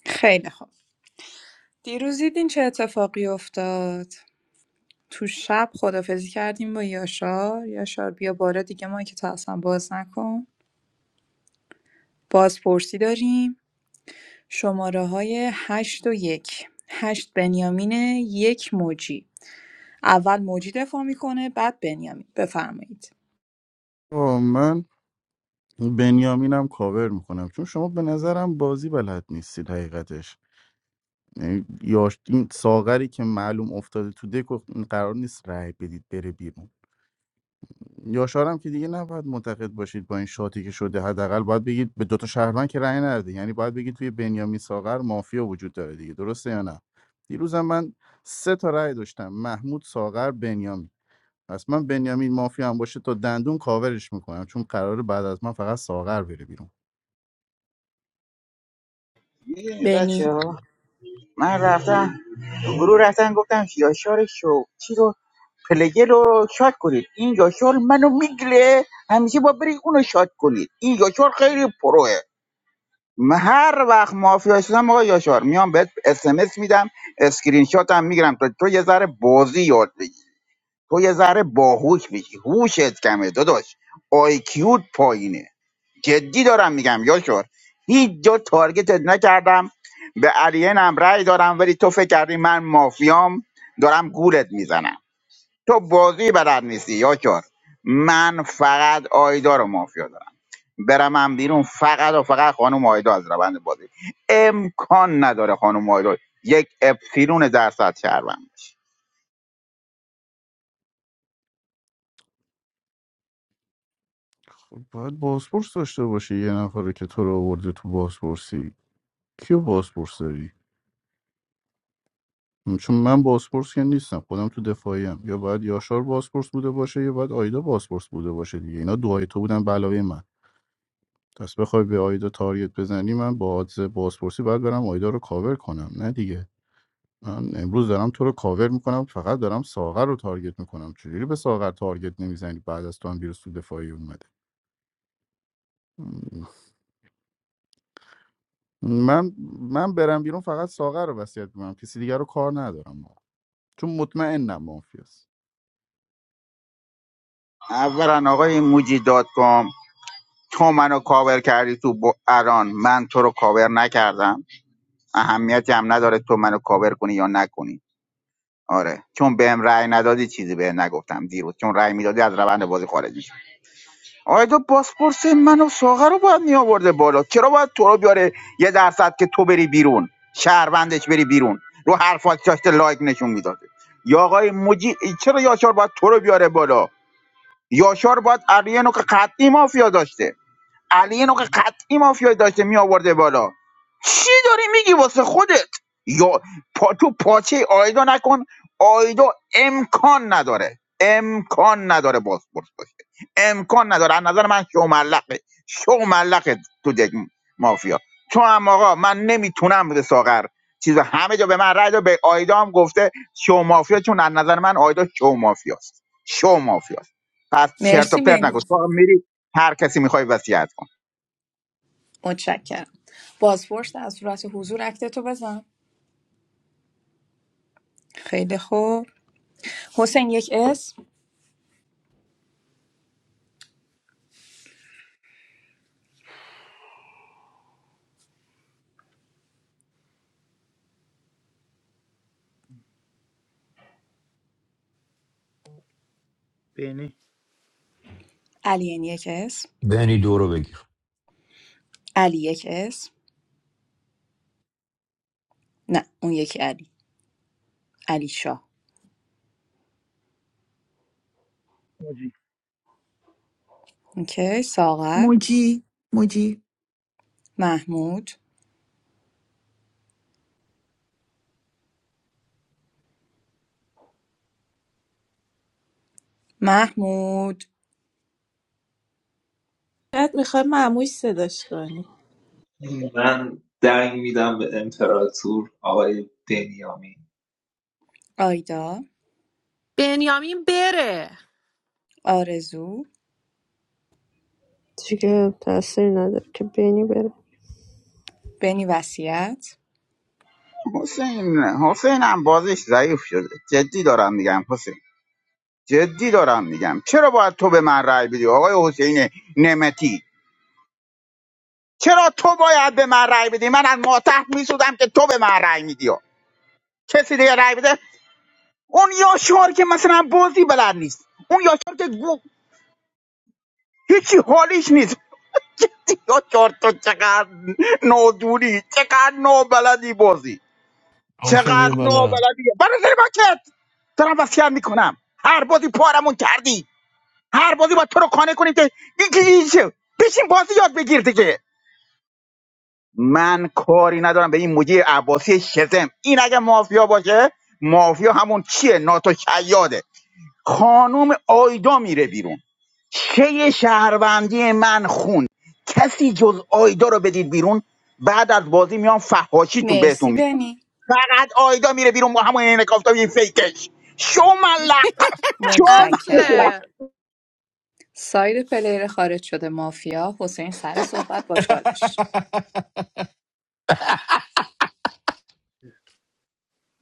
Speaker 6: خیلی خوب دیروز دیدین چه اتفاقی افتاد تو شب خدافزی کردیم با یاشار یاشار بیا بالا دیگه ما که تا اصلا باز نکن بازپرسی داریم شماره های هشت و یک هشت بنیامینه یک موجی اول موجی دفاع میکنه بعد بنیامین بفرمایید
Speaker 9: آه، من بنیامینم کاور میکنم چون شما به نظرم بازی بلد نیستید حقیقتش یعنی یاش این ساغری که معلوم افتاده تو دک و قرار نیست رای بدید بره بیرون یاشارم که دیگه نباید معتقد باشید با این شاتی که شده حداقل باید بگید به دوتا شهروند که رأی نرده یعنی باید بگید توی بنیامین ساغر مافیا وجود داره دیگه درسته یا نه دیروزم من سه تا رأی داشتم محمود ساغر بنیامین پس من بنیامین مافیا هم باشه تا دندون کاورش میکنم چون قراره بعد از من فقط ساغر بره بیرون
Speaker 17: میدونی
Speaker 6: بنی
Speaker 17: من رفتم تو گروه رفتن گفتم یاشار شو چی رو پلگر رو شاد کنید این یاشار منو میگله همیشه با برید اونو شاد کنید این یاشار خیلی پروه من هر وقت مافیا شدم آقا یاشار میام بهت اس ام اس میدم اسکرین شات هم میگیرم تو تو یه ذره بازی یاد بگیر تو یه ذره باهوش میشی هوشت کمه داداش آیکیوت پایینه جدی دارم میگم یاشار هیچ جا تارگتت نکردم به الینم رأی دارم ولی تو فکر کردی من مافیام دارم گولت میزنم تو بازی بلد نیستی یاشار من فقط آیدا رو مافیا دارم برم من بیرون فقط و فقط خانم آیدا از روند بازی امکان نداره خانم آیدا یک اپسیلون درصد شهروند بشه.
Speaker 9: خب باید بازپرس داشته باشه یه نفر که تو رو آورده تو بازپرسی کیو بازپرس داری چون من بازپرس که نیستم خودم تو دفاعی هم. یا باید یاشار بازپرس بوده باشه یا باید آیدا بازپرس بوده باشه دیگه اینا دوهای تو بودن بلاوی من پس بخوای به آیدا تاریت بزنی من با آدز بازپرسی باید برم آیدا رو کاور کنم نه دیگه من امروز دارم تو رو کاور میکنم فقط دارم ساغر رو تارگت میکنم چجوری به ساغر تارگت نمیزنی بعد از تو هم بیرون تو دفاعی اومده من من برم بیرون فقط ساغر رو وصیت میکنم کسی دیگر رو کار ندارم چون مطمئنم مافیاست
Speaker 17: اولا آقای موجی دات تو منو کاور کردی تو ب- الان من تو رو کاور نکردم اهمیتی هم نداره تو منو کاور کنی یا نکنی آره چون بهم رأی ندادی چیزی بهم نگفتم دیروز چون رأی میدادی از روند بازی خارج میشم آیا تو پاسپورت منو ساغه رو باید میآورده بالا چرا باید تو رو بیاره یه درصد که تو بری بیرون شهروندش بری بیرون رو حرفات داشته لایک نشون میداده یا آقای مجی چرا یاشار باید تو رو بیاره بالا یاشار باید اریانو که قطعی مافیا داشته علی اینو که قطعی مافیای داشته می آورده بالا چی داری میگی واسه خودت یا پا تو پاچه آیدا نکن آیدا امکان نداره امکان نداره بازپرس باشه امکان نداره از نظر من شو ملقه شو ملقه تو دک مافیا تو هم آقا من نمیتونم به ساغر چیز همه جا به من رای داد، به آیدا هم گفته شو مافیا چون از نظر من آیدا شو مافیاست شو مافیاست پس چرت و
Speaker 6: مرسی
Speaker 17: پرت نکن
Speaker 6: بنی
Speaker 17: تو هم میری هر کسی میخوای وصیت کن
Speaker 6: متشکرم بازپرس در صورت حضور اکتتو بزن خیلی خوب حسین یک اسم
Speaker 4: بینی
Speaker 6: علی یک اسم
Speaker 14: بینی دورو بگی
Speaker 6: علی یک اسم نه اون یکی علی. علی علیشا
Speaker 13: موجی
Speaker 6: اوکی ساغر
Speaker 2: موجی موجی
Speaker 6: محمود محمود
Speaker 18: شاید میخوای معموش صداش کنی
Speaker 7: من دنگ میدم به امپراتور آقای بنیامین
Speaker 6: آیدا
Speaker 3: بنیامین بره
Speaker 6: آرزو
Speaker 1: دیگه تاثیر نداره که بینی بره
Speaker 6: بنی وصیت
Speaker 17: حسین حسین هم بازیش ضعیف شده جدی دارم میگم حسین جدی دارم میگم چرا باید تو به من رأی بدی آقای حسین نمتی چرا تو باید به من رأی بدی من از ماتح میسودم که تو به من رأی میدی کسی دیگه رأی بده اون یا شعار که مثلا بازی بلد نیست اون یا شعار که گو... هیچی حالیش نیست [laughs] یا شعار تو چقدر نادونی چقدر نابلدی بازی
Speaker 11: امشه
Speaker 17: چقدر
Speaker 11: بیرون بالا
Speaker 17: نابلدیه برادر باکت دارم وصیت میکنم هر بازی پارمون کردی هر بازی با تو رو قانع کنیم که یکی یکی بشین بازی یاد بگیر دیگه من کاری ندارم به این مدیر عباسی شزم این اگه مافیا باشه مافیا همون چیه ناتو شیاده خانوم آیدا میره بیرون چه شهروندی من خون کسی جز آیدا رو بدید بیرون بعد از بازی میام فحاشیتون
Speaker 6: مرسی
Speaker 17: بهتون
Speaker 6: بنی
Speaker 17: فقط آیدا میره بیرون با همون عین کافتاب یه فیکش شو ملق
Speaker 3: [laughs]
Speaker 17: شو
Speaker 6: متشکرم
Speaker 17: ملق
Speaker 3: اصله
Speaker 6: سایر پلیر خارج شده مافیا حسین سر صحبت با چالش
Speaker 11: [laughs]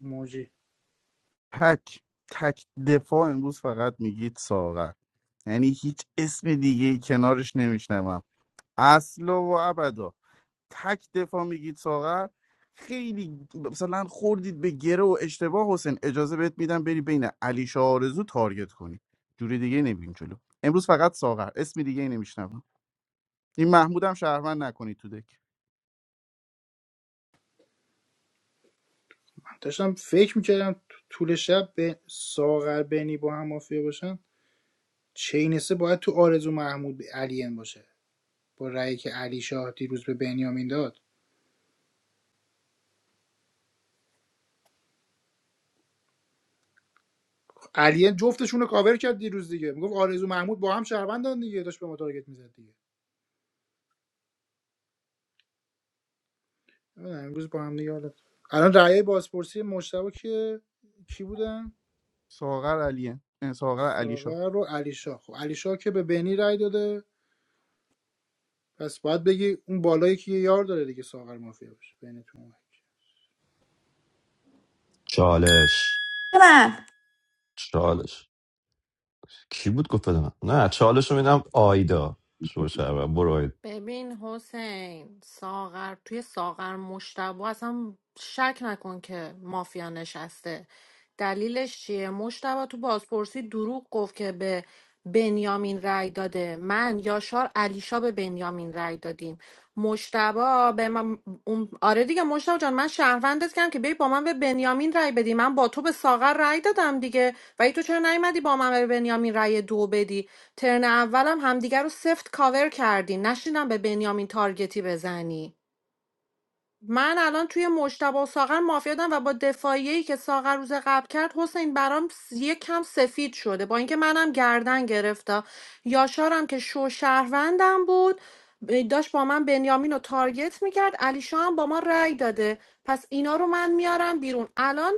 Speaker 4: موجی
Speaker 9: تک تک دفاع امروز فقط میگید ساغر یعنی هیچ اسم دیگه کنارش نمیشنوم اصلا و ابدا تک دفاع میگید ساغر خیلی مثلا خوردید به گره و اشتباه حسین اجازه بهت میدم بری بین علی شاه آرزو تارگت کنی جوری دیگه نمیریم جلو امروز فقط ساغر اسم دیگه نمیشنوم این محمودم شهروند نکنید تو دک
Speaker 4: من داشتم فکر میکردم طول شب به ساغر بینی با هم مافیا باشن چینسه باید تو آرزو محمود به علین باشه با رأیی که علی شاه دیروز به بنیامین داد علی جفتشون رو کاور کرد دیروز دیگه میگفت آرزو محمود با هم شهروندان دیگه داشت به ما تارگت میزد دیگه نمی‌دونم، امروز با هم دیگه حالا الان رعیه بازپرسی مشتبه که کی بودن
Speaker 9: ساغر علیه اه، ساغر علی شاه
Speaker 4: ساغر رو علی شاه خب علی شاه که به بنی رای داده پس باید بگی اون بالایی که یه یار داره دیگه ساغر مافیا باشه بینتون
Speaker 14: چالش چالش کی بود گفت بده من؟ نه چالش رو میدم آیدا شو شوشر برو آیدا
Speaker 3: ببین حسین ساغر توی ساغر مشتبه اصلا شک نکن که مافیا نشسته دلیلش چیه مشتبه تو بازپرسی دروغ گفت که به بنیامین رای داده من یاشار علیشا به بنیامین رای دادیم مشتبه به من اون- آره دیگه مشتبه جان من شهروندت کردم که بیای با من به بنیامین رای بدی من با تو به ساغر رای دادم دیگه ولی تو چرا نیومدی با من به بنیامین رای دو بدی ترن اولم همدیگه رو سفت کاور کردی نشینم به بنیامین تارگتی بزنی من الان توی مجتبی و ساغر مافیادم و با دفاعیه‌ای که ساغر روز قبل کرد حسین برام س- یه کم سفید شده با اینکه منم گردن گرفته یاشارم که شو شهروندم بود ب- داشت با من بنیامین رو تارگت میکرد علیشا هم با ما رأی داده پس اینا رو من میارم بیرون الان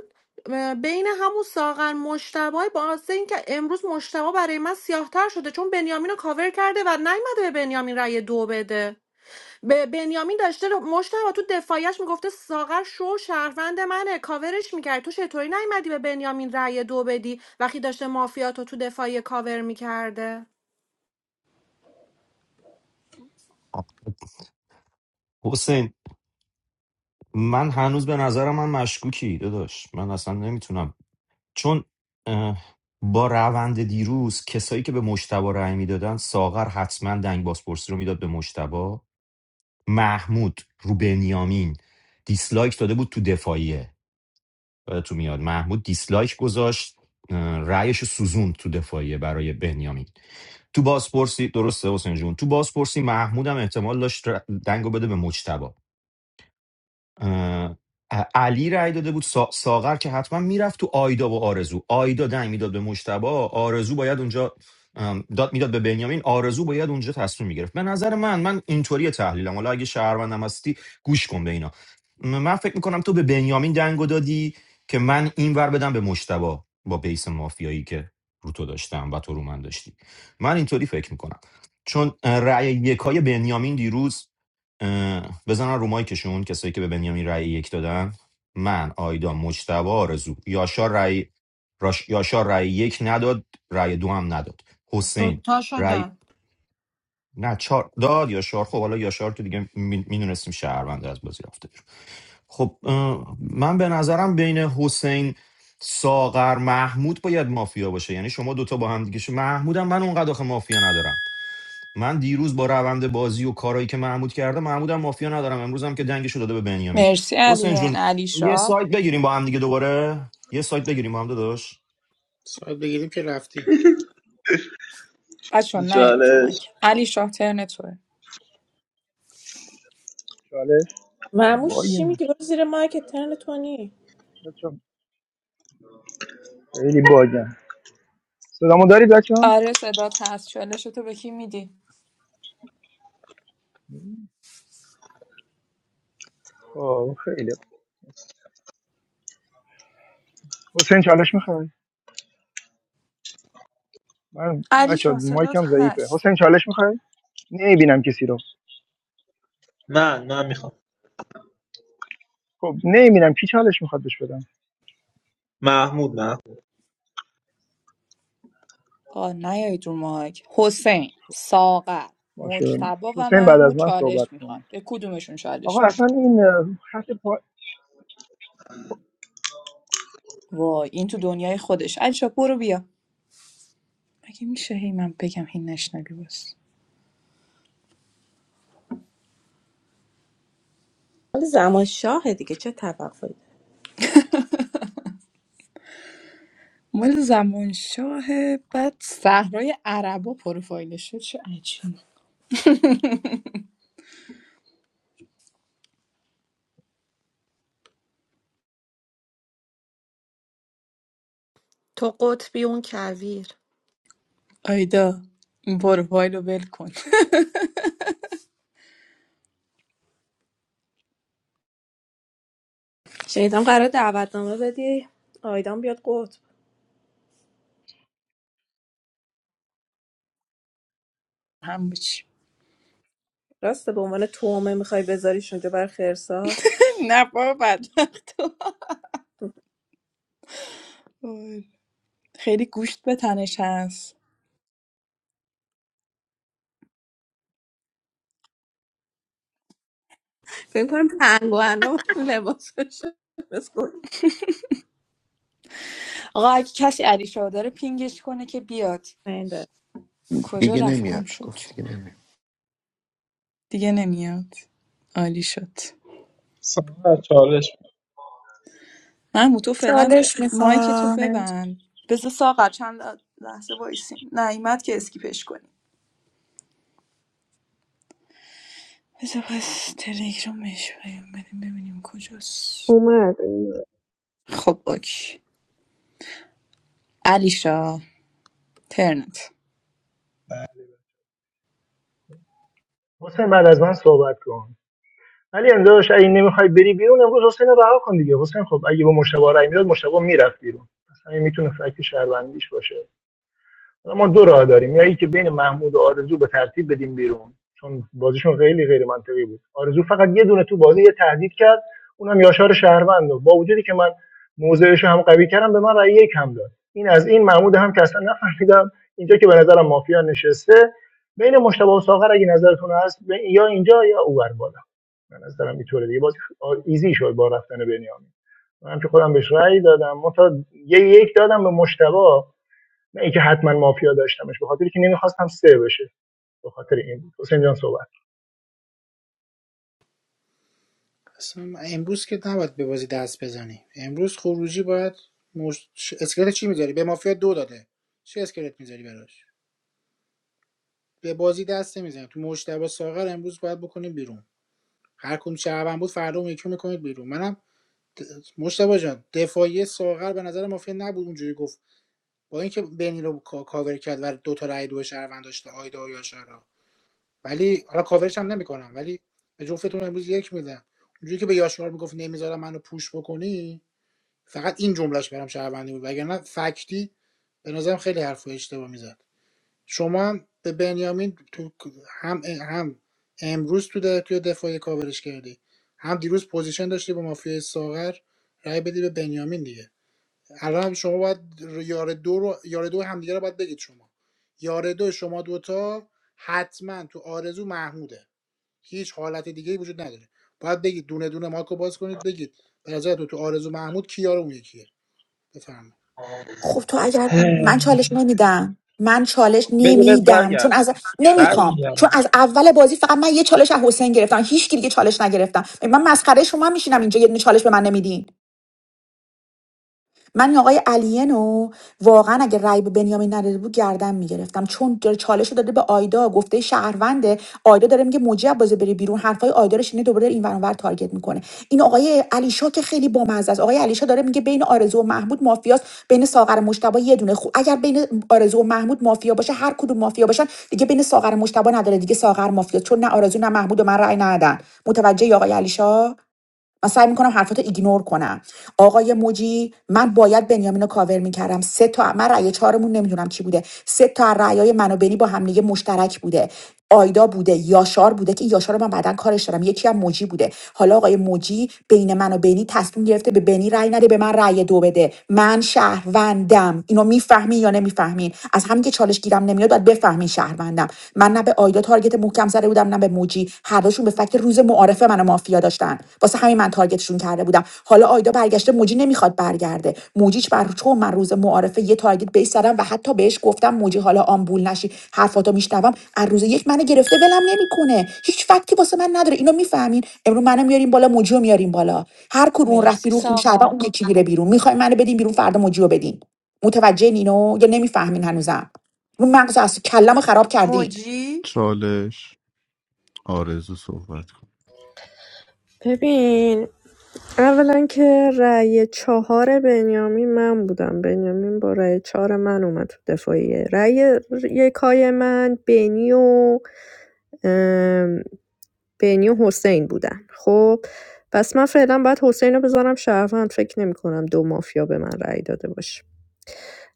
Speaker 3: م، بین همون ساغر مشتبه با اینکه امروز مشتبه برای من سیاهتر شده چون بنیامین رو کاور کرده و نیومده به بنیامین رأی دو بده به بنیامین داشته مشتبه تو دفاعیش میگفته ساغر شو شهروند منه کاورش میکرد تو چطوری نیومدی به بنیامین رأی دو بدی وقتی داشته مافیاتو تو دفاعی کاور میکرده
Speaker 14: حسین من هنوز به نظرم من مشکوکی داداش من اصلا نمیتونم چون اه، با روند دیروز کسایی که به مشتبا رأی میدادن ساغر حتما دنگ بازپرسی رو میداد به مشتبا محمود رو بنیامین دیسلایک داده بود تو دفاعیه تو میاد محمود دیسلایک گذاشت اه، رأیش رو سوزوند تو دفاعیه برای بنیامین تو بازپرسی درسته حسین جون تو بازپرسی محمود هم احتمال داشت ر- دنگو بده به مجتبی اه، علی رأی داده بود سا- ساغر که حتما میرفت تو آیدا و آرزو آیدا دنگ میداد به مجتبی آرزو باید اونجا ام، داد میداد به بنیامین آرزو باید اونجا تصمیم میگرفت به نظر من من اینطوری تحلیلم حالا اگه شهروندم هستی گوش کن به اینا م- من فکر میکنم تو به بنیامین دنگو دادی که من این ور بدم به مجتبی با بیس مافیایی که رو تو داشتم و تو رو من داشتی من اینطوری فکر میکنم چون اه، رأی یکای بنیامین دیروز اه، بزنن رو مایکشون کسایی که به بنیامین رأی یک دادن من آیدا مجتبی آرزو یاشار رأی راش... یاشار رأی یک نداد رأی دو هم نداد حسین
Speaker 3: دوتا
Speaker 14: رأی
Speaker 3: شده
Speaker 14: نه چهار داد یاشار خب حالا یاشار که دیگه میدونستیم شهرونده از بازی رفته بیرون. خب اه، من به نظرم بین حسین ساغر محمود باید مافیا باشه یعنی شما دوتا با هم دیگه شو محمودم من اونقدر آخه مافیا ندارم من دیروز با روند بازی و کارایی که محمود کرده محمودم مافیا ندارم امروز هم که دنگشو داده به بنیامین
Speaker 6: مرسی
Speaker 14: حسین
Speaker 6: علین
Speaker 14: جون
Speaker 6: علی
Speaker 14: یه
Speaker 6: شاه
Speaker 14: سایت بگیریم با هم دیگه دوباره یه سایت بگیریم با هم داداش
Speaker 4: ساعت بگیریم که رفتی
Speaker 6: بچه نیایید رو مایک علی شاه ترن توه
Speaker 13: چالش
Speaker 18: معموش چی
Speaker 13: باگیم
Speaker 18: میگه برو زیر مایک ترن تو نی؟
Speaker 13: بچه خیلی باگم صدامو دارید بچه ها؟
Speaker 6: آره صدات هست چالش تو به کی میدی
Speaker 13: خب خیلی حسین چالش میخوای من
Speaker 6: علی
Speaker 13: بچه ها
Speaker 6: شاه صدات
Speaker 13: مایکم ضعیفه
Speaker 6: هست
Speaker 13: حسین چالش میخوای نمیبینم کسی رو
Speaker 7: من میخوام
Speaker 13: خب نمیبینم کی چالش میخواد بهش بدم
Speaker 7: من
Speaker 6: آقا نیایید رو مایک حسین ساغر
Speaker 13: باشه
Speaker 6: مجتبا و
Speaker 13: حسین بعد از
Speaker 6: محمود
Speaker 13: من صحبت
Speaker 6: چالش میخوان
Speaker 13: کن
Speaker 6: به کدومشون
Speaker 13: آقا
Speaker 6: چالش
Speaker 13: اصلا
Speaker 6: میدی
Speaker 13: این اه، خط پا...
Speaker 6: وای این تو دنیای خودش علی شاه برو بیا مگه میشه هی من بگم هی نشنوی باز
Speaker 18: حالا زمان شاهه دیگه چه توقعی داری؟
Speaker 6: مال زمان شاه بعد صحرای عربا پروفایلش شد چه عجیب
Speaker 3: تو قطبی اون کویر
Speaker 6: آیدا این پروفایل رو ول کن
Speaker 18: شنیدم قرار دعوتنامه بدی آیدان بیاد قطب
Speaker 6: [laughs] هم بچی
Speaker 18: راسته به عنوان تومه میخوای بذاریش اونجا بر خرسا
Speaker 6: نه بابا بد خیلی گوشت به تنش هست
Speaker 18: فکر کنم پنگوانه و لباسش بسکن
Speaker 6: آقا اگه کسی علی شاه داره پینگش کنه که بیاد
Speaker 18: نده
Speaker 6: کجا
Speaker 19: دیگه
Speaker 6: رفت گم
Speaker 19: نمیاد
Speaker 6: شد
Speaker 19: گفت دیگه نمیاد
Speaker 6: دیگه نمیاد عالی شد
Speaker 7: سارا چالش
Speaker 6: محمود تو فعلا مایک تو ببند بذار ساغر چند لحظه وایسیم نیومد که اسکیپش کنیم بذار پس تلگرامش پیام بدیم ببینیم کجاست
Speaker 1: اومد
Speaker 6: خب اوکی علیشا ترنت
Speaker 13: حسین بعد از من صحبت کن ولی امدادش اگه نمیخوای بری بیرون امروز حسین رو رها کن دیگه حسین خب اگه با مشتبه رای میداد مشتبه میرفت بیرون اصلا این میتونه فکت شهروندیش باشه ما دو راه داریم یا اینکه بین محمود و آرزو به ترتیب بدیم بیرون چون بازیشون خیلی غیر منطقی بود آرزو فقط یه دونه تو بازی یه تهدید کرد اونم یاشار شهروند رو. با وجودی که من موضعش رو هم قوی کردم به من رأی یک هم داد این از این محمود هم که اصلا نفهمیدم اینجا که به نظرم مافیا نشسته بین مشتبه و ساغر اگه نظرتون هست به- یا اینجا یا اوور بالا به نظرم اینطوره دیگه بازی خ- ایزی شد با رفتن بنیامین من هم که خودم بهش رأی دادم من تا یه یک دادم به مشتبه نه اینکه حتما مافیا داشتمش به خاطر که نمیخواستم سه بشه به خاطر این بود حسین جان صحبت
Speaker 4: اصلا امروز که نباید به بازی دست بزنی امروز خروجی باید مش... اسکلت چی میذاری به مافیا دو داده چه اسکلت میذاری براش به بازی دست نمیزنیم تو مجتبی ساغر امروز باید بکنیم بیرون هر کدوم شهروند بود فردا اون یکی میکنید بیرون منم د- مجتبی جان دفاعی ساغر به نظر مافیا نبود اونجوری گفت با اینکه بنی رو کاور کرد و دو تا رای دو شهروند داشته آیدا یا یاشارا ولی حالا کاورش هم نمیکنم ولی به جفتتون امروز یک میدم اونجوری که به یاشار میگفت نمیذارم منو پوش بکنی فقط این جملهش برام شهروندی بود وگرنه فکتی به نظرم خیلی حرف اشتباه میزد شما به بنیامین تو هم هم امروز تو در توی دفاعی کاورش کردی هم دیروز پوزیشن داشتی با مافیای ساغر رای بدی به بنیامین دیگه الان هم شما باید یار دو رو یار دو همدیگه رو باید بگید شما یار دو شما دوتا حتما تو آرزو محموده هیچ حالت دیگه ای وجود نداره باید بگید دونه دونه ماکو باز کنید بگید به نظر تو تو آرزو محمود کی یار اون یکیه بفرمایید
Speaker 2: خب تو اگر من چالش نمیدم من چالش
Speaker 7: بده بهت
Speaker 2: نمیدم چون از
Speaker 7: برگردونم
Speaker 2: نمیخوام چون
Speaker 7: برمیگردم
Speaker 2: از اول بازی فقط من یه چالش از حسین گرفتم هیچ کی دیگه چالش نگرفتم من مسخره شما میشینم اینجا یه دونه چالش به من نمیدین من این آقای الینو واقعا اگه رای به بنیامین نداده بود گردن میگرفتم چون داره چالش رو داده به آیدا گفته شهرونده آیدا داره میگه موجب بازه بری بیرون حرفای آیدا رو شنید دوباره این ور اون ور تارگت میکنه این آقای علیشا که خیلی بامزه است آقای علیشا داره میگه بین آرزو و محمود مافیاست بین ساغر و مشتبه یه دونه خو اگر بین آرزو و محمود مافیا باشه هر کدوم مافیا باشن دیگه بین ساغر و مشتبه نداره دیگه ساغر مافیاست چون نه آرزو نه محمود و من رأی ندادن متوجه آقای علیشا من سعی میکنم حرفاتو ایگنور کنم آقای موجی من باید بنیامینو کاور میکردم سه تا من رأی چهارمون نمیدونم چی بوده سه تا رأیای من و بنی با هم دیگه مشترک بوده آیدا بوده یاشار بوده که یاشار رو من بعدا کارش دارم یکی هم موجی بوده حالا آقای موجی بین من و بنی تصمیم گرفته به بنی رأی نده به من رأی دو بده من شهروندم اینو میفهمی یا نمیفهمین از همین که چالش گیرم نمیاد باید بفهمین شهروندم من نه نه به آیدا تارگت محکم زده بودم نه به موجی هر دوشون به فکت روز معارفه منو مافیا داشتن واسه همین من تارگتشون کرده بودم حالا آیدا برگشته موجی نمیخواد برگرده موجیچ بر چون من روز معارفه یه تارگت بهش زدم و حتی بهش گفتم موجی حالا آمبول نشی حرفاتو میشنوم از روز یک منو گرفته ولم نمیکنه هیچ فکتی واسه من نداره اینو میفهمین امروز منو میاریم بالا موجی رو میاریم بالا هر کدوم رفت
Speaker 6: مرسی
Speaker 2: بیرون خون شبا
Speaker 6: ساقا
Speaker 2: اون یکی میره بیرون میخوای منو بدین بیرون فردا موجی رو بدین متوجه نینو یا نمیفهمین هنوزم رو مغز از کلم خراب کردین
Speaker 6: موجی
Speaker 9: چالش آرزو صحبت کن
Speaker 1: ببین اولا که رأی چهار بنیامین من بودم بنیامین با رأی چهار من اومد تو دفاعیه رأی یکای من بینی و بینی و حسین بودن خب پس من فعلا باید حسین رو بذارم شهروند فکر نمی کنم دو مافیا به من رأی داده باشه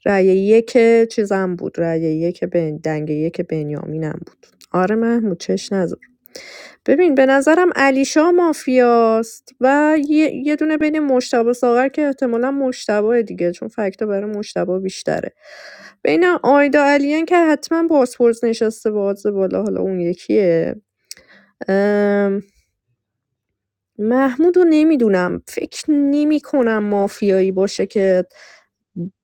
Speaker 1: رأی یک چیزم بود رأی یک بین دنگ یک بنیامینم بود آره محمود چش نذار ببین به نظرم علیشا مافیاست و یه, یه دونه بین مشتبه ساغر که احتمالا مشتبه دیگه چون فکتا برای مشتبه بیشتره بین آیدا علیان که حتما بازپرس نشسته باز بالا حالا اون یکیه محمودو نمیدونم فکر نمی‌کنم مافیایی باشه که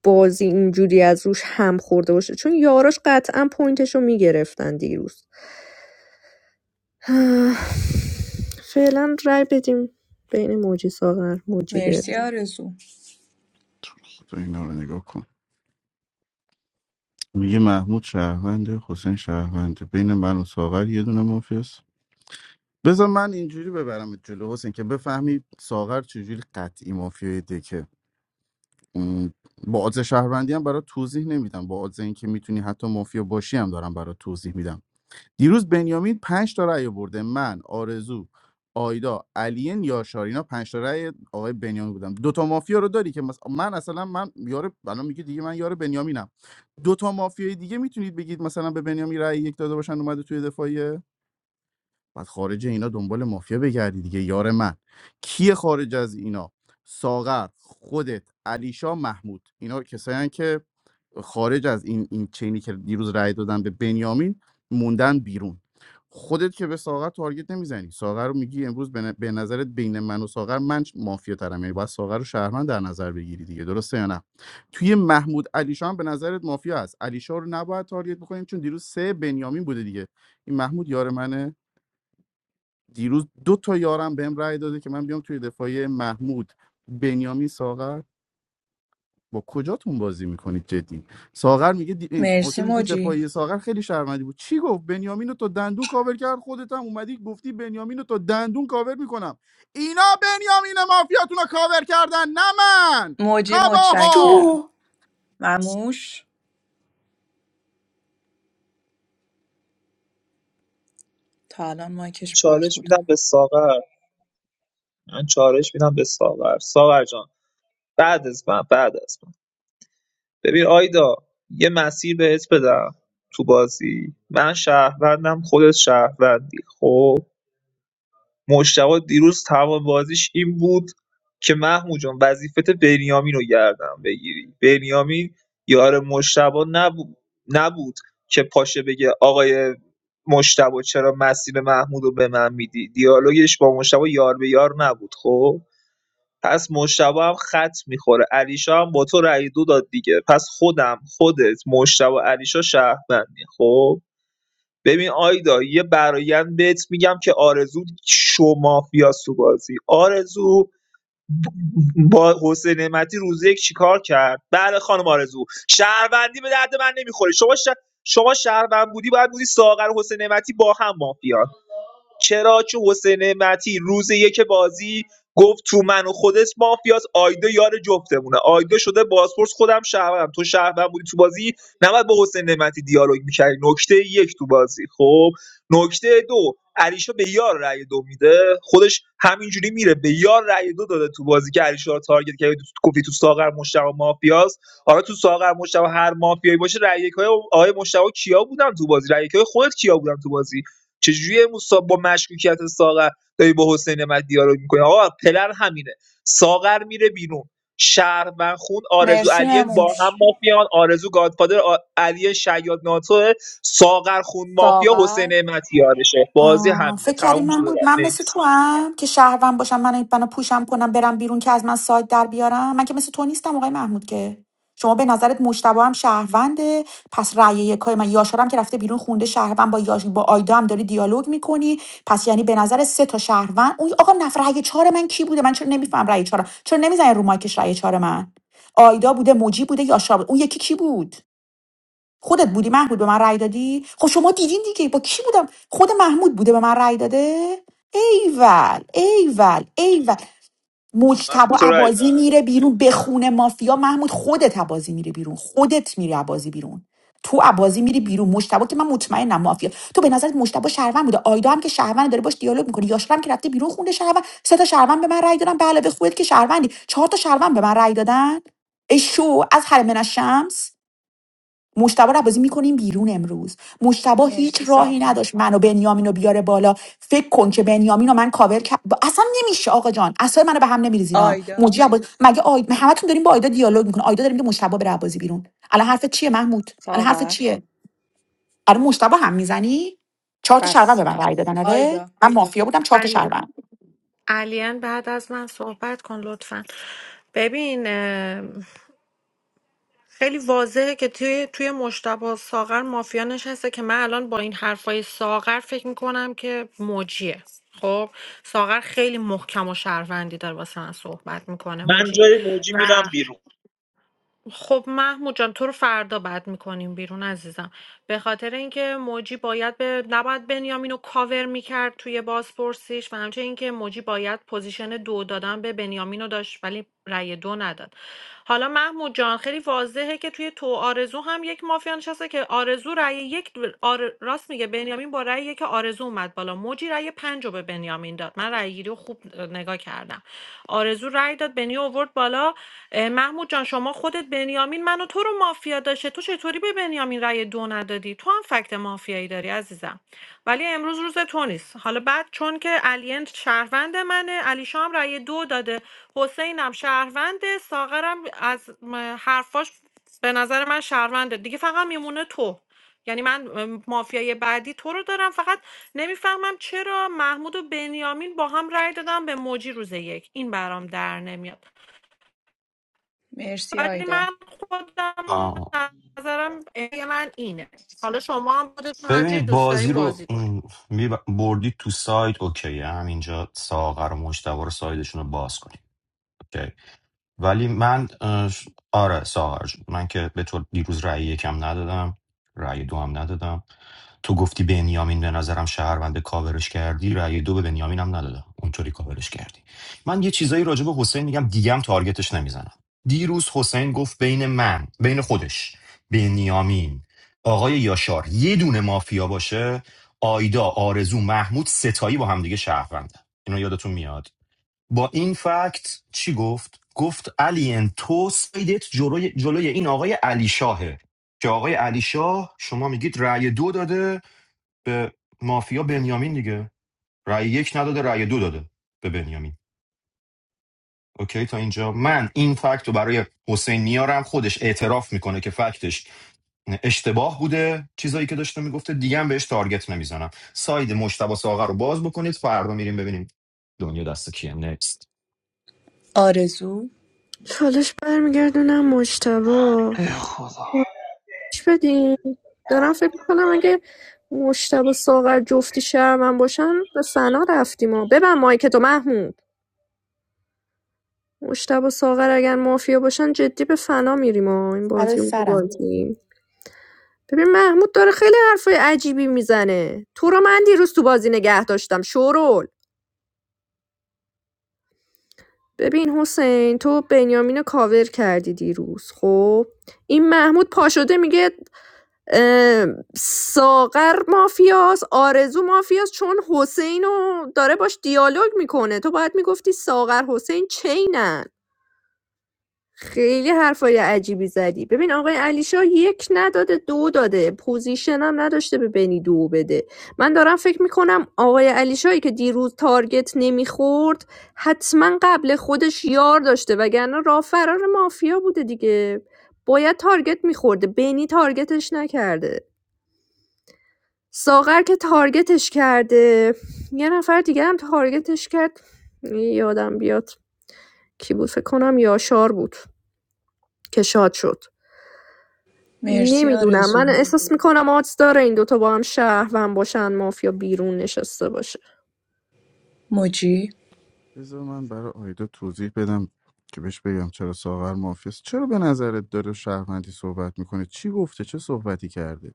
Speaker 1: بازی اینجوری از روش هم خورده باشه چون یاراش قطعا پوینتشو میگرفتن دیروز [sighs] فعلا رای بدیم بین موجی ساغر موجی
Speaker 6: مرسی
Speaker 1: بره
Speaker 6: آرزو
Speaker 9: تو اینا رو نگاه کن میگه محمود شهرونده حسین شهرونده بین من و ساغر یه دونه مافیاست بذار من اینجوری ببرم جلو حسین که بفهمی ساغر چجوری قطعی مافیای دکه م، با آدز شهروندی هم برای توضیح نمیدم با آدز اینکه میتونی حتی مافیا باشی هم دارم برای توضیح میدم دیروز بنیامین پنج تا رأی آورده من آرزو آیدا علی یاشار اینا پنج تا رأی آقای بنیامین بودم دو تا مافیا رو داری که مثلا من اصلا من یار الان میگه دیگه من یار بنیامینم دو تا مافیای دیگه میتونید بگید مثلا به بنیامین رأی یک داده باشن اومده توی دفاعیه بعد خارج اینا دنبال مافیا بگردی دیگه یار من کیه خارج از اینا ساغر خودت علیشا محمود اینا کسایی که خارج از این این چینی که دیروز رای دادن به بنیامین موندن بیرون خودت که به ساغر تارگت نمیزنی ساغر رو میگی امروز به ن- به نظرت بین من و ساغر من مافیا ترم یعنی باید ساغر رو شهرمند در نظر بگیری دیگه درسته یا نه توی محمود علیشا هم به نظرت مافیا هست علیشا رو نباید تارگت بکنیم چون دیروز سه بنیامین بوده دیگه این محمود یار منه دیروز دو تا یارم بهم رای داده که من بیام توی دفاعی محمود بنیامین ساغر با کجاتون بازی میکنید جدی ساغر میگه دی...
Speaker 6: مرسی
Speaker 9: حسین میگه
Speaker 6: موجی
Speaker 9: دفاعی ساغر خیلی شرمندی بود چی گفت بنیامین رو تا دندون کاور کرد خودت هم اومدی گفتی بنیامین رو تا دندون کاور میکنم اینا بنیامین مافیاتون رو کاور کردن نه من
Speaker 6: موجی
Speaker 9: تباها
Speaker 6: متشکرم
Speaker 2: شو
Speaker 6: مموش تا الان
Speaker 7: من
Speaker 6: مایکش باز
Speaker 7: چالش
Speaker 6: بوده
Speaker 7: میدم به ساغر من چالش میدم به ساغر ساغر جان بعد از من بعد از من ببین آیدا یه مسیر بهت بدم تو بازی من شهروندم خودت شهروندی خب مجتبی دیروز تمام بازیش این بود که محمود جان وظیفت بنیامین رو گردن بگیری بنیامین یار مجتبی نبود نبود که پاشه بگه آقای مجتبی چرا مسیر محمود رو به من میدی دیالوگش با مجتبی یار به یار نبود خب پس مجتبی هم خط میخوره علیشا هم با تو رای دو داد دیگه پس خودم خودت مجتبی علیشا شهروندی خب ببین آیدا یه برایند بهت میگم که آرزو شو مافیاست تو بازی آرزو با حسین نعمتی روز یک چیکار کرد بله خانم آرزو شهروندی به درد من نمیخوره شما ش... شما شهروند بودی باید بودی ساغر و حسین نعمتی با هم مافیا چرا که حسین نعمتی روز یک بازی گفت تو من و خودت مافیاس آیدا یار جفتمونه آیدا شده بازپرس خودم شهروندم تو شهروند بودی تو بازی نباید با حسین نعمتی دیالوگ میکردی نکته یک تو بازی خب نکته دو علیشا به یار رأی دو میده خودش همینجوری میره به یار رأی دو داده تو بازی که علیشا رو تارگت کرد تو گفتی تو ساغر مشتبه مافیاس حالا تو ساغر مشتبه هر مافیایی باشه رأی های آقای مشتبه کیا بودن تو بازی رأی های خودت کیا بودن تو بازی چجوری موسا با مشکوکیت ساغر داری با حسین نعمتی دیالوگ می‌کنی آقا پلن همینه ساغر میره بیرون شهروند خون آرزو
Speaker 6: مرسی
Speaker 7: علیان با هم
Speaker 6: مموش
Speaker 7: مافیان آرزو گادفادر آ... علی شیاد ناتوه ساغر خون مافیا حسین
Speaker 6: ساغر
Speaker 7: نعمتی یارشه بازی
Speaker 2: آه،
Speaker 7: همینه
Speaker 2: فکر کردی
Speaker 7: تموم شده
Speaker 2: محمود
Speaker 7: رفت
Speaker 2: من مثل
Speaker 7: نیکس
Speaker 2: تو هم که شهروند باشم من منو پوشم کنم برم بیرون که از من سایت در بیارم من که مثل تو نیستم آقای محمود که شما به نظرت مشتبه هم شهرونده پس رأی یکای من یاشارم که رفته بیرون خونده شهروند با یاش با آیدا هم داری دیالوگ میکنی پس یعنی به نظر سه تا شهروند اون آقا نفر رأی چهار من کی بوده من چرا نمیفهم رأی چهار چرا نمیزنی رو مایکش رأی چهار من آیدا بوده موجی بوده یاشار بوده اون یکی کی بود خودت بودی محمود به من رأی دادی خب شما دیدین دیگه با کی بودم خود محمود بوده به من رأی داده ایول ایول ایول
Speaker 7: من اصلا به
Speaker 2: مجتبا
Speaker 7: تو رأی
Speaker 2: عبازی
Speaker 7: ندادم
Speaker 2: میره بیرون به خونه مافیا محمود خودت عبازی میره بیرون خودت میری عبازی بیرون تو عبازی میری بیرون مجتبا که من مطمئنم مافیا تو به نظرت مجتبا شهروند بوده آیدا هم که شهروند داره باش دیالوگ میکنه یاشار هم که رفته بیرون خونده شهروند سه تا شهروند به من رأی دادن به علاوه خودت که شهروندی چهار تا شهروند به من رأی دادن ای شو از حرم من الشمس مشتبه رو بازی میکنیم بیرون امروز مشتبه هیچ
Speaker 6: مرسی
Speaker 2: راهی
Speaker 6: ساغر.
Speaker 2: نداشت منو بنیامین رو بیاره بالا فکر کن که بنیامین رو من کاور کرد اصلا نمیشه آقا جان اصلا منو به هم نمیریزینا موجی
Speaker 6: آیدا
Speaker 2: عباس مگه آید همتون داریم با آیدا دیالوگ میکنه آیدا داریم که مشتبه بره بازی بیرون الان حرف چیه محمود الان حرف
Speaker 6: ساغر
Speaker 2: چیه الان مشتبه هم میزنی چهار تا شربن
Speaker 6: بس
Speaker 2: به من رای دادن آره
Speaker 6: آیدا
Speaker 2: من مافیا بودم چهار تا
Speaker 3: بله.
Speaker 2: شربن
Speaker 3: علین بعد از من صحبت کن لطفا ببین خیلی واضحه که توی توی مشتبه ساغر مافیا نشسته که من الان با این حرفای ساغر فکر میکنم که موجیه خب ساغر خیلی محکم و شهروندی داره واسه من صحبت میکنه
Speaker 7: من
Speaker 3: موجی
Speaker 7: جای موجی میرم
Speaker 3: و
Speaker 7: بیرون
Speaker 3: خب محمود جان تو رو فردا بد میکنیم بیرون عزیزم به خاطر اینکه موجی باید به نباید بنیامین رو کاور میکرد توی بازپرسیش و همچنین اینکه موجی باید پوزیشن دو دادن به بنیامین رو داشت ولی رأی دو نداد حالا محمود جان خیلی واضحه که توی تو آرزو هم یک مافیا نشسته درسته که آرزو رأی یک آر... راست میگه بنیامین با رأی یک آرزو اومد بالا موجی رأی پنج رو به بنیامین داد من رأی گیری رو خوب نگاه کردم آرزو رأی داد بنی آورد بالا محمود جان شما خودت بنیامین منو تو رو مافیا داشته تو چطوری به بنیامین رأی دو ندادی تو هم فکت مافیایی داری عزیزم ولی امروز روز تو نیست حالا بعد چون که علین شهروند منه علی شام رأی دو داده حسینم شهروند ساغرم از م، حرفاش به نظر من شهرونده دیگه فقط میمونه تو یعنی من ام، مافیای بعدی تو رو دارم فقط نمیفهمم چرا محمود و بنیامین با هم رأی دادن به موجی روز یک این برام در نمیاد
Speaker 6: مرسی
Speaker 3: ولی
Speaker 6: آیدا
Speaker 3: من خودم
Speaker 14: آه.
Speaker 3: نظرم ای من اینه حالا شما هم خودتون هر جایی
Speaker 14: ببینید
Speaker 3: دوست
Speaker 14: بازی
Speaker 3: دارین
Speaker 14: رو
Speaker 3: بازی کنین
Speaker 14: م، می- بردید تو سایت اوکی همینجا ساغر و مجتبی رو سایدشون رو باز کنید اوکی ولی من اه، آره ساغر جون. من که به تو دیروز رأی یکم ندادم رأی دو هم ندادم تو گفتی بنیامین به نظرم شهرونده کاورش کردی رأی دو به بنیامین هم ندادم اونطوری کاورش کردی من یه چیزایی راجع به حسین میگم دیگه هم تارگتش نمیزنم دیروز حسین گفت بین من بین خودش بنیامین آقای یاشار یه دونه مافیا باشه آیدا آرزو محمود ستایی با همدیگه شهرونده اینو یادتون میاد با این فکت چی گفت گفت علی ان تو سیدت جلوی, جلوی این آقای علی شاهه که آقای علی شاه شما میگید رأی دو داده به مافیا بنیامین دیگه رأی یک نداده رأی دو داده به بنیامین اوکی تا اینجا من این فکت رو برای حسین میارم خودش اعتراف میکنه که فکتش اشتباه بوده چیزایی که داشته میگفته دیگه هم بهش تارگت نمیزنم ساید مشتبه ساغر رو باز بکنید فردا میریم ببینیم دنیا دست کیه نکست
Speaker 6: آرزو
Speaker 1: چالش برمیگردونم مجتبا
Speaker 7: ای خدا
Speaker 1: چالش بدیم دارم فکر میکنم اگه مجتبا ساغر جفتی شهر من باشن به فنا رفتیم و ببن مایک تو محمود مجتبی و ساغر اگر مافیا باشن جدی به فنا میریم ها این
Speaker 2: برای
Speaker 1: بازی رو
Speaker 2: سرم
Speaker 1: بازیم. ببین محمود داره خیلی حرفای عجیبی میزنه تو رو من دیروز تو بازی نگه داشتم شورول ببین حسین تو بنیامین رو کاور کردی دیروز خب این محمود پاشده میگه اه، ساغر مافیاس آرزو مافیاس چون حسین رو داره باش دیالوگ میکنه تو باید میگفتی ساغر حسین چینن خیلی حرفای عجیبی زدی ببین آقای علیشا یک نداده دو داده پوزیشن هم نداشته به بنی دو بده من دارم فکر میکنم آقای علیشایی که دیروز تارگت نمیخورد حتما قبل خودش یار داشته وگرنه راه فرار مافیا بوده دیگه باید تارگت میخورده بنی تارگتش نکرده ساغر که تارگتش کرده یه نفر دیگه هم تارگتش کرد یادم بیاد کی بود فکر کنم یاشار بود که شاد شد
Speaker 6: مرسی
Speaker 1: نمیدونم من
Speaker 6: آرزو
Speaker 1: احساس میکنم آدز داره این دوتا با هم شهروند باشن مافیا بیرون نشسته باشه
Speaker 6: موجی
Speaker 9: بذار من برای آیدا توضیح بدم که بهش بگم چرا ساغر مافیاست چرا به نظرت داره شهروندی صحبت میکنه چی گفته چه صحبتی کرده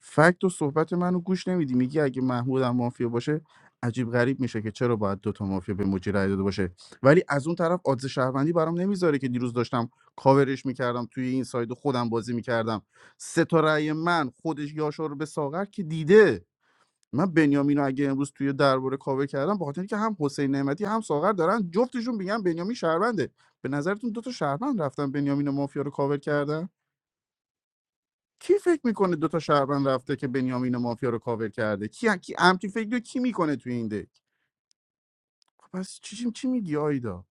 Speaker 9: فکت و صحبت منو گوش نمیدی میگی اگه محمود هم مافیا باشه عجیب غریب میشه که چرا باید دوتا مافیا به مجری رای داده باشه ولی از اون طرف آدز شهروندی برام نمیذاره که دیروز داشتم کاورش میکردم توی این ساید خودم بازی میکردم سه تا رأی من خودش یاشار رو به ساغر که دیده من بنیامین رو اگه امروز توی درباره کاوه کردم به خاطر اینکه هم حسین نعمتی هم ساغر دارن جفتشون میگن بنیامین شهرونده به نظرتون دو تا شهروند رفتن بنیامین و مافیا رو کاور کردن کی فکر میکنه دو تا شهروند رفته که بنیامین و مافیا رو کاور کرده کی کی امتی فکر رو کی میکنه توی این دک خب پس چی چی میگی آیدا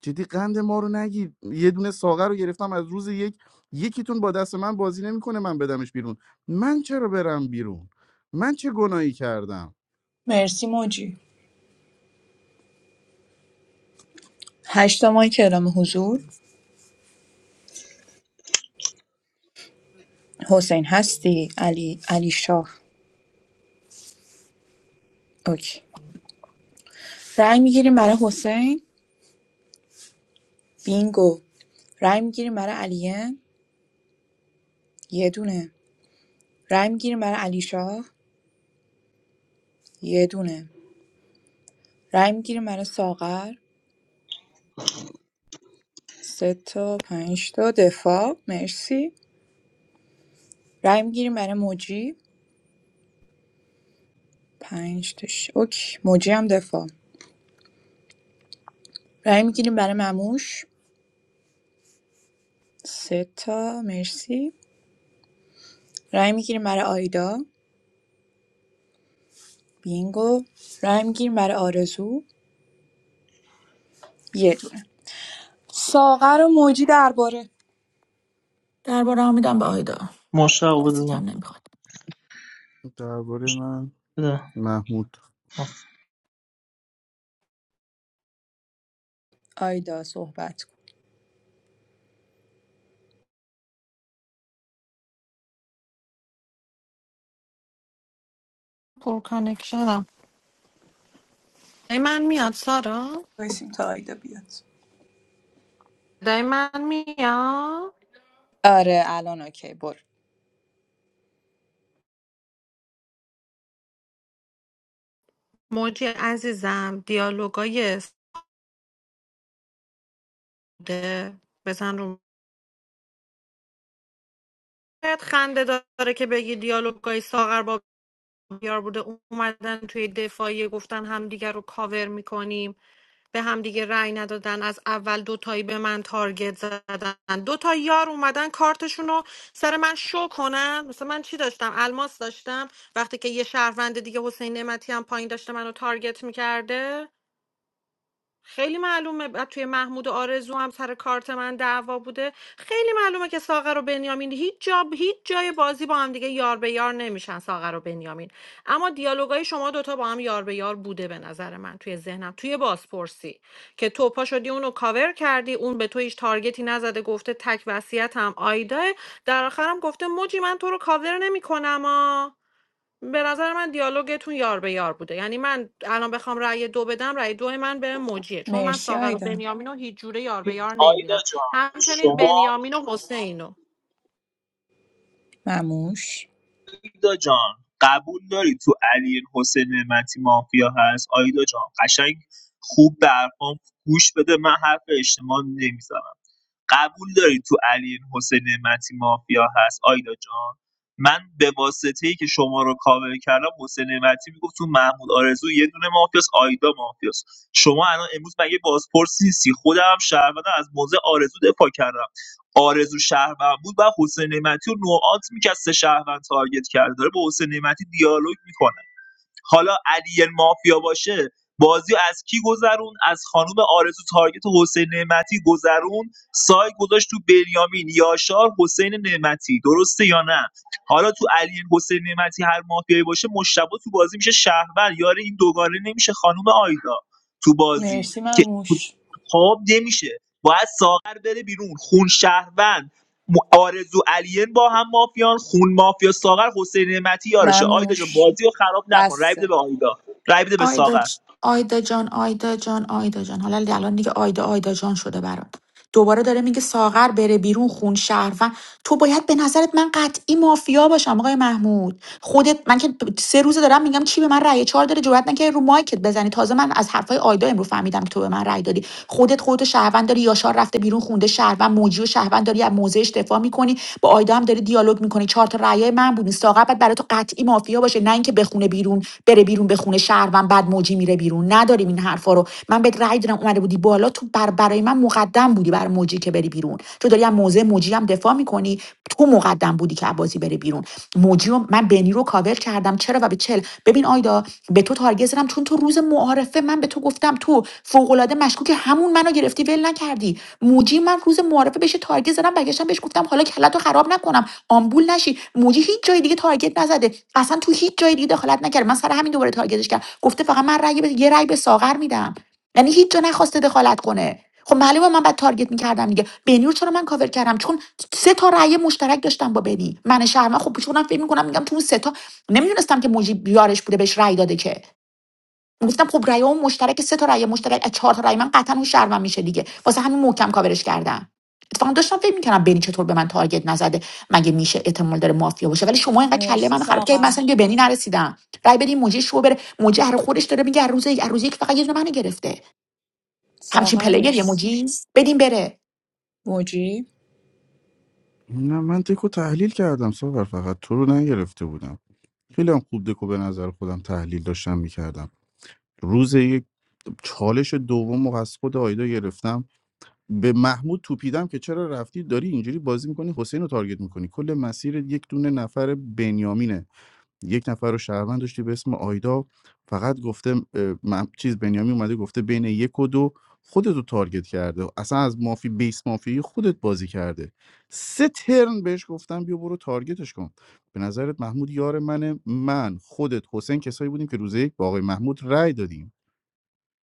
Speaker 9: جدی قند ما رو نگیر یه دونه ساغر رو گرفتم از روز یک یکیتون با دست من بازی نمیکنه من بدمش بیرون من چرا برم بیرون من چه گناهی کردم
Speaker 6: مرسی موجی هشتا ماه کلام حضور حسین هستی علی علی شاه اوکی رای میگیریم برای حسین بینگو رای میگیریم برای علیه یه دونه رای میگیریم برای علی شاه یه دونه رای میگیریم برای ساغر سه تا پنج تا دفاع مرسی رای میگیریم برای موجی پنج تا ش... اوکی موجی هم دفاع رای میگیریم برای مموش سه تا مرسی رای میگیریم برای آیدا بینگو رای میگیریم برای آرزو یه دونه ساغر و موجی درباره
Speaker 2: درباره میدم به آیدا
Speaker 7: مشتاق بده
Speaker 2: کسی کم
Speaker 7: من
Speaker 2: نمیخواد
Speaker 9: درباره من
Speaker 7: بده.
Speaker 9: محمود
Speaker 6: آیدا صحبت کن
Speaker 3: پر کانکشنم ای من میاد سارا
Speaker 6: بایسیم تا آیدا بیاد
Speaker 3: دای من میاد
Speaker 6: آره الان اوکی برو
Speaker 3: موجی عزیزم دیالوگای سوده بزن رو شاید خنده داره که بگی دیالوگای ساغر با بیار بوده اومدن توی دفاعیه گفتن همدیگه رو کاور میکنیم به همدیگه رأی ندادن از اول دوتایی به من تارگت زدن دوتا یار اومدن کارتشون رو سر من شو کنن مثلا من چی داشتم الماس داشتم وقتی که یه شهروند دیگه حسین نعمتی هم پایین داشته منو تارگت میکرده خیلی معلومه بعد توی محمود و آرزو هم سر کارت من دعوا بوده خیلی معلومه که ساغر و بنیامین هیچ جا هیچ جای بازی با هم دیگه یار به یار نمیشن ساغر و بنیامین اما دیالوگای شما دوتا با هم یار به یار بوده به نظر من توی ذهنم توی بازپرسی که توپا شدی اونو کاور کردی اون به تو هیچ تارگتی نزده گفته تک وصیتم آیدا در آخرم گفته موجی من تو رو کاور نمیکنم آ به نظر من دیالوگتون یار به یار بوده یعنی من الان بخوام رأی دو بدم رأی دو من به موجیه چون من
Speaker 6: مرسی
Speaker 3: ساغر و
Speaker 6: آیدا
Speaker 3: بنیامین رو هیچ جوره یار به
Speaker 7: ببین،
Speaker 3: یار
Speaker 7: آیدا
Speaker 3: نمیبینم
Speaker 7: جان
Speaker 3: همچنین
Speaker 7: شما
Speaker 3: بنیامین و حسین رو
Speaker 6: مموش
Speaker 7: آیدا جان قبول داری تو علی حسین نعمتی مافیا هست آیدا جان قشنگ خوب به حرفام گوش بده من حرف اشتباه نمیزنم قبول داری تو علی حسین نعمتی مافیا هست آیدا جان من به واسطه ای که شما رو کاور کردم حسین نعمتی میگفت تو محمود آرزو یه دونه مافیاس آیدا مافیاس شما الان امروز مگه بازپرسی نیستی خودم هم شهروندم از موضع آرزو دفاع کردم آرزو شهروند بود و حسین نعمتی رو نوعات میکرد سه شهروند تارگت کرده داره با حسین نعمتی دیالوگ میکنه حالا علی مافیا باشه بازی از کی گذرون از خانوم آرزو تارگت حسین نعمتی گذرون سایت گذاشت تو بنیامین یاشار حسین نعمتی درسته یا نه حالا تو علی حسین نعمتی هر مافیایی باشه مشتبه تو بازی میشه شهرور یاره این دوگانه نمیشه خانوم آیدا تو بازی
Speaker 6: مرسی
Speaker 7: که
Speaker 6: مموش
Speaker 7: خب نمیشه باید ساغر بره بیرون خون شهروند م- آرزو الین با هم مافیان خون مافیا ساغر حسین نعمتی یارشه آیدا جون
Speaker 6: مموش
Speaker 7: بازی رو خراب نکن رای بده به
Speaker 6: بسه
Speaker 7: آیدا رای بده به
Speaker 2: آیدا
Speaker 7: ساغر
Speaker 2: ج- آیدا جان آیدا جان آیدا جان حالا دیگه الان دیگه آیدا آیدا جان شده برات دوباره داره میگه ساغر بره بیرون خون شهروند تو باید به نظرت من قطعی مافیا باشم آقای محمود خودت من که سه روزه دارم میگم کی به من رأی چهار داره جرئت نکردی رو مایکت بزنی تازه من از حرفای آیدا امروز فهمیدم که تو به من رأی دادی خودت خودت شهروند داری یاشار رفته بیرون خونده شهروند موجی و شهروند داری از موضعش دفاع میکنی با آیدا هم داری دیالوگ میکنی چهار تا رأی من بودی ساغر بعد برای تو قطعی مافیا باشه نه اینکه بخونه بیرون بره بیرون بخونه شهروند بعد موجی میره بیرون نداریم این حرفا رو من بهت رأی دادم اومده بودی بالا تو بر برای من مقدم بودی بر موجی که بری بیرون تو داری از موضع موجی هم دفاع میکنی تو مقدم بودی که عباسی بره بیرون موجی و من بنی رو مدنی رو کاور کردم چرا و به چل ببین آیدا به تو تارگت زدم چون تو روز معارفه من به تو گفتم تو فوقالعاده مشکوک همون منو گرفتی ول نکردی موجی من روز معارفه بهش تارگت زدم برگشتم بهش گفتم حالا کلتو خراب نکنم آمبول نشی موجی هیچ جای دیگه تارگت نزده اصلا تو هیچ جای دیگه دخالت نکرد من سر همین دوباره تارگتش کردم گفته فقط من رأی به- یه رأی به ساغر میدم یعنی هیچ جا نخواسته دخالت کنه خب معلومه من بعد تارگت میکردم دیگه بنیور چرا من کاور کردم چون سه تا رأی مشترک داشتم با بنی من شرما خب چونم فکر میکنم میگم تو اون سه تا نمیدونستم که موجی بیارش بوده بهش رأی داده که گفتم خب رأی اون مشترک سه تا رأی مشترک از چهار تا رأی من قطعا اون شرما میشه دیگه واسه همین محکم کاورش کردم اتفاقا داشتم فکر میکردم بنی چطور به من تارگت نزده مگه میشه احتمال داره مافیا باشه ولی شما اینقدر کله
Speaker 6: مرسی
Speaker 2: منو خراب کردید
Speaker 6: ساغر
Speaker 2: مثلا یه بنی نرسیدم رأی بدین موجی شو بره موجی هر خودش داره میگه هر روز هر روز یک فقط یه دونه منو گرفته همچین
Speaker 6: ساغر
Speaker 2: پلیر یه
Speaker 6: مرسی
Speaker 2: موجی بدیم بره
Speaker 6: موجی
Speaker 9: نه من دکو تحلیل کردم ساغر فقط تو رو نگرفته بودم خیلی هم خوب دکو به نظر خودم تحلیل داشتم میکردم روز یک چالش دوم و از خود آیدا گرفتم به محمود توپیدم که چرا رفتی داری اینجوری بازی میکنی حسین رو تارگت میکنی کل مسیر یک دونه نفر بنیامینه یک نفر رو شهروند داشتی به اسم آیدا فقط گفته اه، من چیز بنیامین اومده گفته بین یک و دو خودت رو تارگت کرده اصلا از مافی بیس مافی خودت بازی کرده سه ترن بهش گفتم بیا برو تارگتش کن به نظرت محمود یار منه من خودت حسین کسایی بودیم که روز یک با آقای محمود رأی دادیم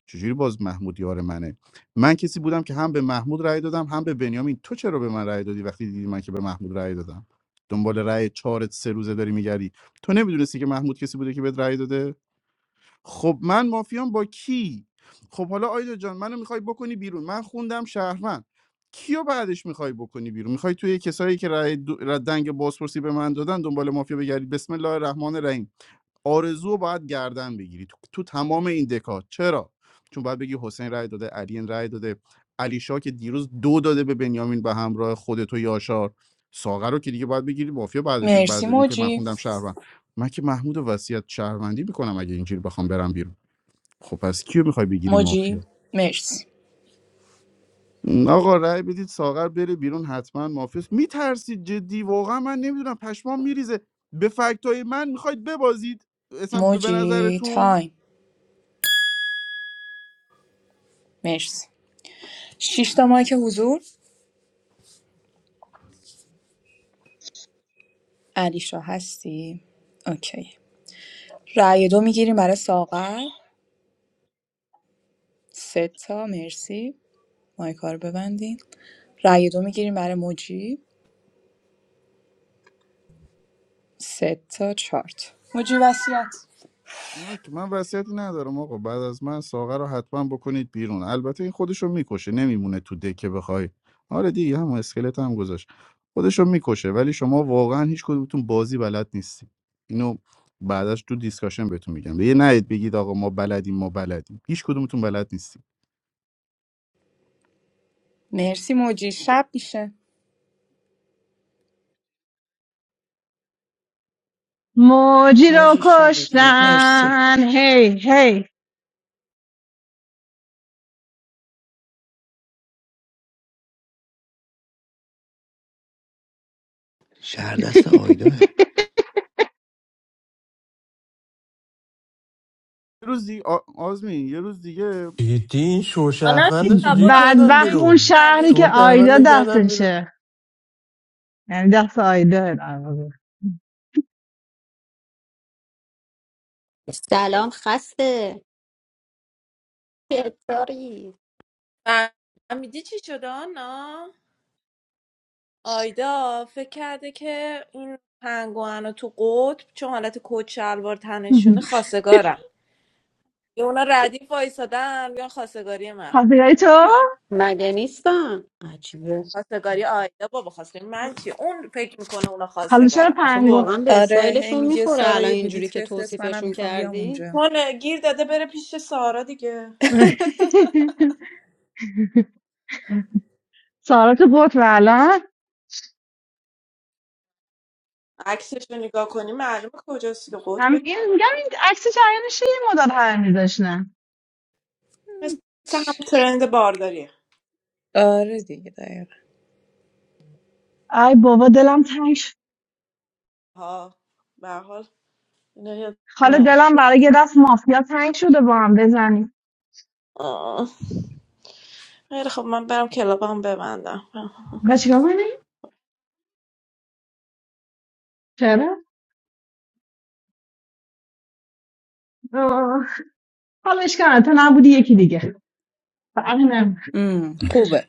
Speaker 9: چجوری باز محمود یار منه من کسی بودم که هم به محمود رأی دادم هم به بنیامین تو چرا به من رأی دادی وقتی دیدی من که به محمود رأی دادم دنبال رأی چهارت سه روزه داری میگردی تو نمیدونستی که محمود کسی بوده که بهت رأی داده خب من مافیام با کی خب حالا آیدا جان منو میخوای بکنی بیرون من خوندم شهروند کیو بعدش میخوای بکنی بیرون میخوای توی کسایی که رأی دو... دنگ بازپرسی به من دادن دنبال مافیا بگردی بسم الله الرحمن الرحیم آرزو رو باید گردن بگیری تو, تو تمام این دکات چرا چون باید بگی حسین رای داده علی رای داده علی شاه که دیروز دو داده به بنیامین به همراه خودت و یاشار ساغر رو که دیگه باید بگیری مافیا بعد
Speaker 6: مرسی
Speaker 9: بعد اینکه من
Speaker 6: موجی
Speaker 9: خوندم شهروند من که محمود و وصیت شهروندی میکنم اگه اینجوری بخوام برم بیرون خب پس کیو میخوای بگیری
Speaker 6: موجی
Speaker 9: مافیا
Speaker 6: مرسی
Speaker 9: آقا رأی بدید ساغر بره بیرون حتما مافیا میترسید جدی واقعا من نمیدونم پشمام میریزه به فکتای من میخواید ببازید اصلا به
Speaker 6: موجی
Speaker 9: نظرتون
Speaker 6: تایم مرسی شش تا مایک حضور علیشا هستی اوکی رأی دو میگیریم برای ساغر سه تا مرسی مایکا رو ببندین رأی دو میگیریم برای موجی سه تا چهار تا موجی وصیت
Speaker 9: نه که من وصیتی ندارم آقا بعد از من ساغر رو حتما بکنید بیرون البته این خودشو میکشه نمیمونه تو دکه بخوای آره دیگه هم اسکلت هم گذاشت خودشو میکشه ولی شما واقعا هیچ کدومتون بازی بلد نیستی اینو بعدش تو دیسکاشن بهتون میگم یه نهید بگید آقا ما بلدیم ما بلدیم هیچ کدومتون بلد نیستی
Speaker 6: مرسی موجی شب میشه
Speaker 20: موجی رو
Speaker 6: موجی شبه دیگه مرسی
Speaker 20: کشتن هی هی
Speaker 19: شهر دست
Speaker 20: [laughs]
Speaker 19: آیداه
Speaker 9: یه روز دیگه آ- آزمین یه روز دیگه
Speaker 11: جدی این
Speaker 18: آنا
Speaker 11: شوشهروند رو
Speaker 18: نیتا
Speaker 11: چجوری
Speaker 18: برو همون
Speaker 11: کردن
Speaker 20: بدبخت
Speaker 18: جایی که
Speaker 20: اون
Speaker 11: بیرون
Speaker 18: چند
Speaker 20: شهری
Speaker 18: روز
Speaker 20: که
Speaker 18: بود
Speaker 11: شوشهروند
Speaker 20: آیدا
Speaker 11: رو کردن بیرون
Speaker 20: دستشه یعنی دست آیدا در واقع.
Speaker 21: سلام خسته چطوری
Speaker 18: فهمیدی چی شده آنا آیدا فکر کرده که این پنگوان تو قطب چون حالت کت شلوار تنشونه
Speaker 20: [laughs]
Speaker 18: خواستگارن یه اونا ردیف وایسادن بیان خواستگاری من
Speaker 20: خواستگاری تو
Speaker 21: مگه نیستم عجیبه
Speaker 18: خواستگاری آیدا بابا خواستگاری من چی اون فکر میکنه اونا
Speaker 20: حالا چرا
Speaker 18: خواستگارن
Speaker 21: آخه
Speaker 20: پنگ
Speaker 21: واقعا
Speaker 20: گفت
Speaker 21: به
Speaker 6: آره هی
Speaker 21: اسرائیلشون
Speaker 6: میگه
Speaker 21: میخوره
Speaker 6: سارا
Speaker 21: الان
Speaker 6: یه
Speaker 21: اینجوری
Speaker 6: بلیت
Speaker 21: که
Speaker 6: بفرست منم
Speaker 21: توصیفشون
Speaker 6: میخوام بیام
Speaker 21: کردی
Speaker 6: اونجا
Speaker 18: چون گیر داده بره پیش سارا دیگه
Speaker 6: [laughs]
Speaker 20: [laughs] سارا تو بود و الان
Speaker 18: عکسش رو نگاه کنی معلومه کجاست دیگه
Speaker 20: هم
Speaker 18: قطب
Speaker 20: این میگم این عکس جریانش یه مداد هر میذاشتن
Speaker 18: مثل هم ترند بارداریه
Speaker 6: آره دیگه دقیقا
Speaker 20: ای بابا دلم تنگ شد
Speaker 18: ها اینا یاد
Speaker 20: حالا
Speaker 18: نره
Speaker 20: دلم برای یه دست مافیا تنگ شده با هم بزنیم
Speaker 18: آه. خیلی خب من برم کلابم ببندم
Speaker 20: و چیکار کنیم چرا آه. حالا اشکال نداره، تو نبودی یکی دیگه فهمیدم
Speaker 6: مم، خوبه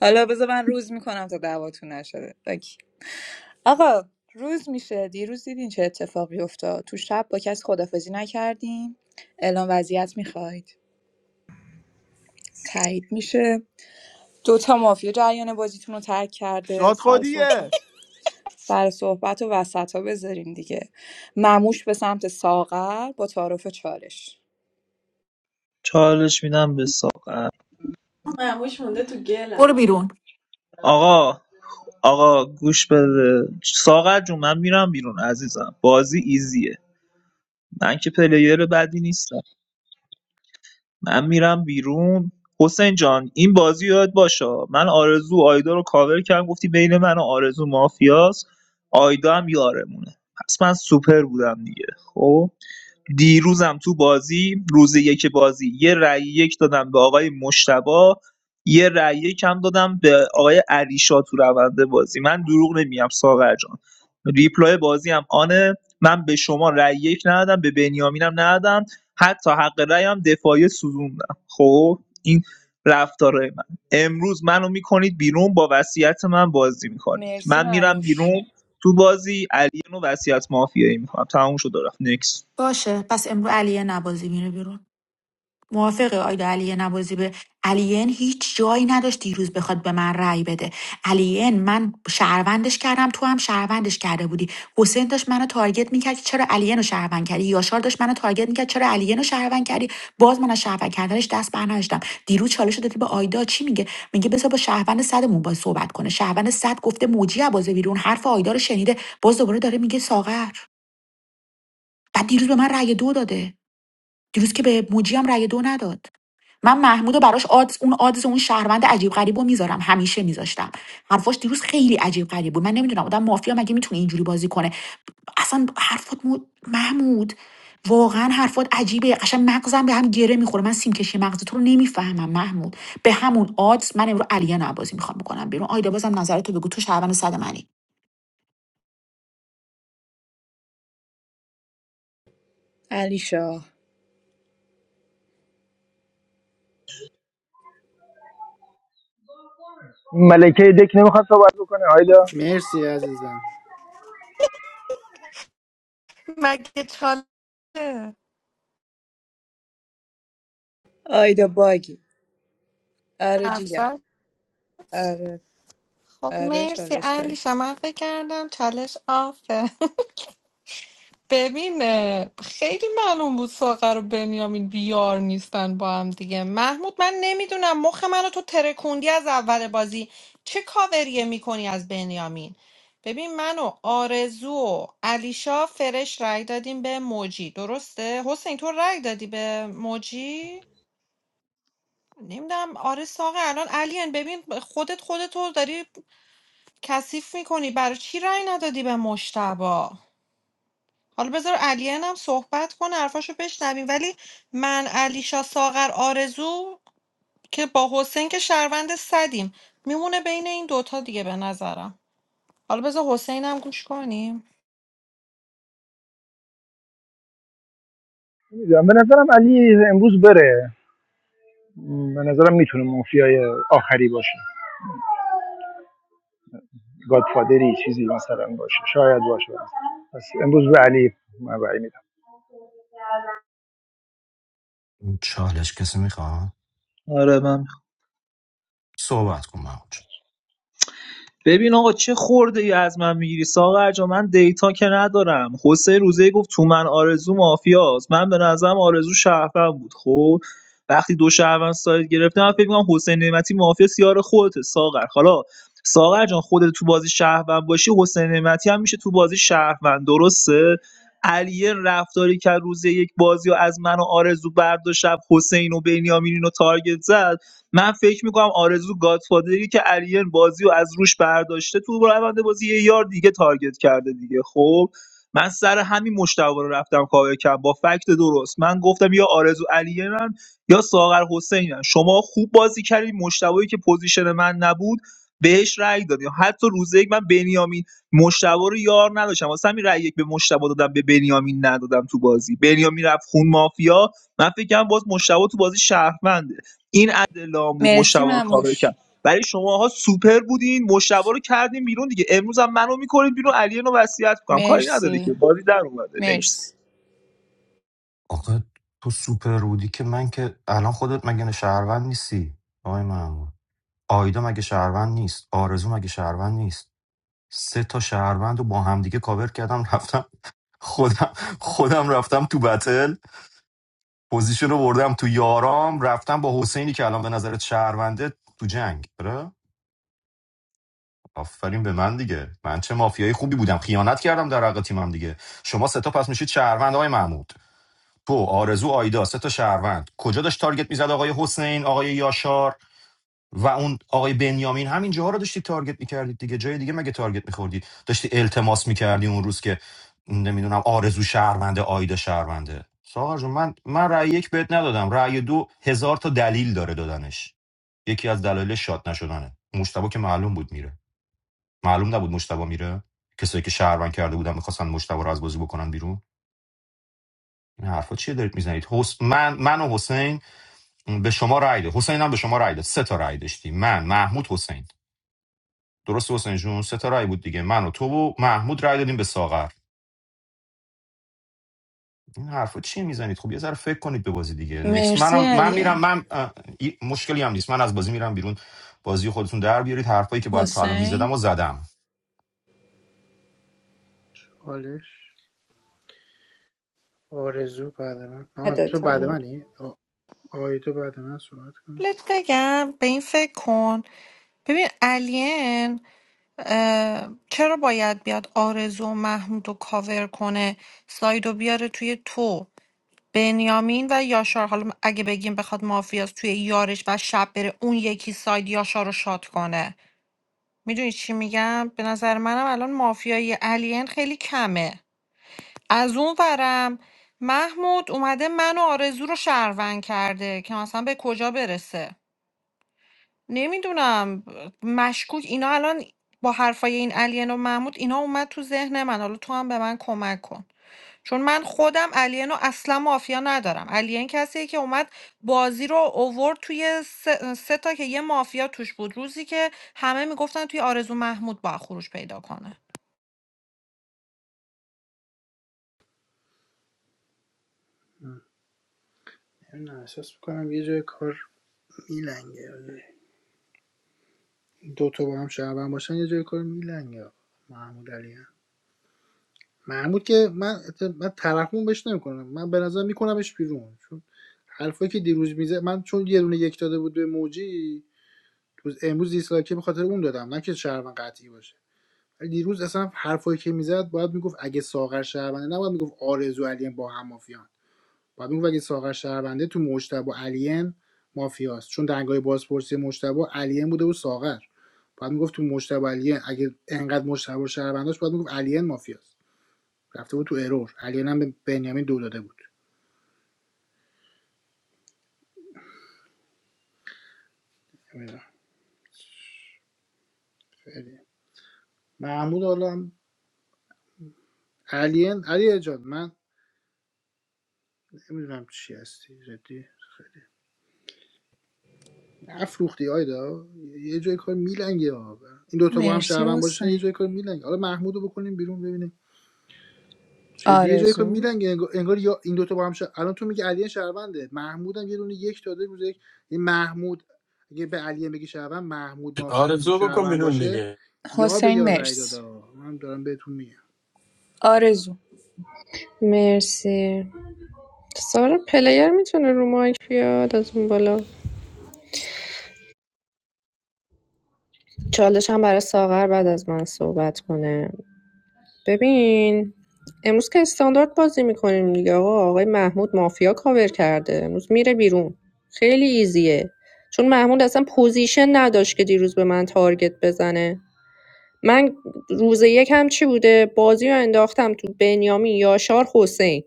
Speaker 6: حالا بذار من روز میکنم تا دعواتون نشده اوکی. آقا روز میشه دیروز دیدین چه اتفاقی افتاد تو شب با کسی خدافزی نکردیم اعلام وضعیت میخواید تایید میشه دوتا مافیا جریان بازیتون رو ترک کرده
Speaker 9: شاد
Speaker 6: سر
Speaker 9: خودیه
Speaker 6: صحبت سر صحبت و وسط ها بذارین دیگه مموش به سمت ساغر با تعارف چالش
Speaker 7: چالش میدم به ساغر
Speaker 18: معموش مونده تو گل
Speaker 2: برو
Speaker 18: الان
Speaker 2: بیرون
Speaker 7: آقا آقا گوش بده ساغر جون من میرم بیرون عزیزم بازی ایزیه من که پلیر بدی نیستم من میرم بیرون حسین جان این بازی یاد باشه من آرزو و آیدا رو کاور کردم گفتی بین من و آرزو مافیاس آیدا هم یارمونه پس من سوپر بودم دیگه خب دیروزم تو بازی روز یک بازی یه رأی یک دادم به آقای مشتبه یه رأی یک هم دادم به آقای علیشا تو روند بازی من دروغ نمیگم ساغر جان ریپلای بازی هم آنه من به شما رأی یک ندادم به بنیامینم ندادم حتی حق رأی هم دفاعی سوزوندم خب این رفتارای من امروز منو میکنید بیرون با وصیت من بازی میکنید
Speaker 6: مرسی
Speaker 7: من میرم
Speaker 6: مموش
Speaker 7: بیرون تو بازی علی نو وصیت مافیایی میکنم تموم شد و رفت نکس
Speaker 2: باشه پس امرو علیه نبازی میره بیرون موافقه آیدا علی نوازی به الین هیچ جایی نداشت دیروز بخواد به من رأی بده الین من شهروندش کردم تو هم شهروندش کرده بودی حسین داشت منو تارگت میکرد که چرا الین رو شهروند کردی یاشار داشت منو تارگت میکرد چرا الین رو شهروند کردی باز من از شهروند کردنش دست برنداشتم دیروز چالش دادی به آیدا چی میگه میگه بذار با شهروند صدمون باز صحبت کنه شهروند صد گفته موجی عبازه بیرون حرف آیدا رو شنیده باز دوباره داره میگه ساغر بعد دیروز به من رأی دو داده دیروز که به موجی هم رأی دو نداد من محمود رو براش آدز اون آدز اون شهروند عجیب غریب رو میذارم همیشه میذاشتم حرفاش دیروز خیلی عجیب غریب بود من نمیدونم آدم مافیا مگه میتونه اینجوری بازی کنه اصلا حرفات مو- محمود واقعا حرفات عجیبه قشنگ مغزم به هم گره میخوره من سیم کشی مغز تو رو نمیفهمم محمود به همون آدز من امروز علیه بازی میخوام بکنم بیرون آیدا بازم نظرتو بگو تو شهروند صد منی
Speaker 6: علی شاه
Speaker 13: ملکه دک نمیخواد صحبت بکنه آیدا
Speaker 4: مرسی عزیزم
Speaker 3: مگه چاله
Speaker 6: آیدا باگی آره جیگر
Speaker 3: اصلا
Speaker 6: آره
Speaker 3: خب
Speaker 6: آره
Speaker 3: مرسی
Speaker 6: چالش
Speaker 3: علی
Speaker 6: داری
Speaker 3: من فکر کردم چالش آفه ببین اه، خیلی معلوم بود ساغر و بنیامین بیار نیستن با هم دیگه محمود من نمیدونم مخ منو تو ترکوندی از اول بازی چه کاوریه میکنی از بنیامین ببین من و آرزو و علیشا فرش رای دادیم به موجی درسته حسین تو رای دادی به موجی نمیدونم آره ساقه الان الین ببین خودت خودتو داری کثیف میکنی برای چی رای ندادی به مشتبه حالا بذار الین هم صحبت کنه حرفاشو بشنویم ولی من علیشا ساغر آرزو که با حسین که شهروند صدیم میمونه بین این دوتا دیگه به نظرم حالا بذار حسین هم گوش کنیم
Speaker 13: نمیدونم به نظرم علی امروز بره م، به نظرم میتونه مافیای آخری باشه گادفادری چیزی مثلا باشه شاید باشه پس امروز به علی من رأی میدم
Speaker 14: چالش کسی میخواد
Speaker 7: آره من می‌خوام.
Speaker 14: صحبت کن محمود جون.
Speaker 7: ببین آقا چه خورده ای از من میگیری ساغر جا من دیتا که ندارم حسین روزه گفت تو من آرزو مافیاست من به نظرم آرزو شهروند بود خب وقتی دو شهروند ساید گرفتم من فکر می‌کنم حسین نعمتی مافیا سیار خودته ساغر حالا ساغر جان خودت تو بازی شهروند باشی حسین نعمتی هم میشه تو بازی شهروند درسته علیه رفتاری که روزه یک بازی و از من و آرزو برداشت حسین و بنیامین رو تارگت زد من فکر میکنم آرزو گادفادری که اریل بازی رو از روش برداشته تو روند بازی یه یار دیگه تارگت کرده دیگه خب من سر همین مشتبه رو رفتم کاور کردم با فکت درست من گفتم یا آرزو علیرن یا ساغر حسینن شما خوب بازی کردید مشتبهایی که پوزیشن من نبود بهش رأی دادیم حتی روز یک من بنیامین مشتبه رو یار نداشتم واسه همین رأی یک به مشتبه دادم به بنیامین ندادم تو بازی بنیامین رفت خون مافیا من فکر کنم باز مشتبه تو بازی شهرمنده این عدل لام بود
Speaker 6: مرسی
Speaker 7: مشتبه رو کاور
Speaker 6: مموش
Speaker 7: کرد برای شماها سوپر بودین مشتبه رو کردین بیرون دیگه امروز هم منو میکنید بیرون علی رو وصیت میکنم کاری نداره که
Speaker 6: مرسی
Speaker 7: بازی در اومده نکس
Speaker 6: مرسی
Speaker 14: آخه تو سوپر رودی که من که الان خودت مگه شهروند نیستی آقای محمود آیدا مگه شهروند نیست آرزو مگه شهروند نیست سه تا شهروند رو با همدیگه کاور کردم رفتم خودم خودم رفتم تو بتل پوزیشن رو بردم تو یارام رفتم با حسینی که الان به نظرت شهرونده تو جنگ آره آفرین به من دیگه من چه مافیایی خوبی بودم خیانت کردم در حق تیمم دیگه شما سه تا پس میشید شهروند آقای محمود تو آرزو آیدا سه تا شهروند کجا داشت تارگت میزد آقای حسین آقای یاشار و اون آقای بنیامین همین جاها رو داشتی تارگت میکردید دیگه جای دیگه مگه تارگت میخوردید داشتی التماس میکردی اون روز که نمیدونم آرزو شهرونده آیدا شهرونده ساغر جون من من رأی یک بهت ندادم رأی دو هزار تا دلیل داره دادنش یکی از دلایل شاد نشدنه مشتبه که معلوم بود میره معلوم نبود مشتبه میره کسایی که شهروند کرده بودن میخواستن مشتبه رو از بازی بکنن بیرون این حرفا چیه دارید میزنید حس... من من و حسین به شما رأی داد حسین هم به شما رأی داد سه تا رأی داشتی من محمود حسین درست حسین جون ستاره بود دیگه من و تو و محمود رای دادیم به ساغر این حرفا چی میزنید خب یه ذره فکر کنید به بازی دیگه نکس
Speaker 6: مرسی
Speaker 14: منم من
Speaker 6: علیه
Speaker 14: میرم من اه، ای- مشکلی هم نیست من از بازی میرم بیرون بازی خودتون در بیارید حرفایی که باید تا الان میزدم
Speaker 6: حسین
Speaker 14: و زدم
Speaker 4: آرزو بعد من آه تو بعد
Speaker 1: یادتم
Speaker 4: منی آ- آیدو بعد من صحبت کن
Speaker 3: لت بگم به این فکر کن ببین الین اه، چرا باید بیاد آرزو و محمود رو کاور کنه سایدو بیاره توی تو بنیامین و یاشار حالا اگه بگیم بخواد مافیاس توی یارش و شب بره اون یکی ساید یاشار رو شاد کنه میدونی چی میگم به نظر منم الان مافیای الین خیلی کمه از اون ورم محمود اومده من و آرزو رو شهروند کرده که مثلا به کجا برسه نمیدونم مشکوک اینا الان با حرفای این الین و محمود اینا اومد تو ذهن من حالا تو هم به من کمک کن چون من خودم الین رو اصلا مافیا ندارم الین کسیه که اومد بازی رو اوورد توی سه, سه تا که یه مافیا توش بود روزی که همه میگفتن توی آرزو محمود با خروج پیدا کنه
Speaker 4: نمیدونم احساس میکنم یه جای کار میلنگه دو تا با هم شعبن باشن یه جای کار میلنگه محمود علی هم. محمود که من من طرفمون بهش نمیکنم من به نظر میکنمش بیرون چون حرفایی که دیروز میزه من چون یه دونه یک داده بود به موجی امروز دیسلایکی به خاطر اون دادم نه که شهروند قطعی باشه ولی دیروز اصلا حرفایی که میزد باید میگفت اگه ساغر شهرونده نباید میگفت آرزو علی با هم مافیان بعد اون ولی ساغر شهرونده تو مجتبی و مافیاست چون دنگای بازپرسی مجتبی و الین بوده و ساغر بعد میگفت تو مجتبی و اگه انقدر مجتبی و شهرونداش بعد میگفت الین مافیاست رفته بود تو ارور الین هم به بنیامین دو داده بود محمود حالا الین علی جان من نمیدونم چی هستی جدی افروختی آیدا یه جای کار میلنگه ها این دوتا با هم
Speaker 6: مرسی
Speaker 4: شهروند باشن یه جای
Speaker 6: حسین
Speaker 4: کار میلنگه حالا محمودو بکنیم بیرون ببینیم چه یه جایی که
Speaker 6: آرزو
Speaker 4: میلنگ انگار یا این دوتا با هم شد الان تو میگی علی شهرونده محمود هم یه دونه یک داده روز یک این محمود اگه به علی بگی شهروند محمود ما
Speaker 11: آرزو بکن
Speaker 4: شهروند
Speaker 11: بیرون
Speaker 4: باشه
Speaker 11: دیگه
Speaker 4: یار به
Speaker 6: حسین
Speaker 4: یار رای داده
Speaker 6: مرسی
Speaker 4: آه. من دارم بهتون میگم
Speaker 6: آرزو
Speaker 1: مرسی سارا پلیر میتونه رو مایک بیاد از اون بالا چالش هم برای ساغر بعد از من صحبت کنه ببین امروز که استاندارد بازی میکنیم دیگه آقا آقای محمود مافیا کاور کرده امروز میره بیرون خیلی ایزیه چون محمود اصلا پوزیشن نداشت که دیروز به من تارگت بزنه من روز یکم چی بوده بازی رو انداختم تو بنیامین یاشار حسین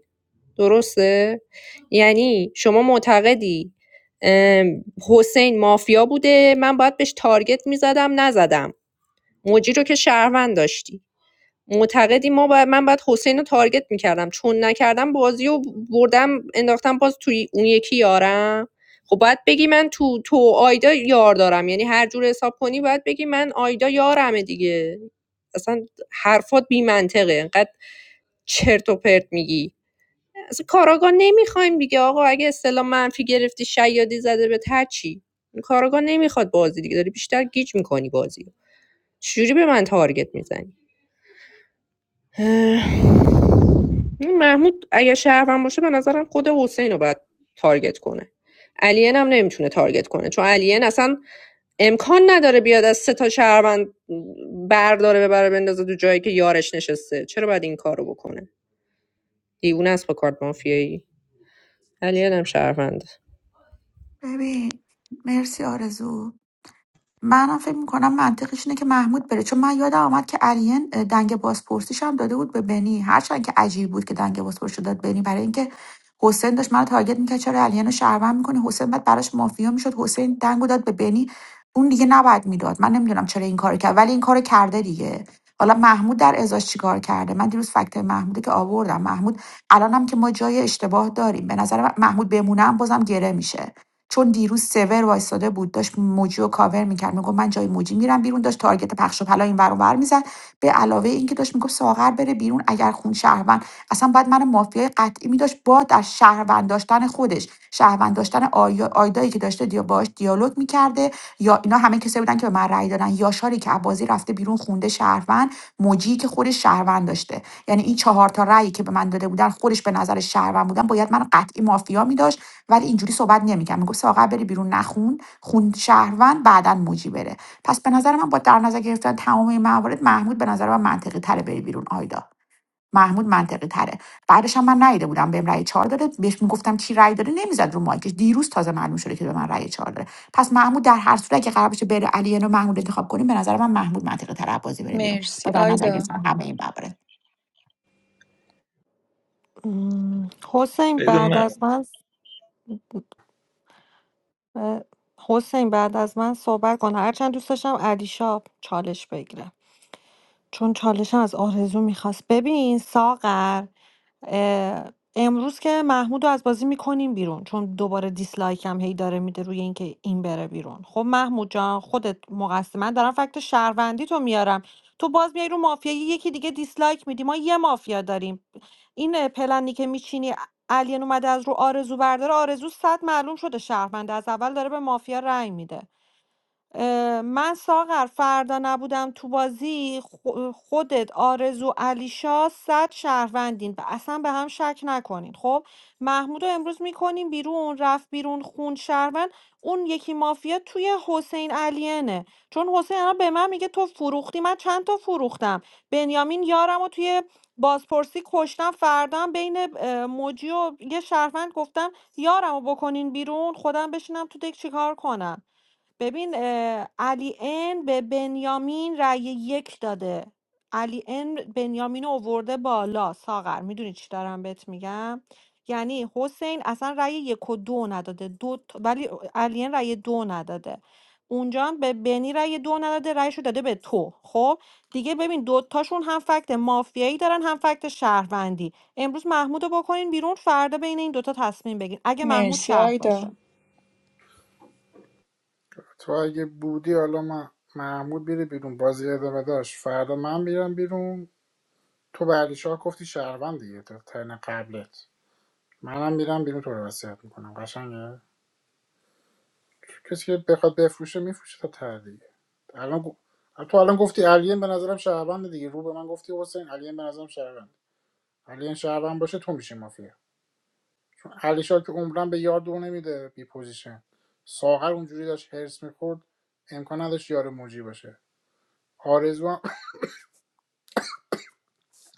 Speaker 1: درسته یعنی شما معتقدی ام، حسین مافیا بوده من باید بهش تارگت میزدم نزدم موجی رو که شهروند داشتی معتقدی ما باید من باید حسین رو تارگت میکردم چون نکردم بازی و بردم انداختم باز توی اون یکی یارم خب باید بگی من تو تو و آیدا یار دارم یعنی هر جور حساب کنی باید بگی من آیدا یارمه دیگه اصلا حرفات بی منطقه انقدر چرت و پرت میگی اصلا کاراگاه نمیخوایم دیگه آقا اگه اصطلاح منفی گرفتی شیادی زده به هر چی کاراگاه نمیخواد بازی دیگه داری بیشتر گیج میکنی بازی رو. چجوری به من تارگت میزنی این محمود اگه شهروند باشه به نظرم خود حسین رو باید تارگت کنه الین هم نمیتونه تارگت کنه چون الین اصلا امکان نداره بیاد از سه تا شهروند برداره ببره بندازه دو جایی که یارش نشسته چرا باید این کارو بکنه دیوونه است با کارت مافیایی الین هم شهروند
Speaker 2: منم فکر میکنم منطقش اینه که محمود بره چون من یادم آمد که الین اه، دنگ بازپرسیش هم داده بود به بنی هرچند که عجیب بود که دنگ بازپرسی داد بنی برای اینکه حسین داشت منو تارگت میکرد چرا الین رو شهروند میکنه حسین بعد براش مافیا میشد حسین دنگو داد به بنی اون دیگه نباید میداد من نمیدونم چرا این کارو کرد ولی این کارو کرده دیگه حالا محمود در ازاش چیکار کرده من دیروز فکت محموده که آوردم محمود الانم که ما جای اشتباه داریم به نظر من محمود بمونه هم بازم گره میشه چون دیروز سور وایساده بود داشت موجی رو کاور میکرد میگفت من جای موجی میرم بیرون داشت تارگت پخش و پلا این ور اون ور میزد به علاوه اینکه داشت میگفت ساغر بره بیرون اگر خون شهروند اصلا بعد من مافیای قطعی میداشت با در شهروند داشتن خودش شهروند داشتن آیا- آیدایی که داشته دیا باش دیالوگ میکرده یا اینا همه کسایی بودن که به من رأی دادن یاشاری که عبازی رفته بیرون خونده شهروند موجی که خودش شهروند داشته یعنی این چهار تا رأیی که به من داده بودن خودش به نظر شهروند بودن باید من قطعی مافیا میداشت ولی اینجوری صحبت نمیکرد میگفت ساغر بری بیرون نخون خون شهروند بعداً موجی بره پس به نظر من با در نظر گرفتن تمام این موارد محمود به نظر من منطقی تره بری بیرون آیدا محمود منطقی تره بعدش هم من نیده بودم بهم رأی چهار داده بهش میگفتم چی رأی داده نمیزد رو مایکش دیروز تازه معلوم شده که به من رأی چهار داده پس محمود در هر صورت که قرار بشه بره علی رو محمود انتخاب کنیم به نظر من محمود منطقی تر بازی بره بیرون
Speaker 6: مرسی
Speaker 2: با در نظر
Speaker 6: آیدا
Speaker 2: گرفتن همه این ببره
Speaker 3: مم، حسین بعد
Speaker 7: من
Speaker 3: از من س- اه، حسین بعد از من صحبت کن هرچند دوست داشتم علی شاب چالش بگیره چون چالشم از آرزو میخواست ببین ساغر اه، امروز که محمود رو از بازی میکنیم بیرون چون دوباره دیسلایک هم هی داره میده روی اینکه این بره بیرون خب محمود جان خودت مقصر من دارم فکت شهروندی تو میارم تو باز میای رو مافیایی یکی دیگه دیسلایک میدی ما یه مافیا داریم این اه، پلنی که میچینی الین اومده از رو آرزو برداره آرزو صد معلوم شده شهرونده از اول داره به مافیا رأی میده اه، من ساغر فردا نبودم تو بازی خو- خودت آرزو علیشا صد شهروندین و اصلا به هم شک نکنین خب محمود رو امروز میکنیم بیرون رفت بیرون خون شهروند اون یکی مافیا توی حسین علینه چون حسین الان به من میگه تو فروختی من چند تا فروختم بنیامین یارم و توی بازپرسی کشتم فردا هم بین اه، موجی و یه شهروند گفتم یارم رو بکنین بیرون خودم بشینم تو دک چیکار کنم ببین اه، علی ان به بنیامین رأی یک داده علی ان بنیامین رو اوورده بالا ساغر میدونی چی دارم بهت میگم یعنی حسین اصلا رأی یک و دو نداده دو تا- ولی علی ان رأی دو نداده اونجا هم به بنی رأی دو نداده رأیشو داده به تو خب دیگه ببین دوتاشون هم فکت مافیایی دارن هم فکت شهروندی امروز محمود رو بکنین بیرون فردا بین این دوتا تصمیم بگیرین اگه محمود
Speaker 6: مرسی
Speaker 3: شهر
Speaker 6: آیدا
Speaker 3: باشه
Speaker 4: تو اگه بودی حالا من محمود میره بیرون بازی ادامه داشت فردا من میرم بیرون تو به علی شاه گفتی شهروند دیگه تو ترن قبلت منم میرم بیرون تو رو وصیت میکنم قشنگه کسی که بخواد بفروشه میفروشه تا ته دیگه الان گو- تو الان گفتی علیان به نظرم شهروند دیگه رو به من گفتی حسین علیان به نظرم شهروند علیان شهروند باشه تو میشی مافیا چون علیشا که عمرن به یار دو نمیده بی پوزیشن ساغر اونجوری داشت هرس میخورد امکان نداشت یار موجی باشه آرزو هم-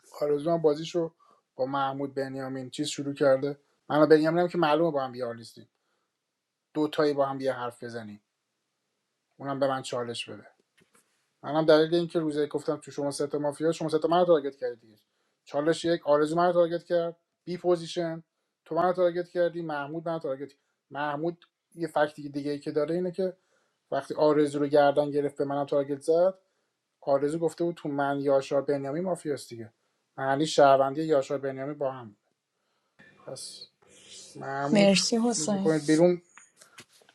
Speaker 4: [laughs] آرزو بازیشو با محمود بنیامین چیز شروع کرده من و بنیامینم که معلومه با هم بیار نیستیم دو تایی با هم یه حرف بزنیم اونم به من چالش بده منم دلیل اینکه روزی گفتم تو شما سه تا مافیا شما سه تا منو تارگت کردید دیگه چالش یک آرزو منو تارگت کرد بی پوزیشن تو منو تارگت کردی محمود منو تارگت محمود یه فکتی دیگه دیگه ای که داره اینه که وقتی آرزو رو گردن گرفت به منم تارگت زد آرزو گفته بود تو من یاشار بنیامی مافیاست دیگه معنی شهروندی یاشار بنیامی با هم پس محمود
Speaker 6: مرسی حسین
Speaker 4: میکنید بیرون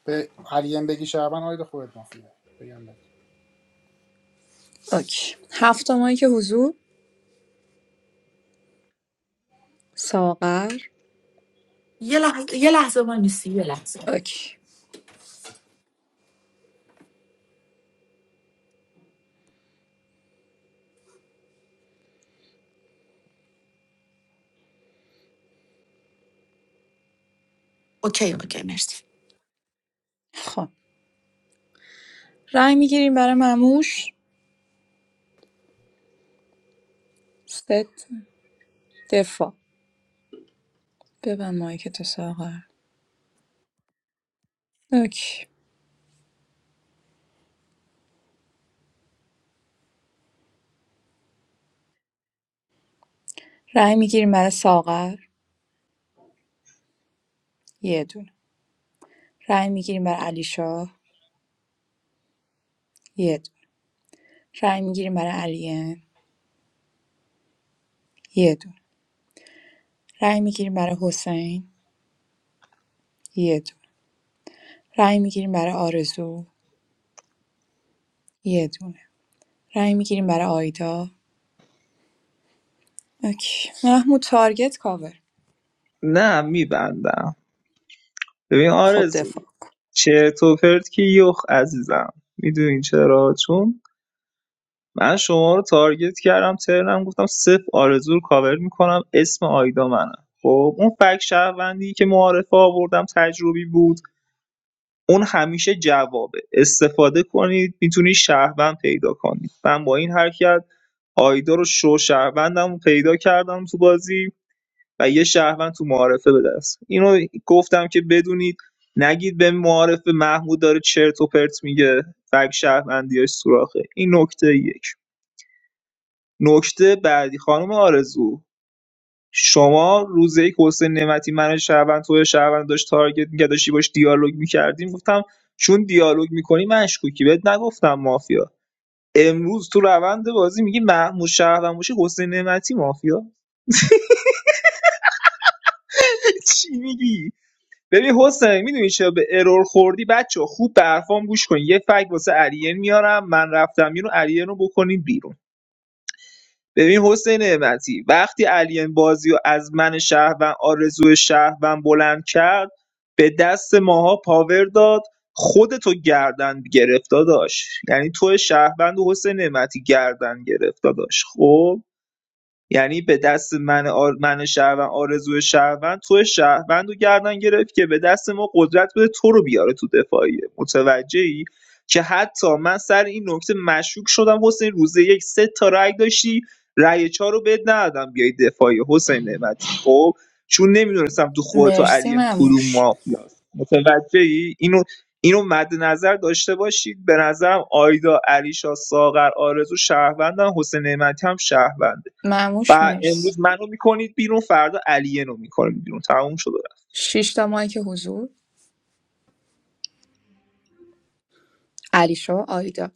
Speaker 4: به علیم بگی شهروند آید خودت مافیا بگم بهت.
Speaker 6: اوکی هفت ماهی که حضور ساغر
Speaker 2: یه لحظه یه لحظه نیستی یه لحظه
Speaker 6: اوکی
Speaker 2: اوکی اوکی مرسی
Speaker 6: خب رای میگیریم برای مموش ست دفاع ببن ماهی که تو ساغر اوکی رای میگیریم برای ساغر یه دونه رای میگیریم برای علی شاه رای می‌گیریم برای علیه یه دونه رای می‌گیریم برای حسین یه دونه رای می‌گیریم برای آرزو یه دونه رای می‌گیریم برای آیدا اوکی محمود تارگت کاور
Speaker 7: نه میبندم ببین
Speaker 6: خب
Speaker 7: آرزو
Speaker 6: دفاع کن
Speaker 7: چرت و پرت که یخ عزیزم میدونین چرا چون من شما رو تارگت کردم ترنم گفتم صفر آرزو رو کاور میکنم اسم آیدا منه. خب اون فک شهروندی که معارفه آوردم تجربی بود اون همیشه جوابه استفاده کنید میتونید شهروند پیدا کنید من با این حرکت آیدا رو شو شهروندم پیدا کردم تو بازی و یه شهروند تو معارفه به دست اینو گفتم که بدونید نگید به معارفه محمود داره چرت و پرت میگه فک شهروندیاش سوراخه این نکته یک نکته بعدی خانم آرزو شما روز یک حسین نعمتی من شهروند تو شهروند داشت تارگت می‌کرد داشتی باش دیالوگ می‌کردیم گفتم چون دیالوگ می‌کنی مشکوکی بهت نگفتم مافیا امروز تو روند بازی میگی محمود شهروند باشی حسین نعمتی مافیا [laughs] چی میگی ببین حسین میدونی چرا به ارور خوردی بچه خوب به حرفام گوش کن یه فکت واسه علیه میارم من رفتم اینو علیه رو بکنین بیرون ببین حسین نعمتی وقتی علی این بازی رو از من شهروند آرزو شهروند بلند کرد به دست ماها پاور داد خودتو گردن گرفت داداش یعنی تو شهروند و حسین نعمتی گردن گرفت داداش خب یعنی به دست من آر... من شهروند آرزو شهروند تو شهروند رو گردن گرفت که به دست ما قدرت بده تو رو بیاره تو دفاعیه متوجهی که حتی من سر این نکته مشکوک شدم حسین روز یک سه تا رأی داشتی رأی چهار رو بد ندادم بیای دفاعی حسین نعمتی خب چون نمیدونستم تو خودت و
Speaker 6: مرسی
Speaker 7: علی کدوم
Speaker 6: مموش
Speaker 7: مافیاست متوجهی اینو اینو مد نظر داشته باشید به نظرم آیدا علیشا ساغر آرزو شهروندن حسین نعمتی هم شهروند ف...
Speaker 6: مموش مرسی
Speaker 7: امروز منو میکنید بیرون فردا علیه رو میکنید بیرون تموم شد
Speaker 6: شش تا مایک حضور علیشا آیدا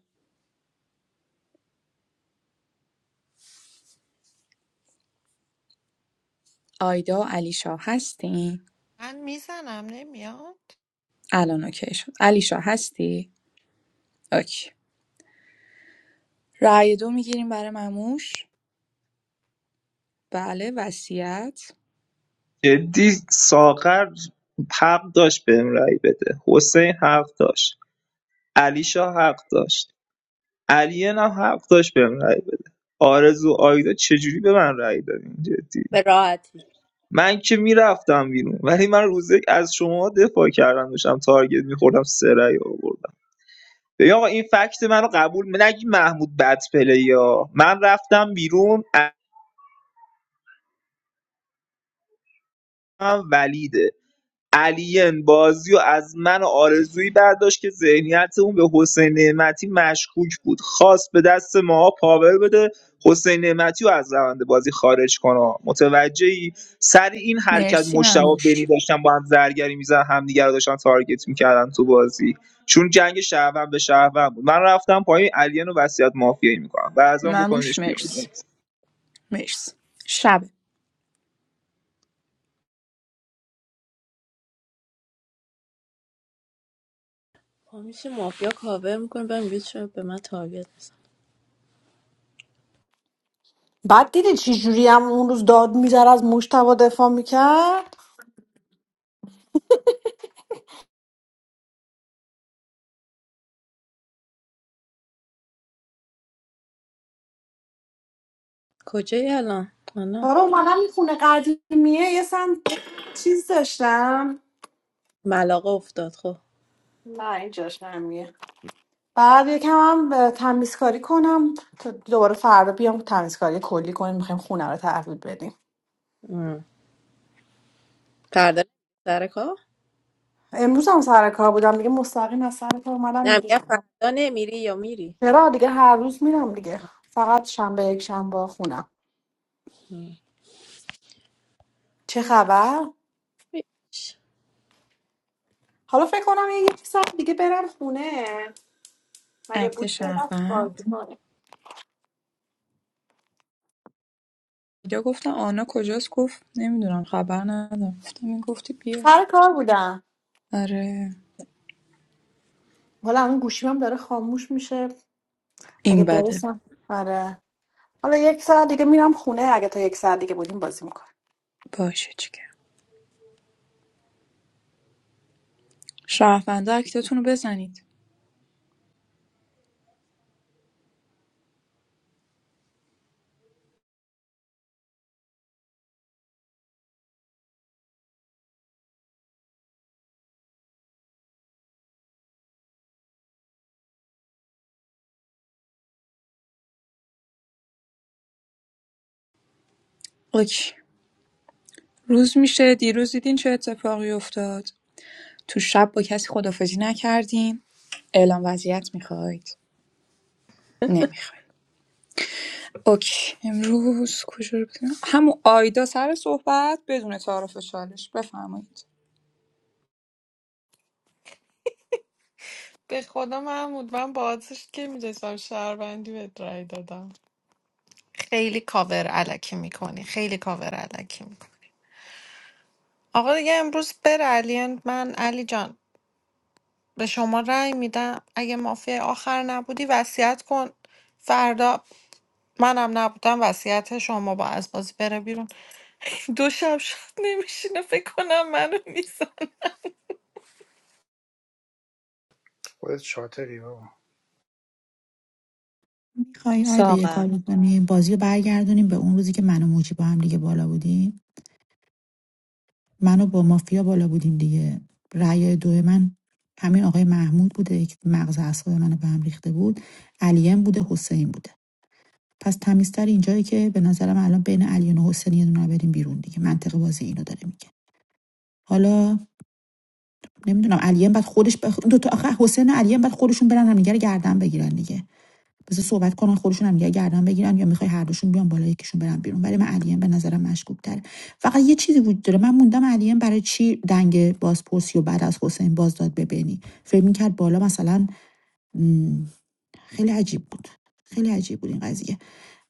Speaker 6: آیدا و علیشا هستین
Speaker 3: من میزنم نمیاد
Speaker 6: الان اوکی شد علیشا هستی اوکی رای دو می‌گیریم برای مموش بله وصیت
Speaker 7: جدی ساغر حق داشت بهم رأی بده حسین حق داشت علی شاه حق داشت علیه هم حق داشت بهم رأی بده آرزو آیدا چجوری به من رأی دادین جدی
Speaker 18: به راحتی
Speaker 7: من که میرفتم بیرون ولی من روز یک از شما دفاع کردم داشتم تارگت میخوردم سه رأی آوردم ببین آقا این فکت منو قبول نگی محمود بد پلیا من رفتم بیرون هم ولیده علی‌اند بازیو از من و آرزویی برداشت که ذهنیتمون به حسین نعمتی مشکوک بود خواست به دست ما پاور بده حسین نعمتیو از روند بازی خارج کنه متوجهی سر این حرکت
Speaker 6: مرسی
Speaker 7: مشتبه و
Speaker 6: مموش
Speaker 7: بنی داشتن با هم زرگری میزدن همدیگه رو داشتن تارگت میکردن تو بازی چون جنگ شهروند به شهروند بود من رفتم پایین علیان و وصیت مافیایی میکنم و از آن
Speaker 6: مموش
Speaker 7: بکنش بیرون
Speaker 6: مرس مرس شب
Speaker 18: پا میشه مافیا کاور میکنه و میگه چرا به من تارگت میزن
Speaker 20: بعد دیدی چی جوری هم اون روز داد میزد از مشتبه دفاع میکرد
Speaker 18: کجایی الان آنا
Speaker 20: آره اومدم این خونه قدیمیه یه سم چیز داشتم
Speaker 18: ملاقه افتاد خب
Speaker 20: نه اینجاش نمیه بعد یکم هم اه، تمیزکاری کنم تا دوباره فردا بیام تمیزکاری کلی کنیم میخوایم خونه رو تحویل بدیم
Speaker 18: ام. فردا نمیری سر کار
Speaker 20: امروز هم سر کار بودم دیگه مستقیم از سر کار اومدم
Speaker 18: نه
Speaker 20: اینجا
Speaker 18: میگه
Speaker 20: شدم
Speaker 18: فردا نمیری یا میری
Speaker 20: چرا دیگه هر روز میرم دیگه فقط شنبه یک شنبه خونم چه خبر
Speaker 18: هیچ.
Speaker 20: حالا فکر کنم یه یک ساعت دیگه برم خونه مگه
Speaker 6: اکت
Speaker 20: بوتی با دست کار
Speaker 6: شهروند
Speaker 20: می‌کنه؟
Speaker 6: یا گفتم آنا کجاست گفت نمیدونم خبر ندارم گفتم این گفتی بیا
Speaker 20: سر کار بودم
Speaker 6: آره
Speaker 20: حالا اون گوشیم هم داره خاموش میشه اگه
Speaker 6: این بده
Speaker 20: برسم آره حالا یک ساعت دیگه میرم خونه اگه تا یک ساعت دیگه بودیم بازی میکنم
Speaker 6: باشه چیکار شهروندا اکتتون رو بزنید اوکی روز میشه دیروز دیدین چه اتفاقی افتاد تو شب با کسی خدافزی نکردین اعلام وضعیت میخواید نمیخواید اوکی امروز کجا رو بزنم همون آیدا سر صحبت بدون تعارف چالش بفرمایید
Speaker 3: به خدا محمود من با آتش که میرسم شهروندی بهت رأی دادم خیلی کاور علکی میکنی خیلی کاور علکی میکنی آقا دیگه امروز بره علی من علی جان به شما رأی میدم اگه مافیا آخر نبودی وصیت کن فردا من بیرون
Speaker 4: خودت شاطری بابا
Speaker 2: میخوای آیدا یه
Speaker 6: ساغر
Speaker 2: کار کنی بازی رو برگردونیم به اون روزی که من و موجی با هم دیگه بالا بودیم منو با مافیا بالا بودیم دیگه رأی دو من همین آقای محمود بوده که مغز اعصاب منو به هم ریخته بود علیم بوده حسین بوده پس تمیزتر اینجایی که به نظرم الان بین علیان و حسین یه دونه بریم بیرون دیگه منطق بازی اینو داره میگه حالا نمیدونم علیم بعد خودش بخ... دو تا آخه حسین و علیم بعد خودشون برن همدیگه گردن بگیرن دیگه بذار صحبت کنن خودشون هم دیگه گردن بگیرن یا میخوای هر دوشون بیان بالا یکیشون برن بیرون ولی من علیم به نظرم مشکوک تره فقط یه چیزی وجود داره من موندم علیم برای چی دنگ بازپرسی و بعد از حسین باز داد به بنی فکر میکرد بالا مثلا خیلی عجیب بود خیلی عجیب بود این قضیه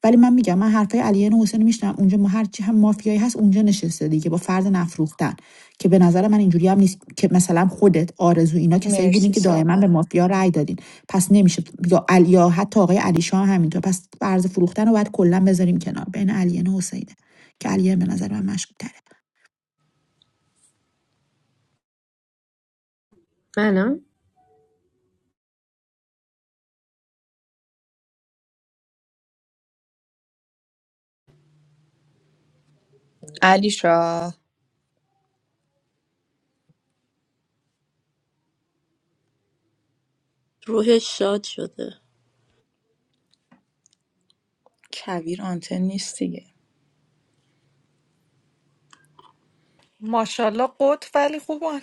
Speaker 2: ولی من میگم من حرفای علی و حسین میشنم اونجا ما هر چی هم مافیایی هست اونجا نشسته دیگه با فرد نفروختن که به نظر من اینجوری هم نیست که مثلا خودت آرزو اینا کسایی بودین
Speaker 6: مرسی
Speaker 2: که دائما به
Speaker 6: ساقا
Speaker 2: مافیا رأی دادین پس نمیشه یا علی یا حتی آقای علی شاه همینطور پس فرض فروختن رو باید کلا بذاریم کنار بین علی و حسینه که علی به نظر من مشکوک تره
Speaker 1: منم
Speaker 6: علی شاه
Speaker 18: روحش شاد شده
Speaker 6: کویر آنتن نیست دیگه
Speaker 3: ماشاءالله قط ولی خوبان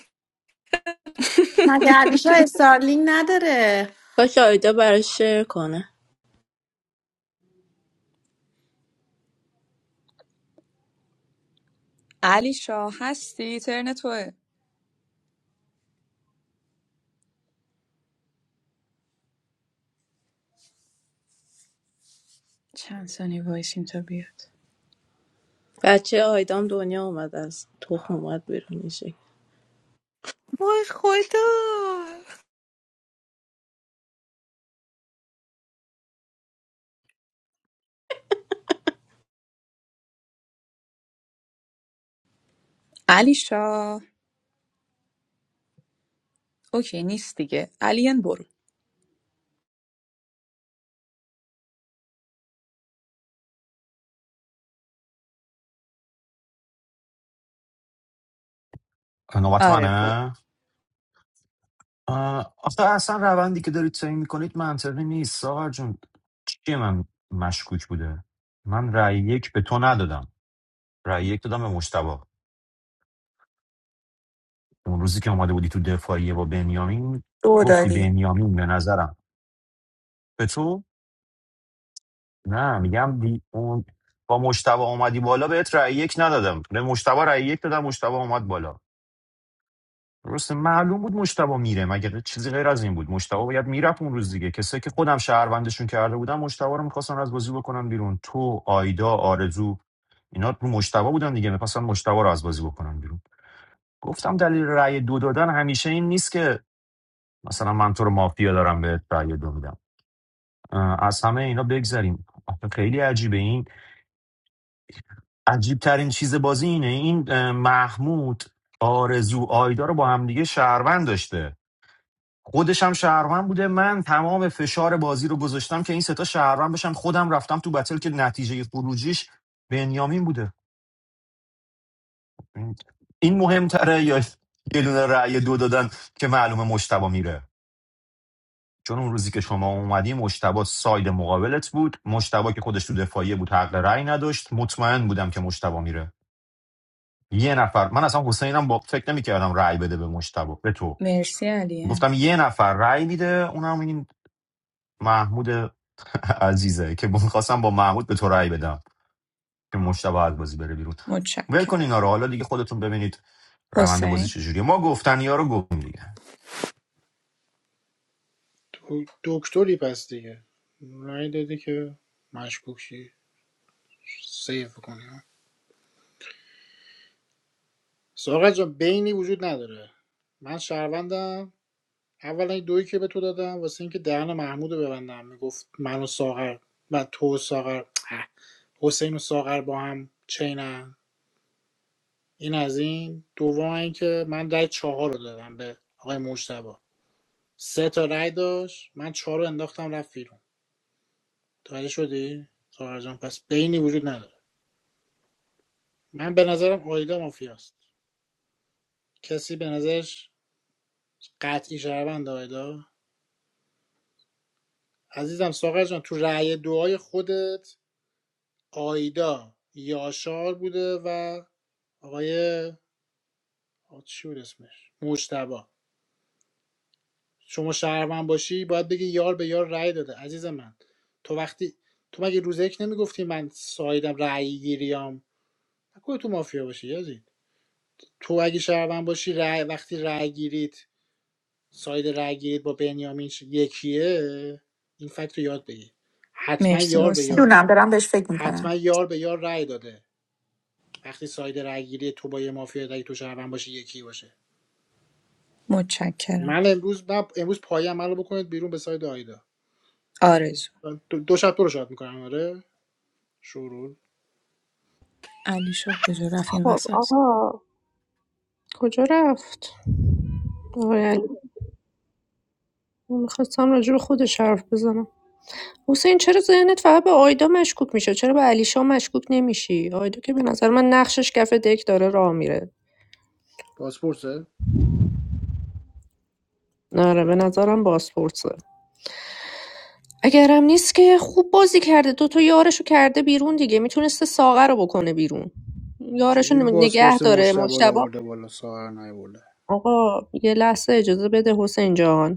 Speaker 18: کاش آیدا براش شعر کنه
Speaker 6: علی شاه هستی ترن توه چند ثانیه وایسیم تا بیاد
Speaker 18: بچه آیدام دنیا اومد از تخم اومد بیرون میشه
Speaker 3: وای خدا
Speaker 6: علی شاه اوکی نیست دیگه علین برو
Speaker 14: نوبت
Speaker 6: آره برو
Speaker 14: منه اه، آخه اصلا روندی که دارید تعیین میکنید منطقی نیست ساغر جون چی من مشکوک بوده من رأی یک به تو ندادم رأی یک دادم به مشتبه اون روزی که اومده بودی تو دفاعیه با بنیامین
Speaker 2: دو
Speaker 14: گفتی
Speaker 2: داری
Speaker 14: بنیامین به نظرم به تو نه میگم دی... اون با مشتبه اومدی بالا بهت رأی یک ندادم به مشتبه رأی یک دادم مشتبه اومد بالا درسته معلوم بود مشتبه میره مگه چیزی غیر از این بود مشتبه باید میرفت اون روز دیگه کسی که خودم شهروندشون کرده بودم مشتبه رو میخواستن از بازی بکنن بیرون تو آیدا آرزو اینا رو مشتبه بودن دیگه میخواستن مشتبه رو از بازی بکنن بیرون گفتم دلیل رأی دو دادن همیشه این نیست که مثلا من تو رو مافیا دارم به رأی دو میدم اه، از همه اینا بگذریم آخه خیلی عجیبه این عجیب ترین چیز بازی اینه این اه، محمود آرزو آیدا رو با همدیگه شهروند داشته خودش هم شهروند بوده من تمام فشار بازی رو گذاشتم که این سه تا شهروند بشن خودم رفتم تو بتل که نتیجه خروجیش بنیامین بوده این مهمتره یا یه دونه رأی دو دادن که معلومه مشتبا میره چون اون روزی که شما اومدی مشتبا ساید مقابلت بود مشتبا که خودش تو دفاعیه بود حق رأی نداشت مطمئن بودم که مشتبا میره یه نفر من اصلا حسینم با فکر نمیکردم رأی بده به مشتبه به تو
Speaker 6: مرسی علین
Speaker 14: گفتم یه نفر رأی میده اونم این محمود عزیزه که میخواستم با محمود به تو رأی بدم که مشتبه از بازی بره بیرون ول کن
Speaker 6: متشکرم
Speaker 14: اینا رو حالا دیگه خودتون ببینید روند بازی
Speaker 6: حسین
Speaker 14: چجوریه ما گفتن یا رو گفتیم دیگه
Speaker 4: دکتری پس دیگه رأی دادی که مشکوکی سیف کنی ها. سارا جان بینی وجود نداره من شهروندم اولا این دویی که به تو دادم واسه اینکه دهن محمود رو ببندم میگفت من و ساغر و تو و ساغر اه، حسین و ساغر با هم چینن این از این دوم اینکه من رأی چهار رو دادم به آقای مجتبی سه تا رأی داشت من چهار رو انداختم رفت بیرون متوجه شدی ساغر جان پس بینی وجود نداره من به نظرم آیدا مافیاست کسی به نظرش قطعی شهروند آیدا عزیزم ساغر جان تو رأی دعای خودت آیدا یاشار بوده و آقای آقا چی بود اسمش مجتبی شما شهروند باشی باید بگی یار به یار رأی داده عزیز من تو وقتی تو مگه روز یک نمیگفتی من سایدم رأی گیریام نکنه تو مافیا باشی یزید تو اگه شهروند باشی رأی وقتی رأی گیریت ساید رأیگیریت با بنیامین یکیه این فکت رو یاد بگیر حتما
Speaker 6: مرسی
Speaker 4: یار به یار
Speaker 6: حسین
Speaker 2: دونم دارم بهش فکر
Speaker 4: حتما
Speaker 2: میکنم
Speaker 4: یار به یار رأی داده وقتی ساید رأیگیری تو با یه مافیا رأی تو شهروند باشه یکی باشه
Speaker 6: متشکرم
Speaker 4: من امروز من امروز پایم من بکنید بیرون به ساید آیدا
Speaker 6: آرزو
Speaker 4: دو, دو شب تو رو شاد میکنم آره شورول
Speaker 6: علی شاه کجا رفت این
Speaker 1: خب
Speaker 6: وسط
Speaker 1: آقا کجا رفت آقای علی من میخواستم راجع به خودش حرف بزنم حسین چرا ذهنت فقط به آیدا مشکوک میشه چرا به علیشا مشکوک نمیشی آیدا که به نظر من نقشش کف دک داره راه میره
Speaker 4: پاسپورته
Speaker 1: نره به نظرم بازپرسه اگرم نیست که خوب بازی کرده دو تا یارشو کرده بیرون دیگه میتونسته ساغه رو بکنه بیرون یارشو
Speaker 4: چجوری
Speaker 1: نگه
Speaker 4: پاسپورت
Speaker 1: داره
Speaker 4: مجتبی رو
Speaker 1: مشتبه
Speaker 4: آورده بالا ساهر نیورده
Speaker 1: آقا یه لحظه اجازه بده حسین جان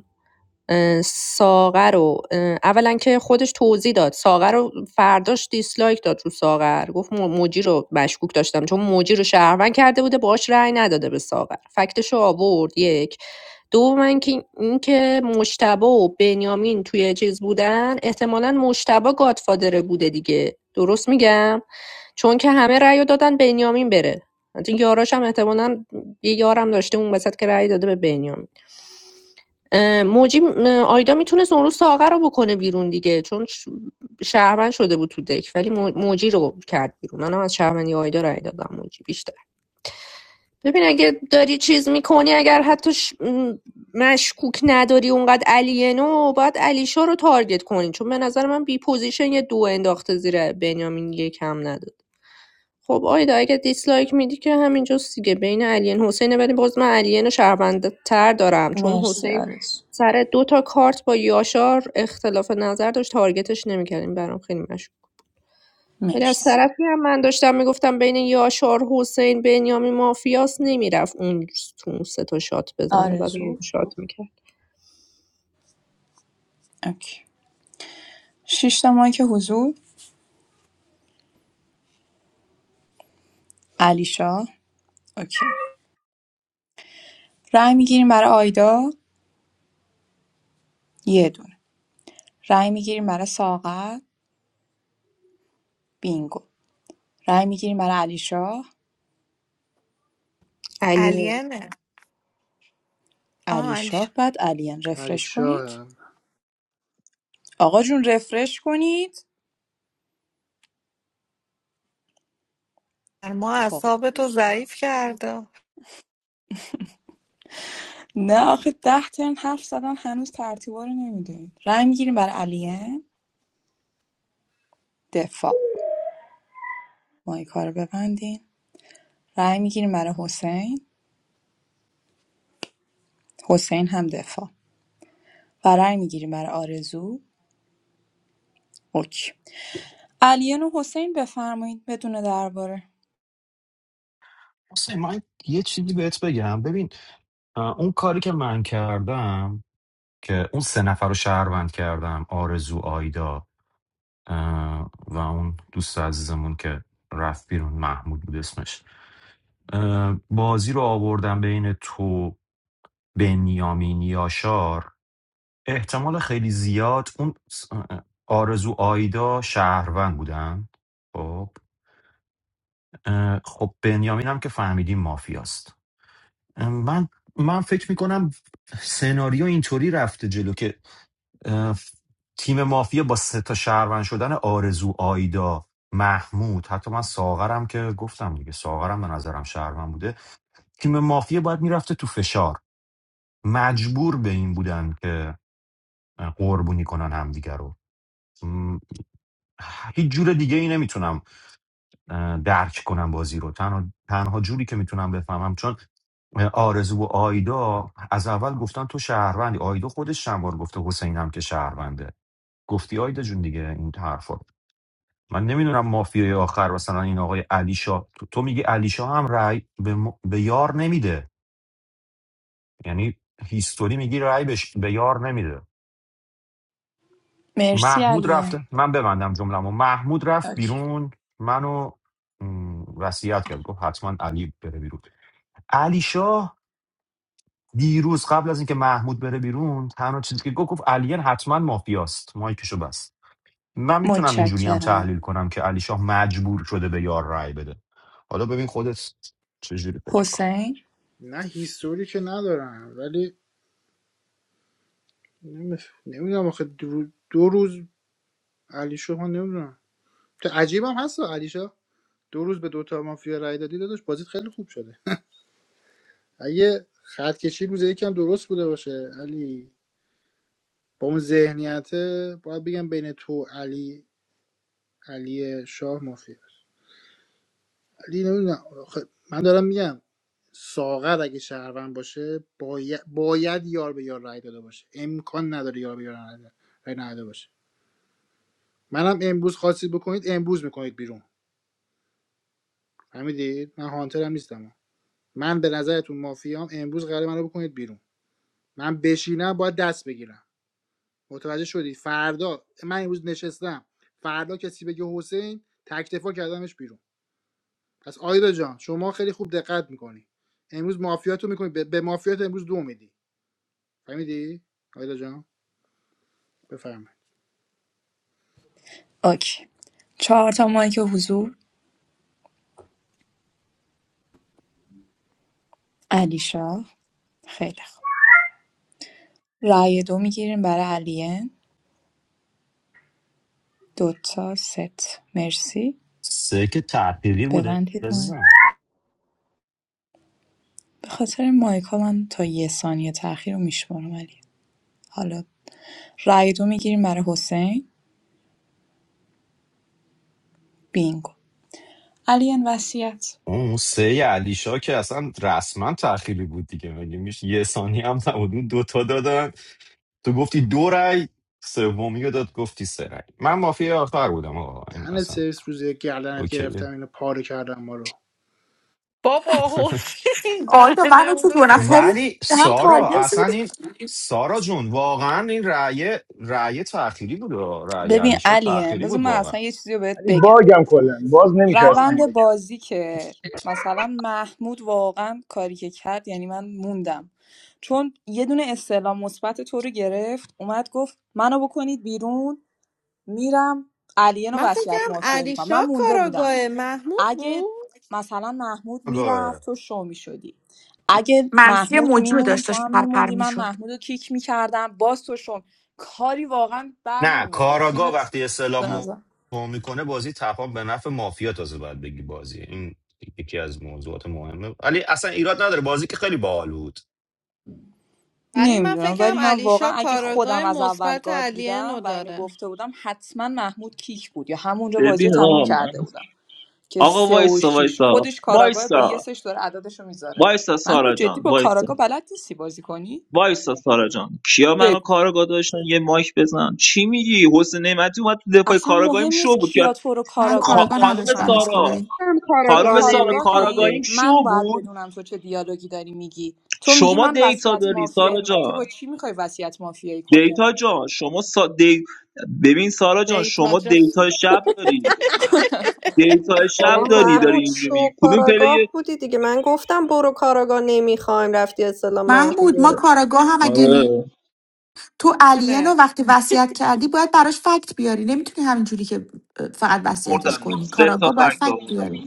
Speaker 1: اه، ساغر رو اه، اولا که خودش توضیح داد ساغر رو فرداش دیسلایک داد رو ساغر گفت موجی رو مشکوک داشتم چون موجی رو شهروند کرده بوده باهاش رأی نداده به ساغر فکتش رو آورد یک دوم اینکه اینکه مشتبه و بنیامین توی چیز بودن احتمالا مشتبه گادفادره بوده دیگه درست میگم چون که همه رأی رو دادن بنیامین بره حتی یاراش هم احتمالا یه یارم داشته اون وسط که رأی داده به بنیامین اه، موجی اه، آیدا میتونست اون روز ساغر رو بکنه بیرون دیگه چون ش- شهروند شده بود تو دک ولی مو- موجی رو کرد بیرون منم از شهروندی آیدا رای دادم موجی بیشتر ببین اگه داری چیز میکنی اگر حتی ش... مشکوک نداری اونقدر علینو باید علیشا رو تارگت کنی چون به نظر من بی پوزیشن یه دو انداخته زیر بنیامین یک هم نداد خب آیدا اگه دیسلایک میدی که همینجا دیگه بین علین حسینه ولی باز من علین شهرونده تر دارم چون
Speaker 6: مرسی
Speaker 1: حسین
Speaker 6: آرزو
Speaker 1: سر دو تا کارت با یاشار اختلاف نظر داشت تارگتش نمیکردیم برام خیلی مشکوک ولی از
Speaker 6: مرسی
Speaker 1: طرفی هم من داشتم میگفتم بین یاشار حسین بنیامین مافیاس نمیرفت اون تو اون سه تا شات بزنه بعد اون
Speaker 6: آرزو
Speaker 1: شات میکرد
Speaker 6: اوکی شش تا که حضور علی شاه اوکی رأی میگیریم برای آیدا یه دونه رای میگیریم برای ساغر بینگو رای میگیریم برای علی شاه
Speaker 1: علی
Speaker 3: علینه
Speaker 6: علی شاه بعد علیان
Speaker 4: ولی
Speaker 6: رفرش کنید
Speaker 4: شاه
Speaker 6: آقا جون رفرش کنید
Speaker 3: ما هم
Speaker 6: خب
Speaker 3: به تو ضعیف کرده
Speaker 6: نه آخه ده ترن حرف زدن هنوز ترتیبا رو نمیدونید رای میگیریم برای علیان دفاع مایکا رو ببندین رای میگیریم برای حسین حسین هم دفاع و رای میگیریم برای آرزو اوکی علیان و حسین بفرمایید بدون درباره
Speaker 14: حسین من یه چیزی بهت بگم ببین اه، اون کاری که من کردم که اون سه نفر رو شهروند کردم آرزو آیدا اه، و اون دوست عزیزمون که رفت بیرون محمود بود اسمش اه، بازی رو آوردن بین تو بنیامین یاشار احتمال خیلی زیاد اون س- آرزو آیدا شهروند بودن خب اه، خب بنیامین هم که فهمیدیم مافیاست اه، من من فکر میکنم سناریو اینطوری رفته جلو که اه، تیم مافیا با سه تا شهروند شدن آرزو آیدا محمود حتی من ساغرم که گفتم دیگه ساغرم به نظرم شهروند بوده تیم مافیا باید میرفته تو فشار مجبور به این بودن که اه، قربونی کنن همدیگه رو م، هیچ جور دیگه ای نمیتونم اه، درک کنم بازی رو تنها, تنها جوری که میتونم بفهمم چون اه، آرزو و آیدا از اول گفتن تو شهروندی آیدا خودش چند بار گفته حسین هم که شهرونده گفتی آیدا جون دیگه این حرفا من نمیدونم مافیای آخر مثلا این آقای علیشا تو, تو میگی علیشا هم رأی به, م- به یار نمیده یعنی هیستوری میگی رأی بهش- به یار نمیده
Speaker 6: مرسی
Speaker 14: محمود رفت
Speaker 6: علیان
Speaker 14: من ببندم جمله‌مو محمود رفت
Speaker 6: اوکی.
Speaker 14: بیرون منو م، وصیت کرد گفت حتما علی بره بیرون علی شاه دیروز قبل از اینکه محمود بره بیرون تنها چیزی که گفت گفت علیان حتما مافیاست مایکشو بست من میتونم اینجوری هم
Speaker 6: متشکرم
Speaker 14: تحلیل کنم که علی شاه مجبور شده به یار رای بده حالا ببین خودت چجوری فکر کن
Speaker 6: حسین
Speaker 4: نه هیستوری که ندارم ولی نمیدونم آخه دو, دو روز علی شما نمیدونم تو عجیبم هست علیشا دو روز به دوتا مافیا رای دادی داداش بازیت خیلی خوب شده اگه خط کشی روز یکم درست بوده باشه علی با اون ذهنیت باید بگم بین تو علی علی شاه مافیا است. علی نمیدونم من دارم میگم ساغر اگه شهروند باشه باید, باید یار به یار رای داده باشه امکان نداره یار به یار رای نده- رای نداده باشه منم امروز خواستید بکنید امروز میکنید بیرون فهمیدید من هانترم نیستم من به نظرتون مافیام امروز قرار منو بکنید بیرون من بشینم باید دست بگیرم متوجه شدی فردا من امروز نشستم فردا کسی بگه حسین تکتفا کردمش بیرون پس آیدا جان شما خیلی خوب دقت میکنی امروز مافیاتو میکنی به به مافیات امروز دو میدی فهمیدی آیدا جان بفرمایید
Speaker 6: اوکی چهار تا مایک حضور علی شاه خیلی خوب رأی دو میگیریم برای علین دو تا ست مرسی
Speaker 14: سه که تعطیلی بوده
Speaker 6: ببندید مایک
Speaker 14: عزیزم.
Speaker 6: به خاطر مایکا من تا یه ثانیه تاخیر رو میشمارم علی حالا رأی دو میگیریم برای حسین بینگو علین وصیت
Speaker 14: اون سه علیشا که اصلا رسما تأخیری بود دیگه مگه میشه یه ثانی هم نبود اون دوتا دادن تو گفتی دو رای سومی رو داد گفتی سه رای من مافی آخر بودم آقا این
Speaker 4: دهنت
Speaker 14: اصلا
Speaker 4: سرویس روز یک گردنت گرفتم
Speaker 14: اوکیه
Speaker 4: اینو پاره کردم ما رو
Speaker 3: بابا حسین دهنه اونو سرویس
Speaker 14: ولی سارا اصلا این سارا جون واقعا این رأی رأی تأخیری بود آه. رأی
Speaker 6: ببین
Speaker 14: علیشا
Speaker 6: علین
Speaker 14: تأخیری
Speaker 6: بذار
Speaker 14: بود
Speaker 6: من اصلا یه چیزی رو بهت
Speaker 13: علی
Speaker 6: بگم
Speaker 13: باگم کلا باز نمیشه اصلا
Speaker 6: روند
Speaker 13: مایک
Speaker 6: بازی
Speaker 14: واقعا
Speaker 6: که مثلا محمود واقعا کاری که کرد یعنی من موندم چون یه دونه استعلام مثبت تو رو گرفت اومد گفت منو بکنید بیرون میرم علیه رو
Speaker 3: من
Speaker 6: وصیت
Speaker 3: فکرم
Speaker 6: مافیایی میکنم
Speaker 3: علیشا
Speaker 6: من مونده بودم
Speaker 3: کاراگاه محمود
Speaker 6: اگه
Speaker 3: بود
Speaker 6: مثلا محمود میرفت تو شو میشدی اگه
Speaker 2: منفی
Speaker 6: محمود
Speaker 2: موجی رو
Speaker 6: میمون
Speaker 2: داشت
Speaker 6: تو
Speaker 2: داشت
Speaker 6: هم
Speaker 2: پرپر
Speaker 6: میموندی من
Speaker 2: میشد
Speaker 6: محمود رو کیک میکردم باز تو شو کاری واقعا بر
Speaker 14: نه
Speaker 6: نمیومد دیگه
Speaker 14: کاراگا
Speaker 6: تیمت
Speaker 14: وقتی
Speaker 6: به
Speaker 14: استعلام
Speaker 6: نظر
Speaker 14: مو میکنه بازی تپان به نفع مافیا تازه باید بگی بازی این یکی از موضوعات مهمه ولی اصلا ایراد نداره بازی که خیلی باحال بود
Speaker 3: ولی من
Speaker 6: نمیدونم ولی
Speaker 3: فکرم
Speaker 6: من واقعا
Speaker 3: علیشا
Speaker 6: اگه
Speaker 3: کاراگاه
Speaker 6: خودم از اول
Speaker 3: مثبت
Speaker 6: گارد
Speaker 3: علیه
Speaker 6: بودم و اینو
Speaker 3: داره
Speaker 6: گفته بودم حتما محمود کیک بود یا همونجا بازی رو
Speaker 7: ببین
Speaker 6: تموم
Speaker 7: آقا من
Speaker 6: کرده بودم که
Speaker 7: آقا
Speaker 6: سه و
Speaker 7: وایسا
Speaker 6: شیش
Speaker 7: وایسا
Speaker 6: خودش کاراگاه با یه
Speaker 7: وایسا
Speaker 6: سش داره عددش رو میذاره
Speaker 7: وایسا سارا
Speaker 6: محمود جدی
Speaker 7: جان
Speaker 6: با
Speaker 7: وایسا
Speaker 6: کاراگاه بلد نیستی بازی کنی
Speaker 7: وایسا سارا جان کیا منو
Speaker 6: بگو
Speaker 7: کاراگاه داشتن یه مایک بزن چی میگی حسین نعمتی اومد تو دفاع
Speaker 6: اصلا
Speaker 7: کاراگاهیم
Speaker 6: مهم
Speaker 7: شو
Speaker 6: نیست
Speaker 7: بود که
Speaker 6: کیا تو رو
Speaker 2: من
Speaker 6: کاراگاه
Speaker 7: خا-
Speaker 2: کارگاه
Speaker 7: خانم
Speaker 2: نداشت دانش
Speaker 6: داشتن
Speaker 7: سارا
Speaker 2: خدایی.
Speaker 1: هم
Speaker 6: تو
Speaker 7: خانم
Speaker 1: کاراگاه
Speaker 7: سارا
Speaker 1: میخواد
Speaker 6: کاراگاهی
Speaker 7: کاراگاهیم
Speaker 6: من
Speaker 7: شو
Speaker 6: باید
Speaker 7: بود
Speaker 6: بدونم تو چه دیالوگی داری میگی تو میگی
Speaker 7: شما
Speaker 6: من
Speaker 7: دیتا
Speaker 6: وصیت
Speaker 7: داری
Speaker 6: مافیایی
Speaker 7: سارا
Speaker 6: میکنم تو
Speaker 7: جان
Speaker 6: با چی میخوای وصیت مافیایی کنی
Speaker 7: دیتا جان شما سا... دی... ببین سارا جان
Speaker 3: دیتا
Speaker 7: شما
Speaker 3: جا
Speaker 7: دیتا شب داری
Speaker 6: [laughs]
Speaker 7: دیتا شب
Speaker 1: بابا
Speaker 7: داری
Speaker 18: دیتا
Speaker 7: داری
Speaker 1: محمود
Speaker 7: اینجوری میگی
Speaker 1: شو
Speaker 7: کدوم پله
Speaker 1: کاراگاه بودی دیگه من گفتم برو کاراگاه نمیخوایم رفتی اصلا منفی
Speaker 2: محمود ما
Speaker 1: گرفت
Speaker 2: کاراگاه هم اگه
Speaker 7: آره
Speaker 2: تو الین رو
Speaker 3: کنه
Speaker 2: وقتی وصیت کردی باید براش فکت بیاری نمیتونی همینجوری که اه، فقط وصیتش
Speaker 7: بردم
Speaker 2: کنی
Speaker 7: سه تا
Speaker 2: کاراگاه باید
Speaker 7: فکت
Speaker 2: فکت
Speaker 7: آوردم
Speaker 2: بیاری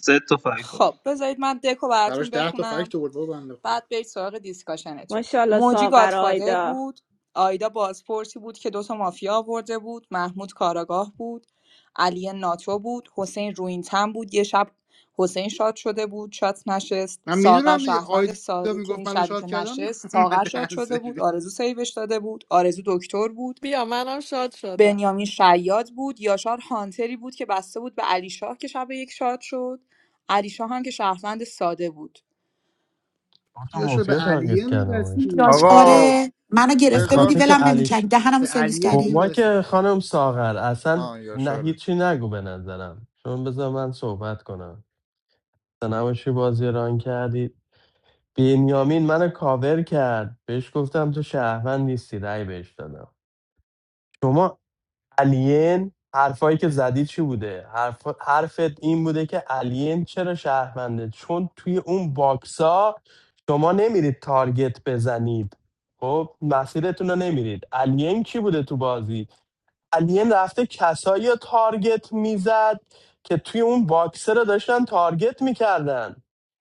Speaker 7: سه تا فکت
Speaker 6: خب بذارید من دکو براتون
Speaker 4: براش 10 تا
Speaker 6: بخونم
Speaker 4: فکت آورد بابا بنده خدا
Speaker 6: بعد برید سراغ دیسکاشنتون
Speaker 18: ماشاالله
Speaker 6: موجی
Speaker 18: ساغر
Speaker 6: گادفادر
Speaker 18: آیدا
Speaker 6: بود آیدا بازپرسی بود که دوتا مافیا آورده بود محمود کاراگاه بود علی ناتو بود حسین روینتن بود یه شب حسین شاد شده بود شات نشست
Speaker 4: من
Speaker 6: ساغر
Speaker 4: میدونم دیگه
Speaker 6: شهروند
Speaker 4: آیدا
Speaker 6: ساده که این
Speaker 4: میگفت منو
Speaker 6: شبی
Speaker 4: شاد
Speaker 6: که
Speaker 4: کردم
Speaker 6: نشست
Speaker 4: [laughs] من
Speaker 6: ساغر شاد
Speaker 4: دهن
Speaker 6: شده بود
Speaker 4: سرویس
Speaker 6: آرزو سیوش داده بود آرزو دکتر بود
Speaker 3: بیا منم شاد شدم
Speaker 6: بنیامین شیاد بود یاشار هانتری بود که بسته بود به علی شاه که شب یک شاد شد علی شاه هم که شهروند ساده بود
Speaker 11: تو
Speaker 4: یا شو به
Speaker 11: مافیا تارگت
Speaker 4: الین
Speaker 11: کردم و اشتباه
Speaker 2: یاش
Speaker 4: میبستی
Speaker 11: دارم.
Speaker 9: آقا
Speaker 4: دادا
Speaker 2: آره منو
Speaker 11: به
Speaker 2: گرفته بودی
Speaker 9: بذار
Speaker 11: خاطر که
Speaker 2: ولم نمیکردی
Speaker 11: علیش
Speaker 2: دهنمو
Speaker 4: به
Speaker 2: سرویس
Speaker 4: الین
Speaker 2: کردی
Speaker 11: شما
Speaker 4: میبستی.
Speaker 11: که خانم ساغر اصلا
Speaker 9: آه
Speaker 11: نه
Speaker 9: یاشاره
Speaker 11: هیچی نگو به نظرم چون بذار من صحبت کنم نباشی بازی ران کردی بنیامین منو کاور کرد بهش گفتم تو شهروند نیستی رأی بهش دادم شما الین حرفایی که زدی چی بوده حرف... حرفت این بوده که الین چرا شهرونده چون توی اون باکسا شما نمیرید تارگت بزنید خب مسیرتون رو نمیرید الین کی بوده تو بازی الین رفته کسایی رو تارگت میزد که توی اون باکسه رو داشتن تارگت میکردن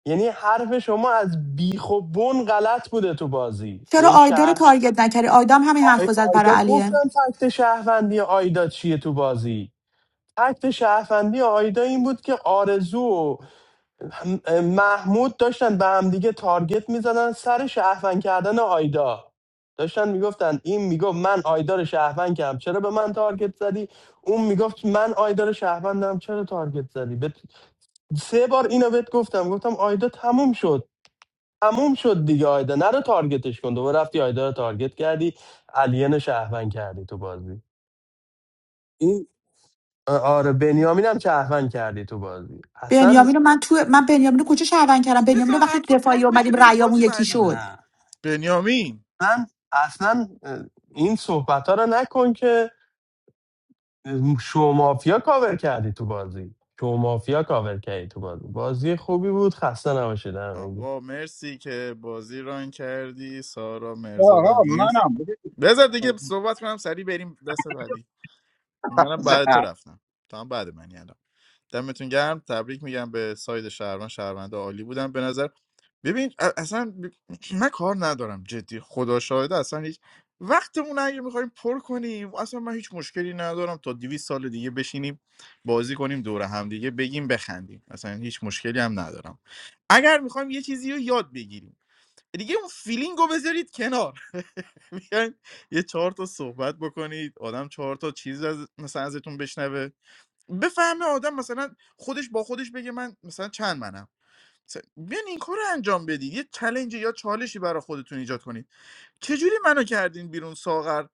Speaker 11: یعنی حرف شما از بیخ و بن غلط بوده تو بازی
Speaker 2: چرا
Speaker 11: یعنی
Speaker 2: آیدا رو
Speaker 11: شهر
Speaker 2: تارگت نکردی آیدا هم همین حرف
Speaker 11: آی...
Speaker 2: رو زد برای
Speaker 11: آیدا گفتم
Speaker 2: الین
Speaker 11: فکت شهروندی آیدا چیه تو بازی فکت شهروندی آیدا این بود که آرزو و محمود داشتن به هم دیگه تارگت میزدن سر شهروند کردن آیدا داشتن میگفتن این میگفت من آیدا رو شهروند کردم چرا به من تارگت زدی اون میگفت من آیدا رو شهروندم چرا تارگت زدی بهت- سه بار اینو بهت گفتم گفتم آیدا تموم شد تموم شد دیگه آیدا نرو تارگتش کن دوباره رفتی آیدا رو تارگت کردی الین رو شهروند کردی تو بازی آره بنیامین هم شهروند کردی تو بازی اصلا
Speaker 2: بنیامین رو من تو من بنیامین رو کجا شهروند کردم بنیامین
Speaker 9: بذار
Speaker 2: رو وقتی تو
Speaker 9: حرفا
Speaker 2: دفاعی
Speaker 9: تموم بشه
Speaker 2: اومدیم
Speaker 9: بریم
Speaker 2: رأیامون
Speaker 9: بازی
Speaker 2: یکی
Speaker 9: بعدی
Speaker 2: شد
Speaker 11: نه.
Speaker 9: بنیامین
Speaker 11: من اصلا این صحبت ها رو نکن که اه، شو مافیا کاور کردی تو بازی شو مافیا کاور کردی تو بازی بازی خوبی بود خسته نباشید همگی
Speaker 9: آقا مرسی که بازی ران کردی سارا
Speaker 17: آها
Speaker 9: مرزادم نیست
Speaker 17: منم
Speaker 9: بذار دیگه صحبت کنم سریع بریم دست بعدی منم بعد تو رفتم تو هم بعد منی الان دمتون گرم تبریک میگم به ساید شهروند شهرونده عالی بودن به نظر ببین ا- اصلا ب- [clears throat] من کار ندارم جدی خدا شاهده اصلا هیچ وقتمون اگه میخوایم پر کنیم اصلا من هیچ مشکلی ندارم تا 200 سال دیگه بشینیم بازی کنیم دور هم دیگه بگیم بخندیم اصلا هیچ مشکلی هم ندارم اگر میخوایم یه چیزی رو یاد بگیریم دیگه اون فیلینگ رو بذارید کنار [laughs] بیاین یه چهار تا صحبت بکنید آدم چهار تا چیز از مثلا ازتون بشنوه بفهمه آدم مثلا خودش با خودش بگه من مثلا چند منم مثلا بیاین این کار رو انجام بدید یه چلنج یا چالشی برای خودتون ایجاد کنید چجوری منو کردین بیرون ساغر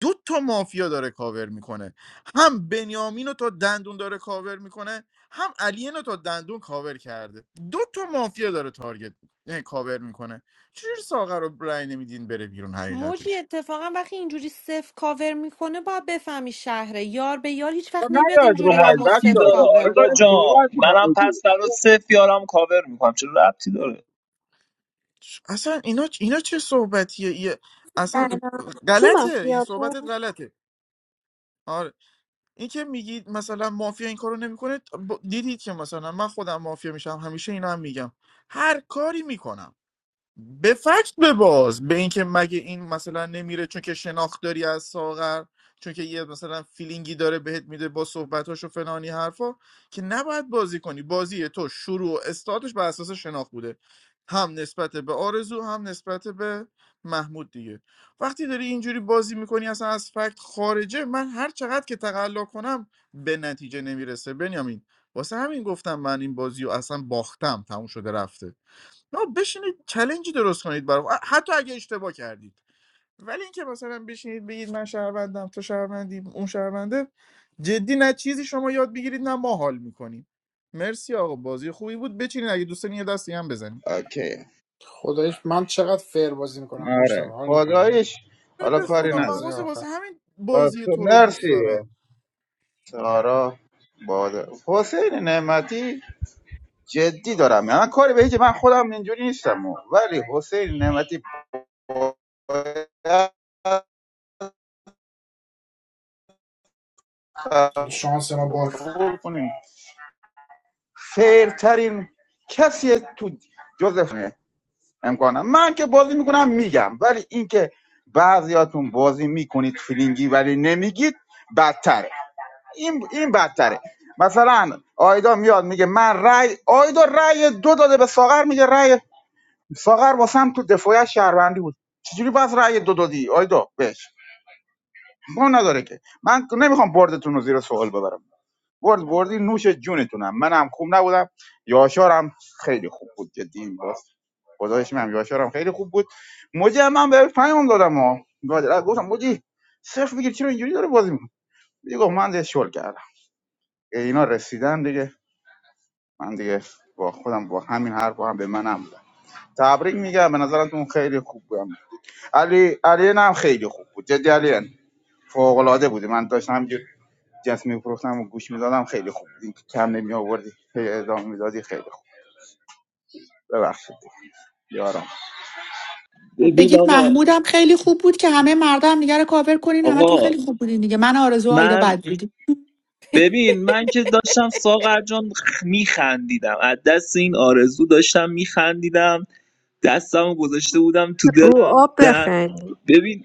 Speaker 9: دو تا مافیا داره کاور میکنه هم بنیامین رو تا دندون داره کاور میکنه هم علی رو تا دندون کاور کرده دو تا مافیا داره تارگت یعنی کاور میکنه چجوری ساغر رو رأی نمیدین بره بیرون
Speaker 3: موجی
Speaker 9: حقیقتش
Speaker 3: اتفاقا وقتی اینجوری صف کاور میکنه باید بفهمی شهره یار به یار هیچ وقت نمیاد
Speaker 17: نیاید
Speaker 3: اینجوری
Speaker 17: رو مایل
Speaker 3: همو
Speaker 7: ربطی
Speaker 17: بچه
Speaker 3: صف
Speaker 17: ها
Speaker 7: داره
Speaker 17: دیگه.
Speaker 3: کاور
Speaker 7: آیدا
Speaker 17: بذارید
Speaker 3: کنه
Speaker 17: صحبت
Speaker 7: جان
Speaker 17: کنه
Speaker 7: منم پس
Speaker 17: موجود
Speaker 7: برای صفر یارم کاور میکنم چرا ربطی داره
Speaker 9: اصلا اینا اینا چه صحبتیه یه
Speaker 22: But
Speaker 9: اصلا
Speaker 22: he must
Speaker 9: غلطه
Speaker 22: be
Speaker 9: این
Speaker 22: a fool.
Speaker 9: صحبتت غلطه آره این که میگید مثلا مافیا این کارو نمیکنه ب- دیدید که مثلا من خودم مافیا میشم همیشه اینا هم میگم هر کاری میکنم به فکت بباز به اینکه مگه این مثلا نمیره چون که شناخت داری از ساغر چون که یه مثلا فیلینگی داره بهت میده با صحبتاش و فلانی حرفا که نباید بازی کنی بازی تو شروع و استارتش بر اساس شناخت بوده هم نسبت به آرزو هم نسبت به محمود دیگه وقتی داری اینجوری بازی میکنی اصلا از فکت خارجه من هر چقدر که تقلا کنم به نتیجه نمیرسه بنیامین واسه همین گفتم من این بازی رو اصلا باختم تموم شده رفته نه بشینید چلنجی درست کنید برام حتی اگه اشتباه کردید ولی اینکه مثلا بشینید بگید من شهروندم تو شهروندی اون شهرونده جدی نه چیزی شما یاد بگیرید نه ما حال میکنیم مرسی آقا بازی خوبی بود بچینید اگه دوستان یه دستی هم بزنیم
Speaker 17: اوکی
Speaker 4: خدایش من چقدر فر بازی میکنم مجتبی
Speaker 17: آره
Speaker 4: حال میکنیم
Speaker 17: خدایش حالا
Speaker 9: به
Speaker 17: کاری
Speaker 9: خدا من
Speaker 17: نداره
Speaker 4: لحظه
Speaker 9: واسه
Speaker 4: آخر
Speaker 9: واسه همین
Speaker 17: پس
Speaker 9: بازی تو رو دوست
Speaker 17: مرسی
Speaker 9: دارم
Speaker 17: سارا باده حسین نعمتی جدی دارم من کاری به که من خودم اینجوری نیستم ولی حسین نعمتی
Speaker 4: شانس ما باش
Speaker 17: قبول کنین فیرترین کسی تو جزف امکانم من که بازی میکنم میگم ولی اینکه بعضیاتون بازی میکنید فیلینگی ولی نمیگید بدتره این این بدتره مثلا آیدا میاد میگه من رای آیدا رای دو داده به ساغر میگه رای ساغر واسم تو دفاع شهروندی بود چجوری بس رای دو دادی آیدا بهش ما نداره که من نمیخوام بردتون رو زیر سوال ببرم برد بردی نوش جونتونم منم خوب نبودم یاشارم خیلی خوب بود جدی باز گزارش من یاشارم خیلی خوب بود موجی من به پیام دادم ها بعد گفتم موجی صفر بگیر چرا اینجوری داره بازی می‌کنه دیگه من دیگه شل کردم اینا رسیدن دیگه من دیگه با خودم با همین حرف هم به منم زد. تبریک میگم به نظرتون خیلی خوب بودم علی علی هم خیلی خوب بود جدی علی فوق العاده بودی من داشتم جنس میفروختم و گوش میدادم خیلی خوب بود اینکه کم نمی آوردی هی ادامه میدادی خیلی خوب ببخشید یارم
Speaker 7: ببین
Speaker 2: بگید
Speaker 7: آقا
Speaker 2: محمودم خیلی خوب بود که همه مردم هم دیگه رو کاور کنین همه تو
Speaker 7: آقا
Speaker 2: خیلی خوب بودین دیگه من آرزو و آیدا بد
Speaker 7: من
Speaker 2: بودیم
Speaker 7: ببین من که داشتم ساغر جان خ- میخندیدم از دست این آرزو داشتم میخندیدم دستم گذاشته بودم تو
Speaker 1: رو
Speaker 7: دلم
Speaker 1: آب
Speaker 7: در
Speaker 1: بخند
Speaker 7: ببین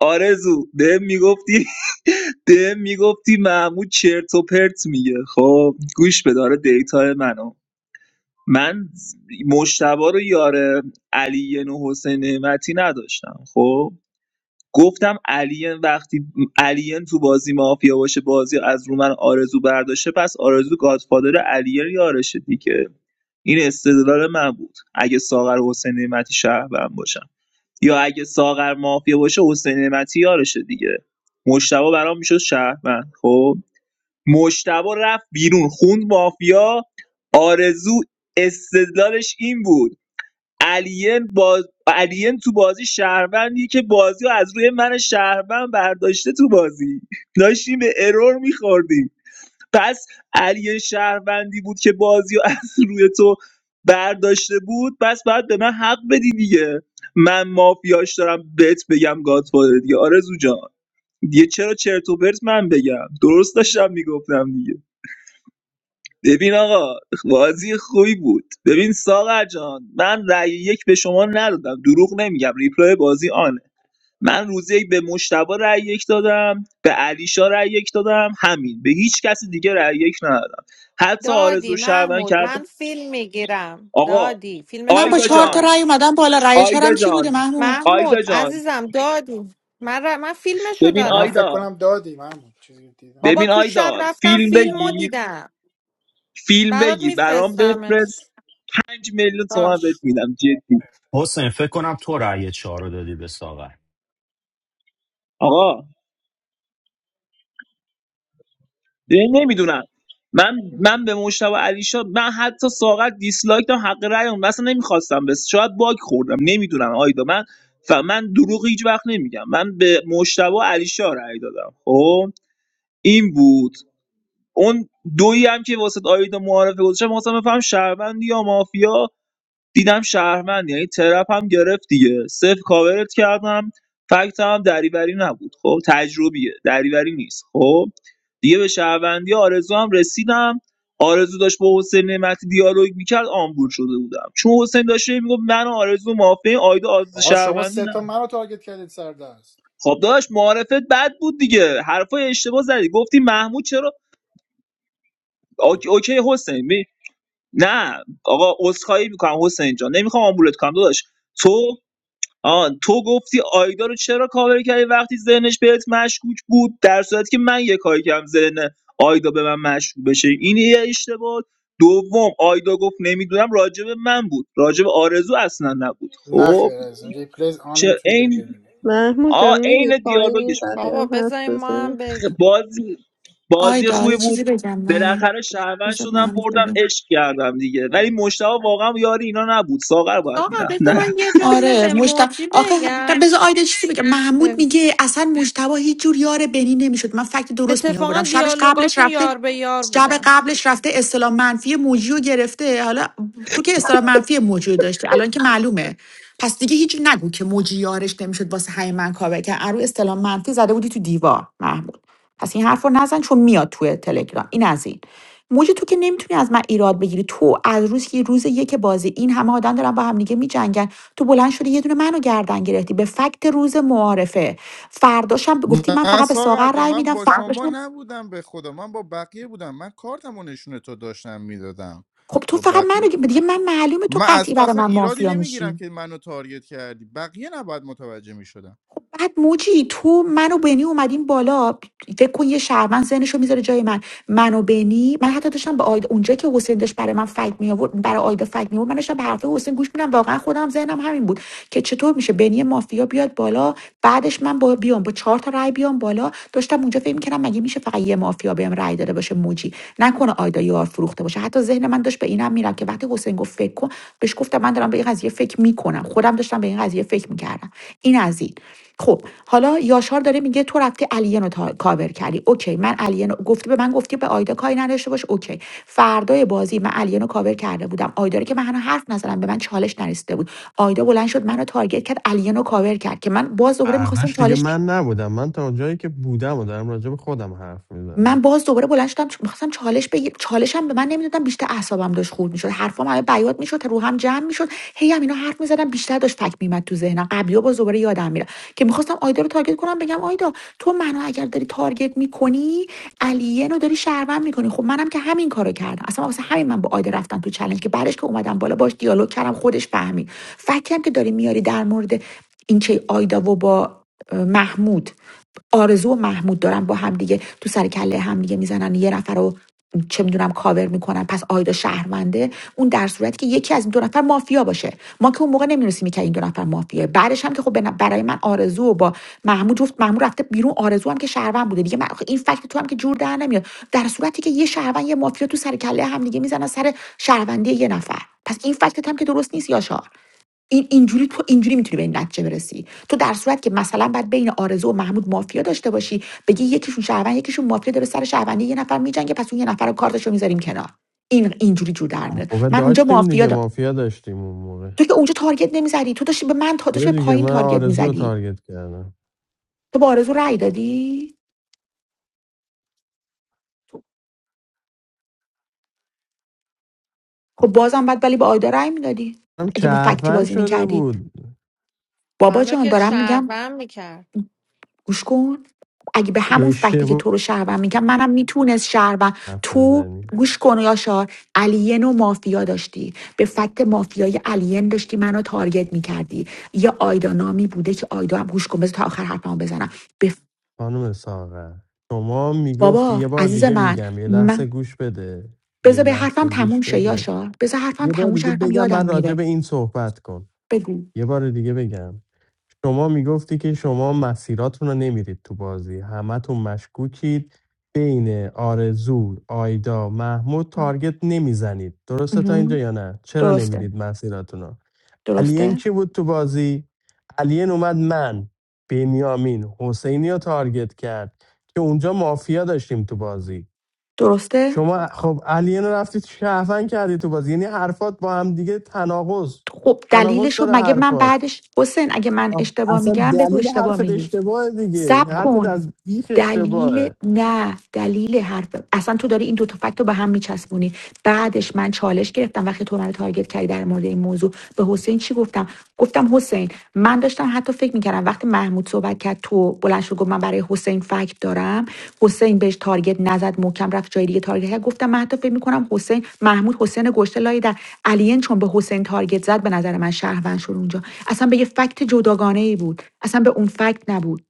Speaker 7: آرزو به میگفتی ده میگفتی [laughs] محمود چرت و پرت میگه خب گوش به داره دیتا منو من مشتبه رو یاره علی و حسین نعمتی نداشتم خب گفتم علی وقتی علی تو بازی مافیا باشه بازی از رو من آرزو برداشته پس آرزو گادفادر علی یارشه دیگه این استدلال من بود اگه ساغر و حسین نعمتی شهروند باشم یا اگه ساغر مافیا باشه حسین نعمتی یارشه دیگه مشتبه برام میشد شهروند خب مجتبی رفت بیرون خوند مافیا آرزو استدلالش این بود الین باز... الین تو بازی شهروندیه که بازی رو از روی من شهروند برداشته تو بازی داشتیم به ارور میخوردیم پس الین شهروندی بود که بازی رو از روی تو برداشته بود پس باید به من حق بدی دیگه من مافیاش دارم بهت بگم گادفادر دیگه آرزو جان دیگه چرا چرت و پرت من بگم درست داشتم میگفتم دیگه ببین آقا بازی خوبی بود ببین ساغر جان من رأی یک به شما ندادم دروغ نمیگم ریپلای بازی آنه من روز یک به مشتبه رأی یک دادم به علیشا رأی یک دادم همین به هیچ کس دیگه رأی یک ندادم حتی
Speaker 3: دادی
Speaker 7: آرزو شهرون
Speaker 3: محمود
Speaker 7: کرد
Speaker 3: من فیلم میگیرم
Speaker 7: آقا
Speaker 3: دادی فیلمش
Speaker 2: من با
Speaker 3: هم
Speaker 7: آیدا
Speaker 2: چهار تا
Speaker 7: جان
Speaker 3: دارم
Speaker 2: رأی اومدم بالا رأی
Speaker 7: آیدا
Speaker 2: چهارم کی بوده
Speaker 7: جان
Speaker 2: محمود
Speaker 7: آیدا
Speaker 3: محمود
Speaker 7: جان
Speaker 3: عزیزم دادی من, ر... من فیلمشو
Speaker 7: ببین
Speaker 4: منم
Speaker 3: دارم
Speaker 4: فکر
Speaker 7: آیدا
Speaker 4: کنم دادیم. من چیزی که دیدم
Speaker 3: بابا
Speaker 7: ببین
Speaker 3: تو شب
Speaker 7: آیدا
Speaker 3: رفتم
Speaker 7: فیلم
Speaker 3: فیلم رو
Speaker 7: بگیر
Speaker 3: دیدم
Speaker 7: فیلم
Speaker 3: برات
Speaker 7: بگیر برام بفرست
Speaker 3: میفرستمش
Speaker 7: 5 میلیون تومن بهت
Speaker 3: باش
Speaker 7: میدم جدی
Speaker 14: حسین فکر کنم تو رأی چهار رو دادی به ساغر
Speaker 7: آقا نمیدونم من من به مشتاق علیشا من حتی ساغر دیسلایک دادم حق رأیون اصلا نمیخواستم بس شاید باگ خوردم نمیدونم آیدا من ف... من دروغ هیچ وقت نمیگم من به مشتاق علیشا رأی دادم خب این بود اون دویی هم که واسه آیدا معارفه گذاشتم واسه بفهم شهروند یا مافیا دیدم شهروندی یعنی ترپ هم گرفت دیگه صفر کاورت کردم فکت هم دریوری نبود خب تجربیه دریوری نیست خب دیگه به شهروندی آرزو هم رسیدم آرزو داشت با حسین نعمتی دیالوگ میکرد آمبول شده بودم چون حسین داشت میگفت من و آرزو مافین آیدا آز
Speaker 4: آقا شما
Speaker 7: شهروندی
Speaker 4: سه
Speaker 7: نه
Speaker 4: تا منو تارگت کردید سر دست
Speaker 7: خب داشت معارفت بد بود دیگه حرفای اشتباه زدی گفتی محمود چرا اوکی, اوکی حسین می... نه آقا عذرخواهی میکنم حسین جان نمیخوام آمبولت کنم داداش تو آن تو گفتی آیدا رو چرا کاور کردی وقتی ذهنش بهت مشکوک بود در صورتی که من یه کاری کردم ذهن آیدا به من مشکوک بشه این یه اشتباه بود. دوم آیدا گفت نمیدونم راجب من بود راجب آرزو اصلا نبود
Speaker 4: نه
Speaker 7: خب
Speaker 4: خیر از ریپلیز آن
Speaker 7: چه
Speaker 4: نمیتونی بری
Speaker 7: این
Speaker 4: ببینی
Speaker 1: محمود
Speaker 7: آ
Speaker 1: جان میره
Speaker 7: عین
Speaker 1: پایین
Speaker 7: دیالوگش
Speaker 1: بقیه
Speaker 3: بابا
Speaker 1: هم حرف
Speaker 3: بذاریم ما هم
Speaker 1: بزنه
Speaker 7: بود.
Speaker 3: بگیم
Speaker 7: بازی بازی
Speaker 2: آیدا
Speaker 7: خوبی
Speaker 2: یه
Speaker 7: بود
Speaker 2: چیزی بگم نه
Speaker 7: بالاخره شهروند
Speaker 2: بذار
Speaker 7: شدم
Speaker 2: محمود
Speaker 7: بردم
Speaker 2: بگم
Speaker 7: عشق کردم دیگه ولی مشتاق واقعا یاری اینا نبود ساغر باید
Speaker 3: آقا
Speaker 7: میرفت
Speaker 3: بذار من یه جمله
Speaker 2: آره
Speaker 3: به
Speaker 2: مشت
Speaker 3: موجی
Speaker 2: آخه
Speaker 3: بگم
Speaker 2: بذار آیدا چیزی بگم محمود
Speaker 3: به-
Speaker 2: میگه اصلا مشتبه هیچ جور یار بنی نمیشد من فکت درست می
Speaker 3: اتفاقا
Speaker 2: آوردم شبش قبلش
Speaker 3: دیالوگاشون
Speaker 2: رفته
Speaker 3: یار به یار
Speaker 2: شب
Speaker 3: بودن
Speaker 2: قبلش رفته اصطلاح منفی موجی رو گرفته حالا تو که اصطلاح منفی موجی رو داشته الان که معلومه پس دیگه هیچ نگو که موجی یارش نمیشد واسه همین من کابه که ارو اصطلاح منفی زده بودی تو دیوار محمود پس این حرف رو نزن چون میاد توی تلگرام این از این موجی تو که نمیتونی از من ایراد بگیری تو از روز که روز یک بازی این همه آدم دارن با هم دیگه میجنگن تو بلند شدی یه دونه منو گردن گرفتی به فکت روز معارفه فرداشم گفتی من
Speaker 9: نه
Speaker 2: فقط به
Speaker 9: ساغر
Speaker 2: ساغر
Speaker 9: جان
Speaker 2: رأی
Speaker 9: من
Speaker 2: میدم
Speaker 9: با شما
Speaker 2: فرداشم
Speaker 9: نبودم به خدا من با بقیه بودم من کارتم و نشون تو داشتم میدادم
Speaker 2: خب تو
Speaker 9: با
Speaker 2: فقط
Speaker 9: بقیه
Speaker 2: منو گ- دیگه من معلومه تو
Speaker 9: من از
Speaker 2: قطعی
Speaker 9: تو
Speaker 2: برای
Speaker 9: اصلا
Speaker 2: من
Speaker 9: ایرادی
Speaker 2: مافیا میشی
Speaker 9: نمیگیرم که منو تارگت کردی بقیه نباید متوجه میشدم
Speaker 2: خب بعد موجی تو من و بنی اومدیم بالا فکر کن یه شهروند ذهنشو میذاره جای من من و بنی من حتی داشتم به آید اونجا که حسین داشت برای من فکت می آورد برای آید فکت می آورد من داشتم به حرف حسین گوش میدم واقعا خودم ذهنم همین بود که چطور میشه بنی مافیا بیاد بالا بعدش من با بیام با چهار تا رای بیام بالا داشتم اونجا فکر میکردم مگه میشه فقط یه مافیا بهم رای داده باشه موجی نکنه آیدا یار فروخته باشه حتی ذهن من داشت به اینم میرم که وقتی حسین گفت فکر کن بهش گفتم من دارم به این قضیه فکر میکنم خودم داشتم به این قضیه فکر میکردم این از این خب حالا یاشار داره میگه تو رفتی الین رو تا- کاور کردی اوکی من الین رو گفتی به من گفتی به آیدا کاری نداشته باش اوکی فردای بازی من الین رو کاور کرده بودم آیدا رو که من هنوز حرف نزدم به من چالش نرسیده بود آیدا بلند شد منو تارگت کرد الین رو کاور کرد که من باز دوباره میخواستم
Speaker 11: برداشت دیگه
Speaker 2: چالش
Speaker 11: من نبودم من تا جایی که بودم و دارم راجع به خودم حرف
Speaker 2: من
Speaker 11: میزنم
Speaker 2: باز دوباره بلند شدم میخواستم چالش بگیر چالشم به من نمیدادم بیشتر اعصابم داشت خورد میشد حرفام همه بیاد میشد روحم جمع میشد هی هم اینا حرف میزدم بیشتر داشت فکر میمد تو ذهنم قبلی باز دوباره یادم میره که میخواستم آیدا رو تارگت کنم بگم آیدا تو منو اگر داری تارگت میکنی علیه رو داری شهروند میکنی خب منم که همین کارو کردم اصلا واسه همین من با آیدا رفتم تو چالش که بعدش که اومدم بالا باش دیالوگ کردم خودش فهمید فکری هم که داری میاری در مورد این چه آیدا و با محمود آرزو و محمود دارن با هم دیگه تو سر کله هم دیگه میزنن یه نفر رو چه میدونم کاور میکنن پس آیدا شهرونده اون در صورتی که یکی از این دو نفر مافیا باشه ما که اون موقع نمیدونستیم که این دو نفر مافیاه بعدش هم که خب برای من آرزو با محمود جفت محمود رفته بیرون آرزو هم که شهروند بوده دیگه من این فکت تو هم که جور در نمیاد در صورتی که یه شهروند یه مافیا تو سر کله هم دیگه میزنن سر شهروندی یه نفر پس این فکت هم که درست نیست یاشار این اینجوری تو اینجوری میتونی به این نتیجه برسی تو در صورت که مثلا بعد بین آرزو و محمود مافیا داشته باشی بگی یکیشون شهروند یکیشون مافیا داره سر شهروندی یه نفر میجنگه پس اون یه نفر رو کارتشو میذاریم کنار این اینجوری جور در
Speaker 11: اون
Speaker 2: میاد
Speaker 11: موقع
Speaker 2: من اونجا
Speaker 11: داشتیم
Speaker 2: مافیا
Speaker 11: دیگه
Speaker 2: دا...
Speaker 11: مافیا داشتیم اون موقع
Speaker 2: تو که اونجا تارگت نمیزدی تو داشتی به من تا داشتی
Speaker 11: بده
Speaker 2: به
Speaker 11: دیگه
Speaker 2: پایین
Speaker 11: من
Speaker 2: تارگت
Speaker 11: آرزو رو
Speaker 2: میزدی
Speaker 11: تارگت کردم
Speaker 2: تو با آرزو رأی دادی خب بازم بعد ولی به آیدا رأی میدادی
Speaker 11: هم
Speaker 2: اگه به فکتی
Speaker 11: شهروند
Speaker 2: بازی
Speaker 11: شده
Speaker 2: میکردی
Speaker 11: بود
Speaker 2: بابا
Speaker 3: منو
Speaker 2: جان
Speaker 3: که
Speaker 2: دارم میگم
Speaker 3: شهروند میکرد
Speaker 2: گوش کن اگه به همون فکتی که
Speaker 11: اشتباه
Speaker 2: تو رو شهروند میگم منم میتونست شهروند
Speaker 11: حرف
Speaker 2: تو
Speaker 11: میزنی
Speaker 2: گوش کن یاشار الین و مافیا داشتی به فکت مافیای الین داشتی منو تارگت میکردی یه آیدا نامی بوده که آیدا هم گوش کن بذار تا آخر حرفمو بزنم به ف-
Speaker 11: خانم ساغر شما میگفت
Speaker 2: بابا
Speaker 11: یه بار
Speaker 2: عزیز
Speaker 11: دیگه
Speaker 2: من
Speaker 11: میگم یه لحظه
Speaker 2: من
Speaker 11: گوش بده یه
Speaker 2: بذار به حرفم
Speaker 11: لحظه
Speaker 2: تموم
Speaker 11: گوش
Speaker 2: شه
Speaker 11: بده
Speaker 2: یاشار بذار حرفم
Speaker 11: یه بار
Speaker 2: تموم شه
Speaker 11: دیگه
Speaker 2: حرفم
Speaker 11: بگم
Speaker 2: یادم
Speaker 11: بعد راجع
Speaker 2: میره
Speaker 11: به این صحبت کن
Speaker 2: بگو
Speaker 11: یه بار دیگه بگم شما میگفتی که شما مسیراتون رو نمیرید تو بازی همتون مشکوکید بین آرزو آیدا محمود تارگت نمیزنید درسته تا
Speaker 2: اها.
Speaker 11: اینجا یا نه چرا
Speaker 2: درسته
Speaker 11: نمیرید مسیراتون رو؟ الین
Speaker 2: درسته
Speaker 11: کی بود تو بازی الین اومد من بنیامین حسینی رو تارگت کرد که اونجا مافیا داشتیم تو بازی
Speaker 2: درسته
Speaker 11: شما خب الین رو رفتی شهفن کردی تو بازی یعنی حرفات با هم دیگه تناقض
Speaker 2: خب دلیلش
Speaker 11: تناقض
Speaker 2: رو
Speaker 11: داره
Speaker 2: مگه من
Speaker 11: حرفات
Speaker 2: بعدش حسین اگه من
Speaker 11: آه،
Speaker 2: اشتباه
Speaker 11: اصلا
Speaker 2: میگم بگو
Speaker 11: دلیل
Speaker 2: اشتباه
Speaker 11: حرفت
Speaker 2: میگی
Speaker 11: اشتباهه دیگه
Speaker 2: صبر
Speaker 11: حرفت
Speaker 2: کن
Speaker 11: از بیخ
Speaker 2: دلیل
Speaker 11: اشتباهه
Speaker 2: نه دلیل حرف اصلا تو داری این دو تا فکت رو به هم میچسبونی بعدش من چالش گرفتم وقتی تو من تارگت کردی در مورد این موضوع به حسین چی گفتم گفتم حسین من داشتم حتی فکر میکردم وقتی محمود صحبت کرد تو بلند شد گفت من برای حسین فکت دارم حسین بهش تارگت نزد محکم رفت جای دیگه تارگت کرد گفتم من حتی فکر میکنم حسین محمود حسین گشته لای در الین چون به حسین تارگت زد به نظر من شهروند شد اونجا اصلا به یه فکت جداگانه ای بود اصلا به اون فکت نبود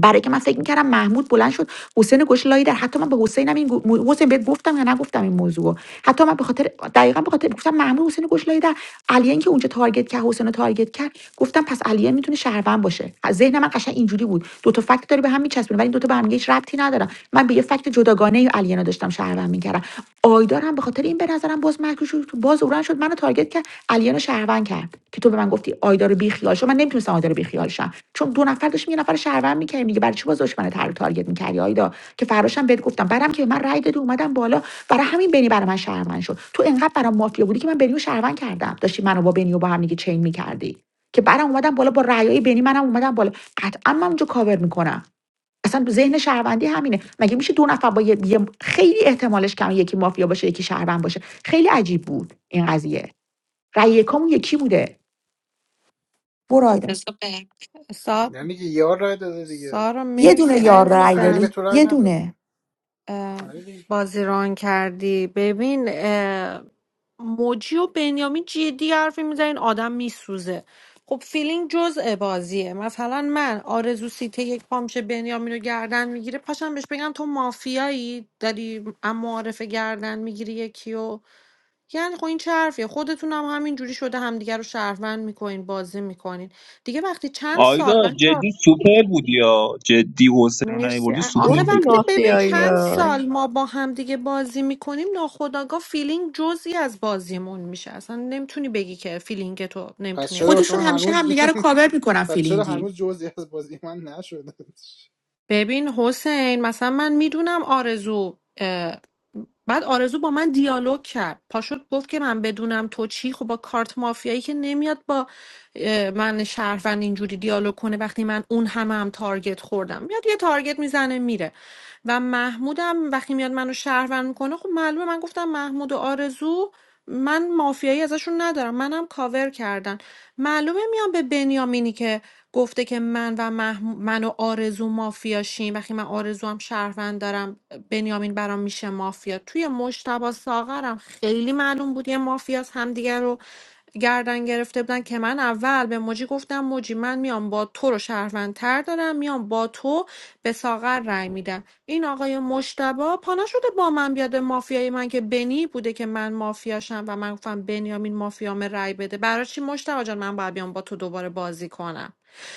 Speaker 2: برای که من فکر میکردم محمود بلند شد حسین گوش لای در حتی من به حسینم این گو- مو- حسین بهت گفتم یا نگفتم این موضوع رو. حتی من به خاطر دقیقا به خاطر گفتم محمود حسین گوش لای در علیان که اونجا تارگت کرد حسین رو تارگت کرد گفتم پس علیان میتونه شهروند باشه ذهن من قشنگ اینجوری بود دو تا فکت داری به هم میچسبونه ولی این دو تا به هم دیگه هیچ ربطی ندارن من به یه فکت جداگانه علینا داشتم شهروند میکردم آیدارم به خاطر این به نظرم باز مکروش شد باز اوران شد منو تارگت کرد علینا شهروند کرد که تو به من گفتی آیدار بی خیال شو من نمیتونستم آیدار بی خیال شم چون دو نفر داشتیم یه نفر شهروند میکردیم دیگه برای چی باز دشمن تر تارگت میکردی آیدا که فراشم بهت گفتم برام که به من رای دادی اومدم بالا برای همین بنی برای من شهروند شد تو انقدر برام مافیا بودی که من بنیو شهروند کردم داشتی منو با بنیو با هم دیگه چین میکردی که برام اومدم بالا با رأیای بنی منم اومدم بالا قطعا من اونجا کاور میکنم اصلا ذهن شهروندی همینه مگه میشه دو نفر با یه یه- خیلی احتمالش کم یکی مافیا باشه یکی شهروند باشه خیلی عجیب بود این قضیه رأی یکامون یکی بوده برایده
Speaker 3: سا...
Speaker 4: یعنی که یار رای داده دیگه
Speaker 3: سارا
Speaker 2: یه
Speaker 3: مرسی
Speaker 2: دونه یار رأی
Speaker 4: علی به
Speaker 2: داده
Speaker 3: عزیزم
Speaker 4: تو رای
Speaker 2: یه
Speaker 4: نداد
Speaker 2: دونه
Speaker 4: نه؟
Speaker 3: اه،
Speaker 4: آره دیگه.
Speaker 3: بازی ران کردی ببین اه، موجی و بنیامین جدی حرفی میزنین آدم میسوزه خب فیلینگ جزء بازیه مثلا من آرزو سیته یک پامشه بنیامین رو گردن میگیره پاشم بهش بگم تو مافیایی داری اما معارفه گردن میگیری یکی و یعنی خب این چه حرفیه خودتون هم همینجوری شده همدیگه رو شهروند میکنین بازی میکنین دیگه وقتی چند
Speaker 7: آیدا
Speaker 3: سال بچه
Speaker 7: جدی سوپر بودی یا جدی حسین رو
Speaker 3: مرسی
Speaker 7: نیوردی
Speaker 3: آخه
Speaker 7: سوپر
Speaker 1: گفتی
Speaker 3: وقتی
Speaker 7: بودی
Speaker 3: ببین
Speaker 1: مافیایی
Speaker 3: چند
Speaker 1: ها
Speaker 3: سال ما با همدیگه بازی میکنیم ناخداگاه فیلینگ جزئی از بازیمون میشه اصلا نمیتونی بگی که فیلینگ تو
Speaker 4: پس
Speaker 3: نمیتونی
Speaker 4: چرا واسه
Speaker 3: استفاده
Speaker 2: خودشون
Speaker 4: من
Speaker 2: همیشه
Speaker 4: هنوز
Speaker 2: همدیگه رو کاور میکنن
Speaker 4: [laughs] پس چرا
Speaker 2: فیلینگی
Speaker 4: هنوز جزی از بازی من نشده
Speaker 3: ببین حسین مثلا من میدونم آرزو اه، بعد آرزو با من دیالوگ کرد پاشد گفت که من بدونم تو چی خب با کارت مافیایی که نمیاد با اه، من شهروند اینجوری دیالوگ کنه وقتی من اون همه هم تارگت خوردم میاد یه تارگت میزنه میره و محمودم وقتی میاد منو شهروند میکنه خب معلومه من گفتم محمود و آرزو من مافیایی ازشون ندارم منم کاور کردن معلومه میام به بنیامینی که گفته که من و مح... من و آرزو مافیاشیم وقتی من آرزو هم شهروند دارم بنیامین برام میشه مافیا توی مشتبه ساغرم خیلی معلوم بود یه مافیاس همدیگه رو گردن گرفته بودن که من اول به موجی گفتم موجی من میام با تو رو شهروندتر دارم میام با تو به ساغر رأی میدم این آقای مشتبا پانا شده با من بیاد مافیای من که بنی بوده که من مافیاشم و من گفتم بنیامین مافیام رای بده برای چی مشتبا جان من باید بیام با تو دوباره بازی کنم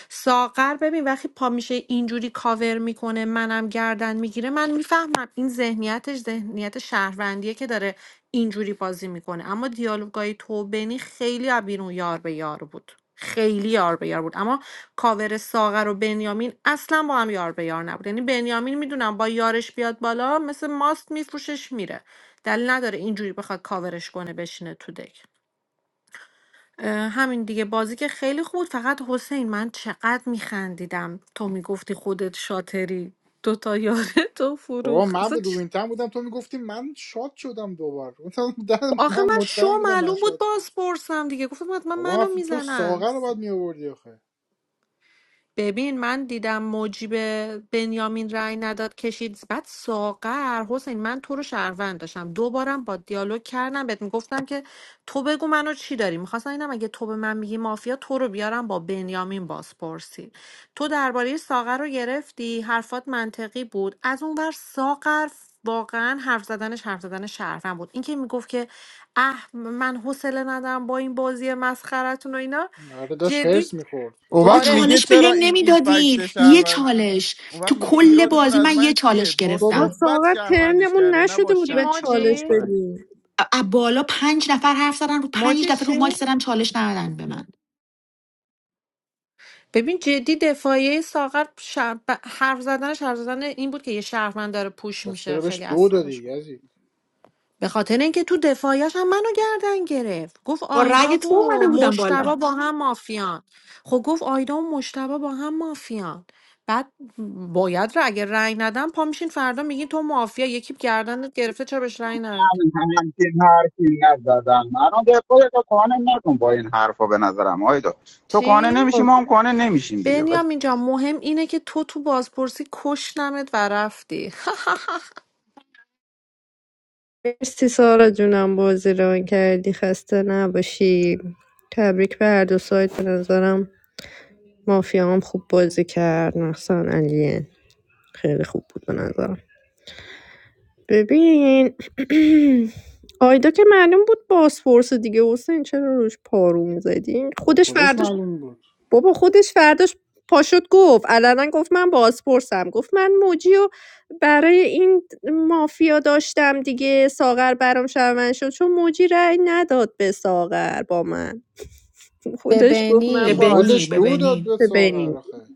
Speaker 3: ساغر ببین وقتی پا میشه اینجوری کاور میکنه منم گردن میگیره من میفهمم این ذهنیتش ذهنیت شهروندیه که داره اینجوری بازی میکنه اما دیالوگای تو و بنی خیلی از بیرون یار به یار بود خیلی یار به یار بود اما کاور ساغر و بنیامین اصلا با هم یار به یار نبود یعنی بنیامین میدونم با یارش بیاد بالا مثل ماست میفروشش میره دلیل نداره اینجوری بخواد کاورش کنه بشینه تو دک اه، همین دیگه بازی که خیلی خوب بود. فقط حسین من چقدر میخندیدم تو میگفتی خودت شاتری دوتا یاره تو
Speaker 4: بابا
Speaker 3: فروخ
Speaker 4: من
Speaker 3: اصلا
Speaker 4: به
Speaker 3: چ-
Speaker 4: روینتن بودم تو میگفتی من شاد شدم دوبار [laughs] گفتم، نه،
Speaker 3: آخه
Speaker 4: من
Speaker 3: من شو
Speaker 4: مطمئن بودم من
Speaker 3: معلوم بود
Speaker 4: شاد شدم
Speaker 3: بازپرسم دیگه گفتم حتما
Speaker 4: بابا من
Speaker 3: منو
Speaker 4: تو
Speaker 3: میزنن
Speaker 4: ساغر رو باید می آوردی آخه
Speaker 3: ببین من دیدم موجی به بنیامین رأی نداد کشید بعد ساغر حسین من تو رو شهروند داشتم دوبارم با دیالوگ کردم بهت میگفتم که تو بگو منو چی داری میخواستم اینم اگه تو به من میگی مافیا تو رو بیارم با بنیامین بازپرسی تو درباره ساغر رو گرفتی حرفات منطقی بود از اون ور ساغر واقعا حرف زدنش حرف زدن شهروند بود اینکه میگفت که اه من حوصله ندارم با این بازی مسخرتون و اینا
Speaker 4: آره داشت
Speaker 3: جدی
Speaker 4: هرس میخورد
Speaker 9: اون
Speaker 2: بابا
Speaker 9: وقت
Speaker 3: آره
Speaker 9: میگه
Speaker 2: چالش به
Speaker 9: چرا
Speaker 2: هم
Speaker 9: این این
Speaker 2: نمیدادین
Speaker 9: فکت
Speaker 2: یه
Speaker 9: شهروند
Speaker 2: چالش
Speaker 9: اون
Speaker 2: تو
Speaker 9: وقت میگه
Speaker 2: کل
Speaker 9: ایرادتون
Speaker 2: بازی
Speaker 9: از
Speaker 2: من یه
Speaker 9: من چیه
Speaker 2: چالش
Speaker 9: با
Speaker 1: بابا
Speaker 2: گرفتم
Speaker 9: صحبت
Speaker 1: ساغر
Speaker 9: شهروندش
Speaker 1: ترنمون
Speaker 9: کرده نه با
Speaker 1: نشده بود
Speaker 9: ش...
Speaker 3: چی
Speaker 1: به
Speaker 9: نه با
Speaker 1: چالش
Speaker 3: موجی
Speaker 9: فکت
Speaker 1: بدیم
Speaker 2: ا- از بالا پنج نفر حرف زدن رو
Speaker 3: موجی
Speaker 2: پنج نفر رو
Speaker 3: چی؟
Speaker 2: ماک زدن چالش ندادن به من
Speaker 3: ببین جدی دفاعیه ساغر شر... ب- حرف زدنش حرف زدن این بود که یه شهروند داره پوش
Speaker 4: پس
Speaker 3: میشه
Speaker 4: چرا
Speaker 3: خیلی
Speaker 4: بهش دو دادی
Speaker 3: اعصابش خورد.
Speaker 4: یزید
Speaker 3: به خاطر اینکه تو دفاعیش هم منو گردن گرفت گفت
Speaker 2: با
Speaker 3: آیدا
Speaker 2: رأی تو
Speaker 3: و
Speaker 2: اومده بودم بالا
Speaker 3: مشتبا با هم مافیان خب گفت آیدا و مشتبا با هم مافیان بعد باید را اگه رأی ندم پا میشین فردا میگین تو مافیا یکی گردنت گرفته چرا بهش رأی ند
Speaker 17: همین همین که این حرفی نزدم الان به خودت قانع نکن با این حرفا به نظرم آیدا تو قانع
Speaker 3: چی
Speaker 17: نمیشی ما
Speaker 1: خب،
Speaker 17: هم قانع نمیشیم دیگه
Speaker 3: بنیام اینجا مهم اینه که تو تو بازپرسی کشتمت و رفتی
Speaker 1: مرسی سارا جونم بازی ران کردی خسته نباشی تبریک به هر دو سایت به نظرم مافیا هم خوب بازی کرد مخصوصا علیه خیلی خوب بود به نظرم ببین [clears throat] آیدا که معلوم بود بازپرس دیگه حسین چرا روش پارو میزدی
Speaker 4: با
Speaker 1: خودش
Speaker 4: کجاش
Speaker 1: فرداش
Speaker 4: معلوم بود
Speaker 1: بابا خودش فرداش پاشد گفت علنا گفت من بازپرسم گفت من موجی و برای این مافیا داشتم دیگه ساغر برام شرمن شد چون موجی رأی نداد به ساغر با من [laughs]
Speaker 3: [laughs] به
Speaker 1: خودش گفت
Speaker 4: با
Speaker 2: به
Speaker 1: من
Speaker 3: بنی
Speaker 1: باز
Speaker 2: بنی
Speaker 4: خودش
Speaker 2: به
Speaker 4: دو
Speaker 2: بنی
Speaker 4: داد به ساغر
Speaker 1: ببینی
Speaker 4: آخه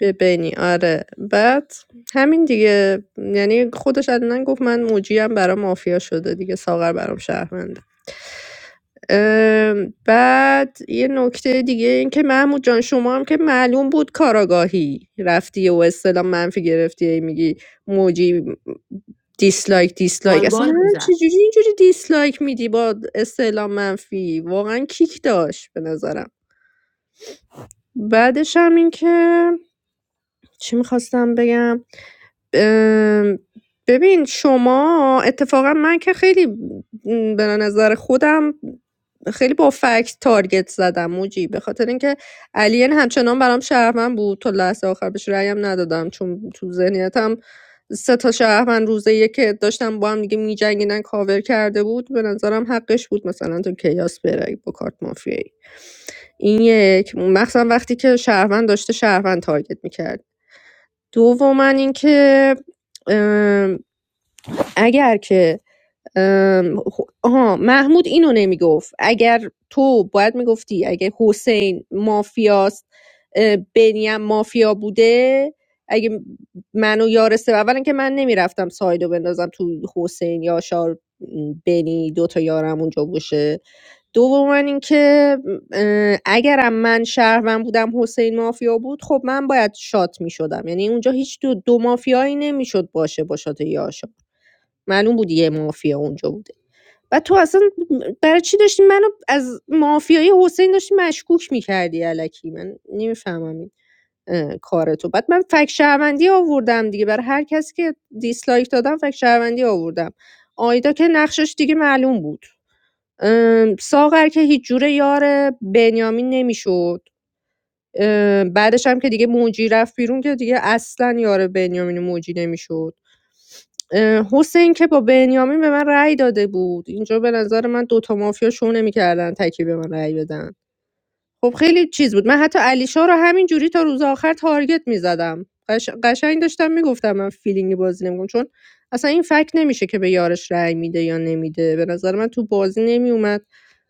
Speaker 1: ببینی آره بعد همین دیگه یعنی خودش علنا گفت من موجی هم برام مافیا شده دیگه ساغر برام شهر ام، بعد یه نکته دیگه این که محمود جان شما هم که معلوم بود کاراگاهی رفتی و اصطلاح منفی گرفتی هی میگی موجی دیسلایک دیسلایک اصلا نمیدونم چجوری اینجوری دیسلایک میدی با استعلام منفی واقعا کیک داشت به نظرم بعدش هم این که چی میخواستم بگم آمم، ببین شما اتفاقا من که خیلی م، به نظر خودم خیلی با فکت تارگت زدم موجی به خاطر اینکه الین همچنان برام شهروند بود تا لحظه آخر بهش رأیم ندادم چون تو ذهنیتم سه تا شهروند روزه یه که داشتم با هم دیگه میجنگیدن کاور کرده بود به نظرم حقش بود مثلا تو کیاس بره با کارت مافیایی این یک مخصوصا وقتی که شهروند داشته شهروند تارگت میکرد دوما اینکه ام، اگر که ام، خ- آها محمود اینو نمیگفت اگر تو باید میگفتی اگه حسین مافیاست اه، بنیم مافیا بوده اگه منو و یارسه اولا که من نمیرفتم سایدو بندازم تو حسین یا شار بنی دوتا یارم اونجا باشه دوما اینکه اه، اگرم من شهروند بودم حسین مافیا بود خب من باید شات میشدم یعنی اونجا هیچ دو, دو مافیایی نمیشد باشه با شات یاشا معلوم بود یه مافیا اونجا بوده و تو اصلا برای چی داشتی منو از مافیای حسین داشتی مشکوک میکردی علکی من نمیفهمم این اه، کار تو بعد من فک شهروندی آوردم دیگه برای هر کسی که دیسلایک دادم فک شهروندی آوردم آیدا که نقشش دیگه معلوم بود ام، ساغر که هیچ جوره یار بنیامین نمیشد ام، بعدش هم که دیگه موجی رفت بیرون که دیگه اصلا یار بنیامین و موجی نمیشد ام، حسین که با بنیامین به من رأی داده بود اینجا به نظر من دوتا مافیا شو نمیکردن تکی به من رأی بدن خب خیلی چیز بود من حتی علیشا رو همین جوری تا روز آخر تارگت میزدم قش... قشنگ داشتم میگفتم من فیلینگی بازی نمیکنم چون اصلا این فکت نمیشه که به یارش رأی میده یا نمیده به نظر من تو بازی نمیومد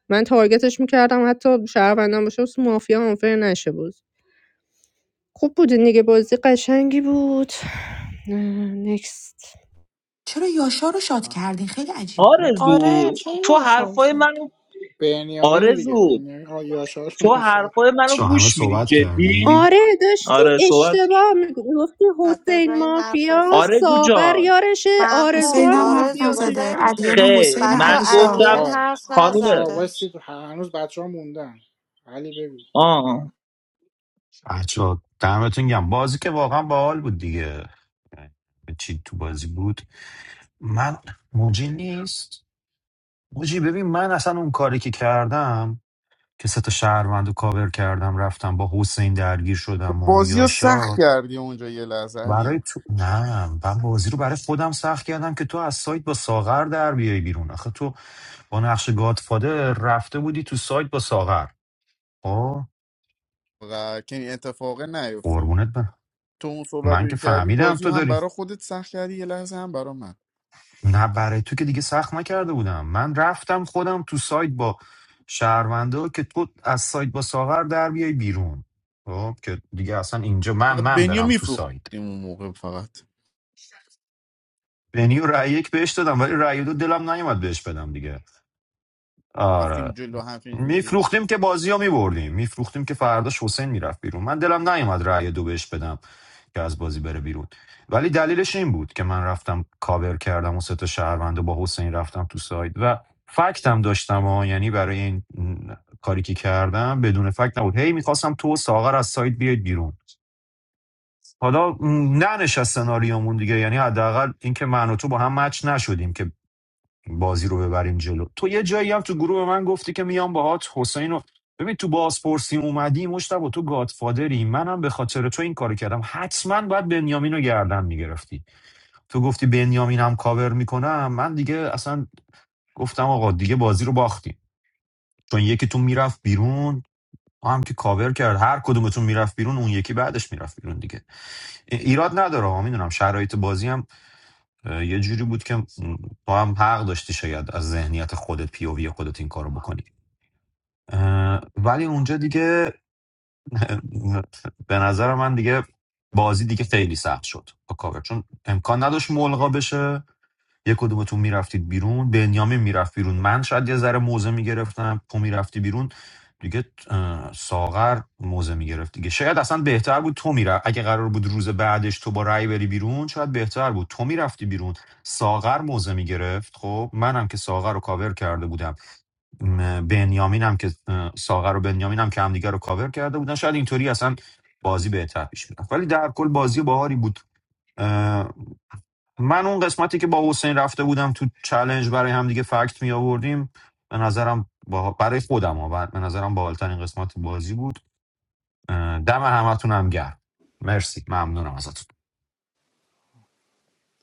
Speaker 1: من تارگتش میکردم حتی شهروندم باشه واسه مافیا آنفر نشه بود خوب بودین دیگه بازی قشنگی بود نکست
Speaker 2: چرا یاشا رو شاد
Speaker 4: آه.
Speaker 2: کردین خیلی عجیب بود
Speaker 3: آره
Speaker 7: آرزو
Speaker 3: چون
Speaker 7: تو
Speaker 3: نشام
Speaker 7: حرفای
Speaker 3: زد
Speaker 7: منو
Speaker 4: بنیامین دیگه
Speaker 7: آرزو
Speaker 4: بنیامین آه یاشار
Speaker 7: تو
Speaker 4: شد
Speaker 7: حرفای منو
Speaker 14: چون همه
Speaker 7: گوش میدی
Speaker 14: صحبت
Speaker 7: جدی
Speaker 14: کردیم
Speaker 1: آره داشتی
Speaker 7: آره صحبت
Speaker 1: اشتباه میگفتی
Speaker 3: بعد
Speaker 1: حسین
Speaker 3: بذارین حرف
Speaker 1: مافیا
Speaker 3: بزن
Speaker 7: آرزو
Speaker 1: ساغر
Speaker 7: جان
Speaker 1: یارشه آرزو
Speaker 3: محمود
Speaker 2: حسین
Speaker 1: هم
Speaker 2: هم حرف
Speaker 3: آرزو
Speaker 1: مافیا
Speaker 2: نزده
Speaker 1: چجوری
Speaker 3: بذارین
Speaker 1: میشه
Speaker 2: علیان و
Speaker 7: خیر
Speaker 2: حسین و
Speaker 3: بچه
Speaker 7: من
Speaker 4: [laughs]
Speaker 2: علیشا
Speaker 7: گفتم
Speaker 3: الین
Speaker 4: آه
Speaker 3: حرف
Speaker 4: بچه
Speaker 7: خانومه
Speaker 4: ها
Speaker 3: نزده
Speaker 4: وایسید هنوز بچه ها موندن علی بگو
Speaker 7: آه
Speaker 14: بچه دمتون گم بازی که واقعا باحال بود دیگه یعنی چی تو بازی بود من موجی نیست موجی ببین من اصلا اون کاری که کردم که سه تا شهروند رو کاور کردم رفتم با حسین درگیر شدم و
Speaker 9: بازی رو سخت
Speaker 14: یاشار
Speaker 9: کردی اونجا یه لحظه
Speaker 14: برای
Speaker 9: علیم
Speaker 14: تو نه من بازی رو برای خودم سخت کردم که تو از سایت با ساغر در بیای بیرون آخه تو با نقش گادفادر رفته بودی تو سایت با ساغر آه
Speaker 9: و که این اتفاقه نیفته
Speaker 14: قربونت برم
Speaker 9: تو اون صحبت
Speaker 14: من
Speaker 9: رو
Speaker 14: که
Speaker 9: که کردی
Speaker 14: فهمیدم
Speaker 9: بازی
Speaker 14: تو
Speaker 9: رو هم
Speaker 14: داری
Speaker 9: برا خودت سخت کردی یه لحظه هم برا من
Speaker 14: نه برای تو که دیگه سخت نکرده بودم من رفتم خودم تو سایت با شهرونده که تو از سایت با ساغر در بیای بیرون خب که دیگه اصلا اینجا من من
Speaker 9: بنیو
Speaker 14: برم تو سایت
Speaker 9: میفروختیم اون موقع فقط
Speaker 14: بنی رأی یک بهش دادم ولی رأی دو دلم نیومد بهش بدم دیگه
Speaker 9: رفتیم
Speaker 14: آره
Speaker 9: جلو همچین چیزی
Speaker 14: میفروختیم که بازی ها میبردیم میفروختیم که فرداش حسین میرفت بیرون من دلم نیومد رأی دو بهش بدم که از بازی بره بیرون ولی دلیلش این بود که من رفتم کاور کردم و سه تا شهروند و با حسین رفتم تو ساید و فکتم داشتم ها یعنی برای این م، کاری که کردم بدون فکت نبود هی میخواستم تو و ساغر از ساید بیاید بیرون حالا م، ننشست سناریومون دیگه یعنی حداقل اینکه من و تو با هم مچ نشدیم که بازی رو ببریم جلو تو یه جایی هم تو گروه به من گفتی که میام باهات حسین رو ببین تو بازپرسی اومدی مشتبه تو گادفادری منم به خاطر تو این کارو کردم حتما باید بنیامین رو گردن میگرفتی تو گفتی بنیامین هم کاور میکنم من دیگه اصلا گفتم آقا دیگه بازی رو باختیم چون یکیتون میرفت بیرون ما هم که کاور کرد هر کدومتون میرفت بیرون اون یکی بعدش میرفت بیرون دیگه ای- ایراد نداره میدونم شرایط بازی هم اه، یه جوری بود که م، تو هم حق داشتی شاید از ذهنیت خودت پی او وی خودت این کارو بکنی اه، ولی اونجا دیگه [laughs] به نظر من دیگه بازی دیگه خیلی سخت شد با کاور چون امکان نداشت ملغا بشه یه کدومتون میرفتید بیرون بنیامین میرفت بیرون من شاید یه ذره موزه میگرفتم تو میرفتی بیرون دیگه اه، ساغر موزه میگرفت دیگه شاید اصلا بهتر بود تو میرفت اگه قرار بود روز بعدش تو با رأی بری بیرون شاید بهتر بود تو میرفتی بیرون ساغر موزه میگرفت خب منم که ساغر رو کاور کرده بودم م، بنیامینم که اه، ساغر و بنیامینم که همدیگه رو کاور کرده بودن شاید اینطوری اصلا بازی بهتر پیش میرفت ولی در کل بازی باهاری بود من اون قسمتی که با حسین رفته بودم تو چلنج برای همدیگه فکت می آوردیم به نظرم با... برای خودم ها، بر- به نظرم باحالترین قسمت بازی بود اه، دم همتون هم گرم مرسی ممنونم ازتون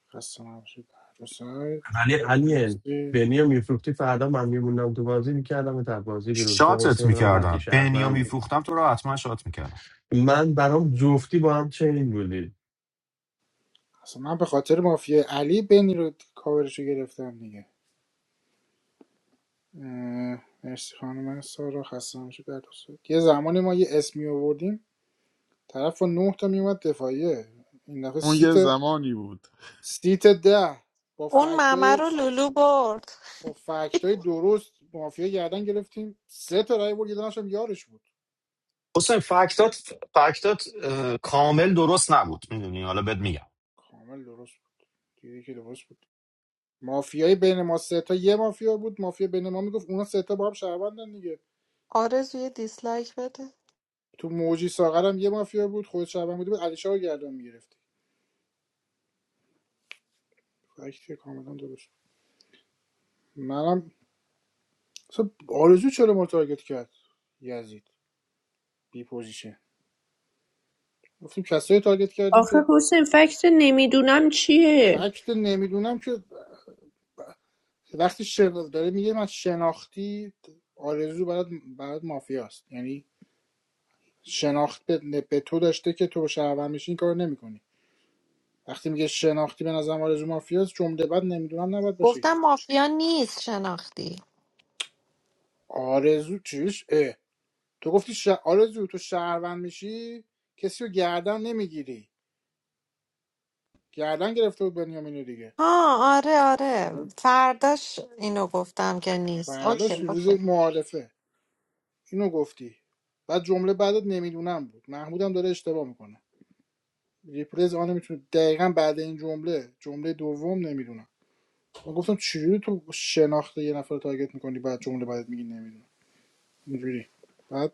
Speaker 4: خسته نباشید هر دو سایت
Speaker 11: ولی الین
Speaker 4: مرسی.
Speaker 11: بنی رو میفروختی فردا من میموندم تو بازی میکردم تا بازی بیرون چون
Speaker 14: شاتت
Speaker 11: حسین منم قطعی
Speaker 14: میکردم بنیو
Speaker 11: شهرم بود
Speaker 14: میفروختم تو را حتما شات میکردم
Speaker 11: من برام جفتی با هم چنین بودید
Speaker 4: اصلا من به خاطر مافیا علی بنی رو کاورشو گرفتم دیگه اه، مرسی خانم سارا خسته نباشید در دوستت. یه زمانی ما یه اسمی آوردیم طرف با نه تا میومد دفاعیه این دفعه
Speaker 9: اون
Speaker 4: سیت
Speaker 9: یه زمانی بود
Speaker 4: سیت ده با
Speaker 3: اون ممه
Speaker 4: فکتای
Speaker 3: رو لولو برد
Speaker 4: با فکتای درست مافیا گردن گرفتیم سه تا رای بود یه دونه‌ش هم یارش بود
Speaker 14: حسین فکتات فکتات اه، کامل درست نبود میدونی حالا بهت میگم
Speaker 4: کامل درست بود دیدی که درست بود مافیای بین ما سه تا یه مافیا بود مافیا بین ما میگفت اونا سه تا با هم شهروندن دیگه
Speaker 3: آرزو یه دیسلایک بده
Speaker 4: تو موجی ساغرم یه مافیا بود خود شعبان بوده بود علی شاه رو گردن میگرفت فکت کاملا درست منم مثلا آرزو چرا ما رو تارگت کرد یزید بی پوزیشن گفتیم کسایی تارگت کردیم
Speaker 1: آخه
Speaker 4: که
Speaker 1: حسین فکت نمیدونم چیه
Speaker 4: فکت نمیدونم که وقتی شنا... داره میگه من شناختی آرزو برات برات مافیاست یعنی شناخت به, به تو داشته که تو شهروند میشی این کارو نمیکنی وقتی میگه شناختی به نظرم آرزو مافیاست جمله بعد نمیدونم نباید باشه
Speaker 3: گفتم
Speaker 4: که
Speaker 3: مافیا نیست شناختی
Speaker 4: آرزو چیش اه. تو گفتی ش... آرزو تو شهروند میشی کسی رو گردن نمیگیری گردن گرفته بود بنیامینو دیگه
Speaker 3: ها آره آره
Speaker 4: یعنی
Speaker 3: فرداش اینو گفتم نیست اوکی
Speaker 4: فرداش روز
Speaker 3: اوکی
Speaker 4: معارفه اینو گفتی بعد جمله بعدت نمیدونم بود محمودم داره اشتباه میکنه ریپلیز آن میتونه دقیقا بعد این جمله جمله دوم نمیدونم من گفتم چجوری تو شناخت یه نفر رو تارگت میکنی بعد جمله بعدت میگی نمیدونم اینجوری بعد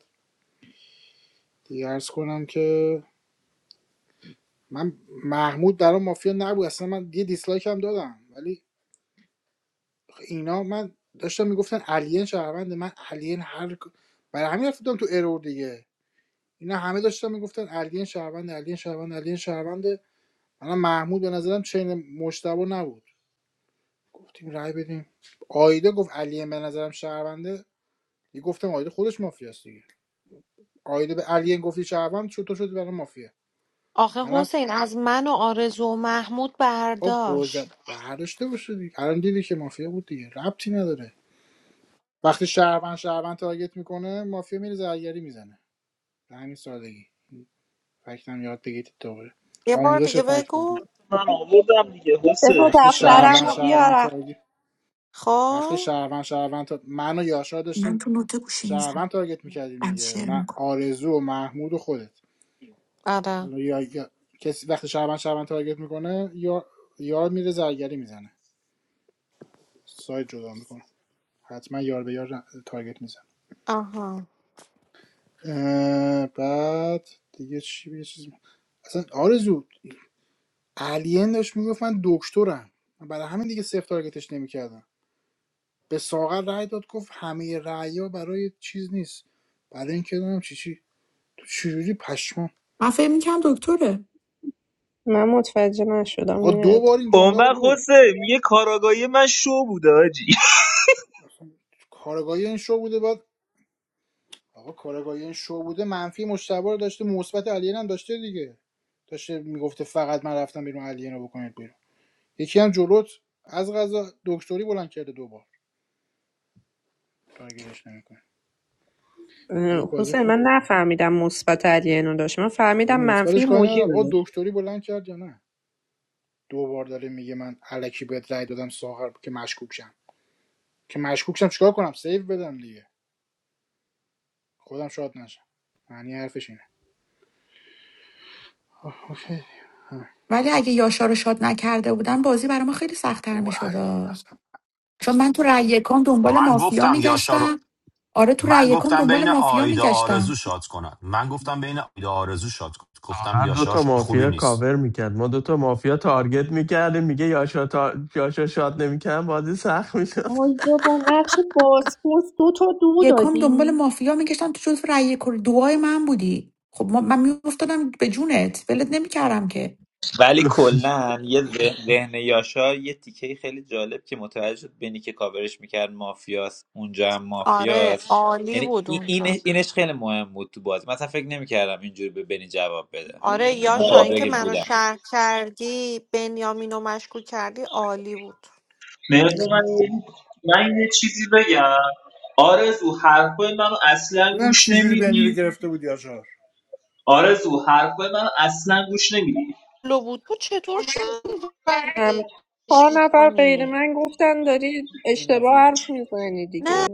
Speaker 4: دیگه عرض کنم که من محمود برام مافیا نبود اصلا من یه دیسلایک هم دادم ولی اینا من داشتم میگفتن الین شهرونده من الین هر برای همین رفتم تو ارور دیگه اینا همه داشتن میگفتن الین شهروند الین شهروند الین شهروند من محمود به نظرم چین مشتبه نبود گفتیم رای بدیم آیده گفت الین به نظرم شهرونده یه گفتم آیده خودش مافیاست دیگه آیده به الین گفتی شهروند چطور شد برای مافیا
Speaker 3: آخه
Speaker 4: منم
Speaker 3: حسین از من و آرزو و محمود
Speaker 4: خب گوزه
Speaker 3: برداشت
Speaker 4: برداشته باشه دیگه الان دیدی که مافیا بود دیگه ربطی نداره وقتی شهروند شهروند تارگت میکنه مافیا میره زرگری میزنه به همین سادگی فکتم یاد بگیرید دوباره
Speaker 3: یه بار
Speaker 4: آموزش
Speaker 3: دیگه
Speaker 4: فکت بود
Speaker 3: بگو
Speaker 7: من آوردم دیگه
Speaker 1: بگو
Speaker 7: حسین
Speaker 4: وقتی
Speaker 7: شرم
Speaker 1: دفترم
Speaker 4: شهروند
Speaker 1: رو
Speaker 7: شرم
Speaker 4: شهروند
Speaker 1: بیارم
Speaker 4: تارگت وقتی
Speaker 3: خب
Speaker 4: شهروند شهروند تا... من و یاشار
Speaker 2: من
Speaker 4: داشتیم
Speaker 2: تو نوت گوشی میزم
Speaker 4: شهروند تارگت میکردیم
Speaker 2: بعد
Speaker 4: دیگه
Speaker 2: شعر
Speaker 4: من
Speaker 2: میکنم
Speaker 4: آرزو و محمود و خودت
Speaker 3: آره
Speaker 4: حالا یا, یا... کسی وقتی شهروند شهروند تارگت میکنه یا یار میره زرگری میزنه سایت جدا میکنه حتما یار به یار تارگت میزنه
Speaker 3: آها
Speaker 4: اه، بعد دیگه چی یه چیزی اصلا آرزو الین داشت میگفت من دکترم برای همین دیگه صفر تارگتش نمیکردم به ساغر رأی داد گفت همه رأی ها برای چیز نیست برای اینکه نمیدونم چی چی تو چجوری پشمام
Speaker 2: من فکر میکنم دکتره
Speaker 1: من متوجه نشدم
Speaker 4: آقا دو بار این
Speaker 7: اون
Speaker 4: جمله رو
Speaker 7: وقت
Speaker 4: گفت
Speaker 7: حسین میگه کاراگاهی من شو بوده آجی
Speaker 4: اصلا کارگاهی این شو بوده بعد آقا کارگاهی این شو بوده منفی مشتبه رو داشته مثبت علیه هم داشته دیگه داشته میگفته فقط من رفتم بیرون علیه رو بکنید بیرون یکی هم جلوت از غذا دکتری بلند کرده دو بار تارگتش نمیکنه ولی
Speaker 1: اه،
Speaker 4: بازی
Speaker 1: حسین
Speaker 4: خوب
Speaker 1: من
Speaker 4: بود
Speaker 1: نفهمیدم مثبت علی اینو داشت من
Speaker 4: حالا
Speaker 1: فهمیدم منفی
Speaker 4: مثبتش کاری
Speaker 1: موجی رو
Speaker 4: ندارم
Speaker 1: داشت
Speaker 4: آقا دکتری بلند کرد یا نه دو بار داره میگه من الکی بهت رأی دادم ساغر که مشکوک شم که مشکوک شم چیکار کنم سیو بدم دیگه خودم شاد نشم معنی حرفش آه، اوکی. اه.
Speaker 2: ولی اگه یاشا رو شاد نکرده بودن بازی برای ما خیلی سختتر
Speaker 4: بابا
Speaker 2: میشد
Speaker 4: علی اصلا
Speaker 2: چون من تو رأی یکم دنبال
Speaker 14: من
Speaker 2: مافیا
Speaker 14: گفتم یاشا رو
Speaker 2: میگشتم آره تو رأی
Speaker 14: من
Speaker 2: یکم
Speaker 14: گفتم
Speaker 2: دنبال
Speaker 14: بین
Speaker 2: مافیا
Speaker 14: آیدا
Speaker 2: میگشتم
Speaker 14: آرزو شات کنن من گفتم بین آیدا آرزو شات کن. گفتم
Speaker 11: واقعا دو
Speaker 14: یاشار
Speaker 11: تا
Speaker 14: خوبی
Speaker 11: مافیا
Speaker 14: نیست
Speaker 11: کاور میکرد ما دو تا مافیا تارگت میکردیم میگه یاشا تا... یاشا شاد نمیکردم بازی سخت میشد
Speaker 1: آیا با نقش بازپرس دو تا دو
Speaker 2: یکم دنبال
Speaker 1: دادی
Speaker 2: مافیا میگشتم تو جز رأی یک و دوای من بودی خب ما- من میافتادم به جونت ولت نمیکردم که
Speaker 12: ولی کلا یه ذهن ذهن یاشار یه تیکه خیلی جالب که متوجه شد بنی که کاورش میکرد مافیاست اونجا هم
Speaker 3: آره
Speaker 12: مافیاست
Speaker 3: عالی
Speaker 12: یعنی
Speaker 3: بود
Speaker 12: این
Speaker 3: اونجا
Speaker 12: این- اینش خیلی مهم بود تو بازی مثلا فکر نمیکردم اینجوری به بنی جواب بده
Speaker 3: آره
Speaker 12: من تا
Speaker 3: یاشار این که
Speaker 12: اونجایی که
Speaker 3: منو
Speaker 12: بودم
Speaker 3: شهر کردی بنیامین رو مشکوک کردی عالی بود
Speaker 7: مرزا من یه- من یه چیزی بگم آرزو حرفای منو اصلا
Speaker 4: بودم
Speaker 7: گوش
Speaker 4: چی جوری بنی رو
Speaker 7: نمیدی
Speaker 4: گرفته بودی آجار
Speaker 7: آرزو حرفای من اصلا گوش نمی‌دی.
Speaker 3: لو بود بود چطور شهرش
Speaker 1: هم چهار نفر غیر
Speaker 3: میکنی
Speaker 1: من گفتن داری
Speaker 4: این
Speaker 1: اشتباه
Speaker 4: مافیا
Speaker 1: حرف میزنی
Speaker 3: نه
Speaker 1: دیگه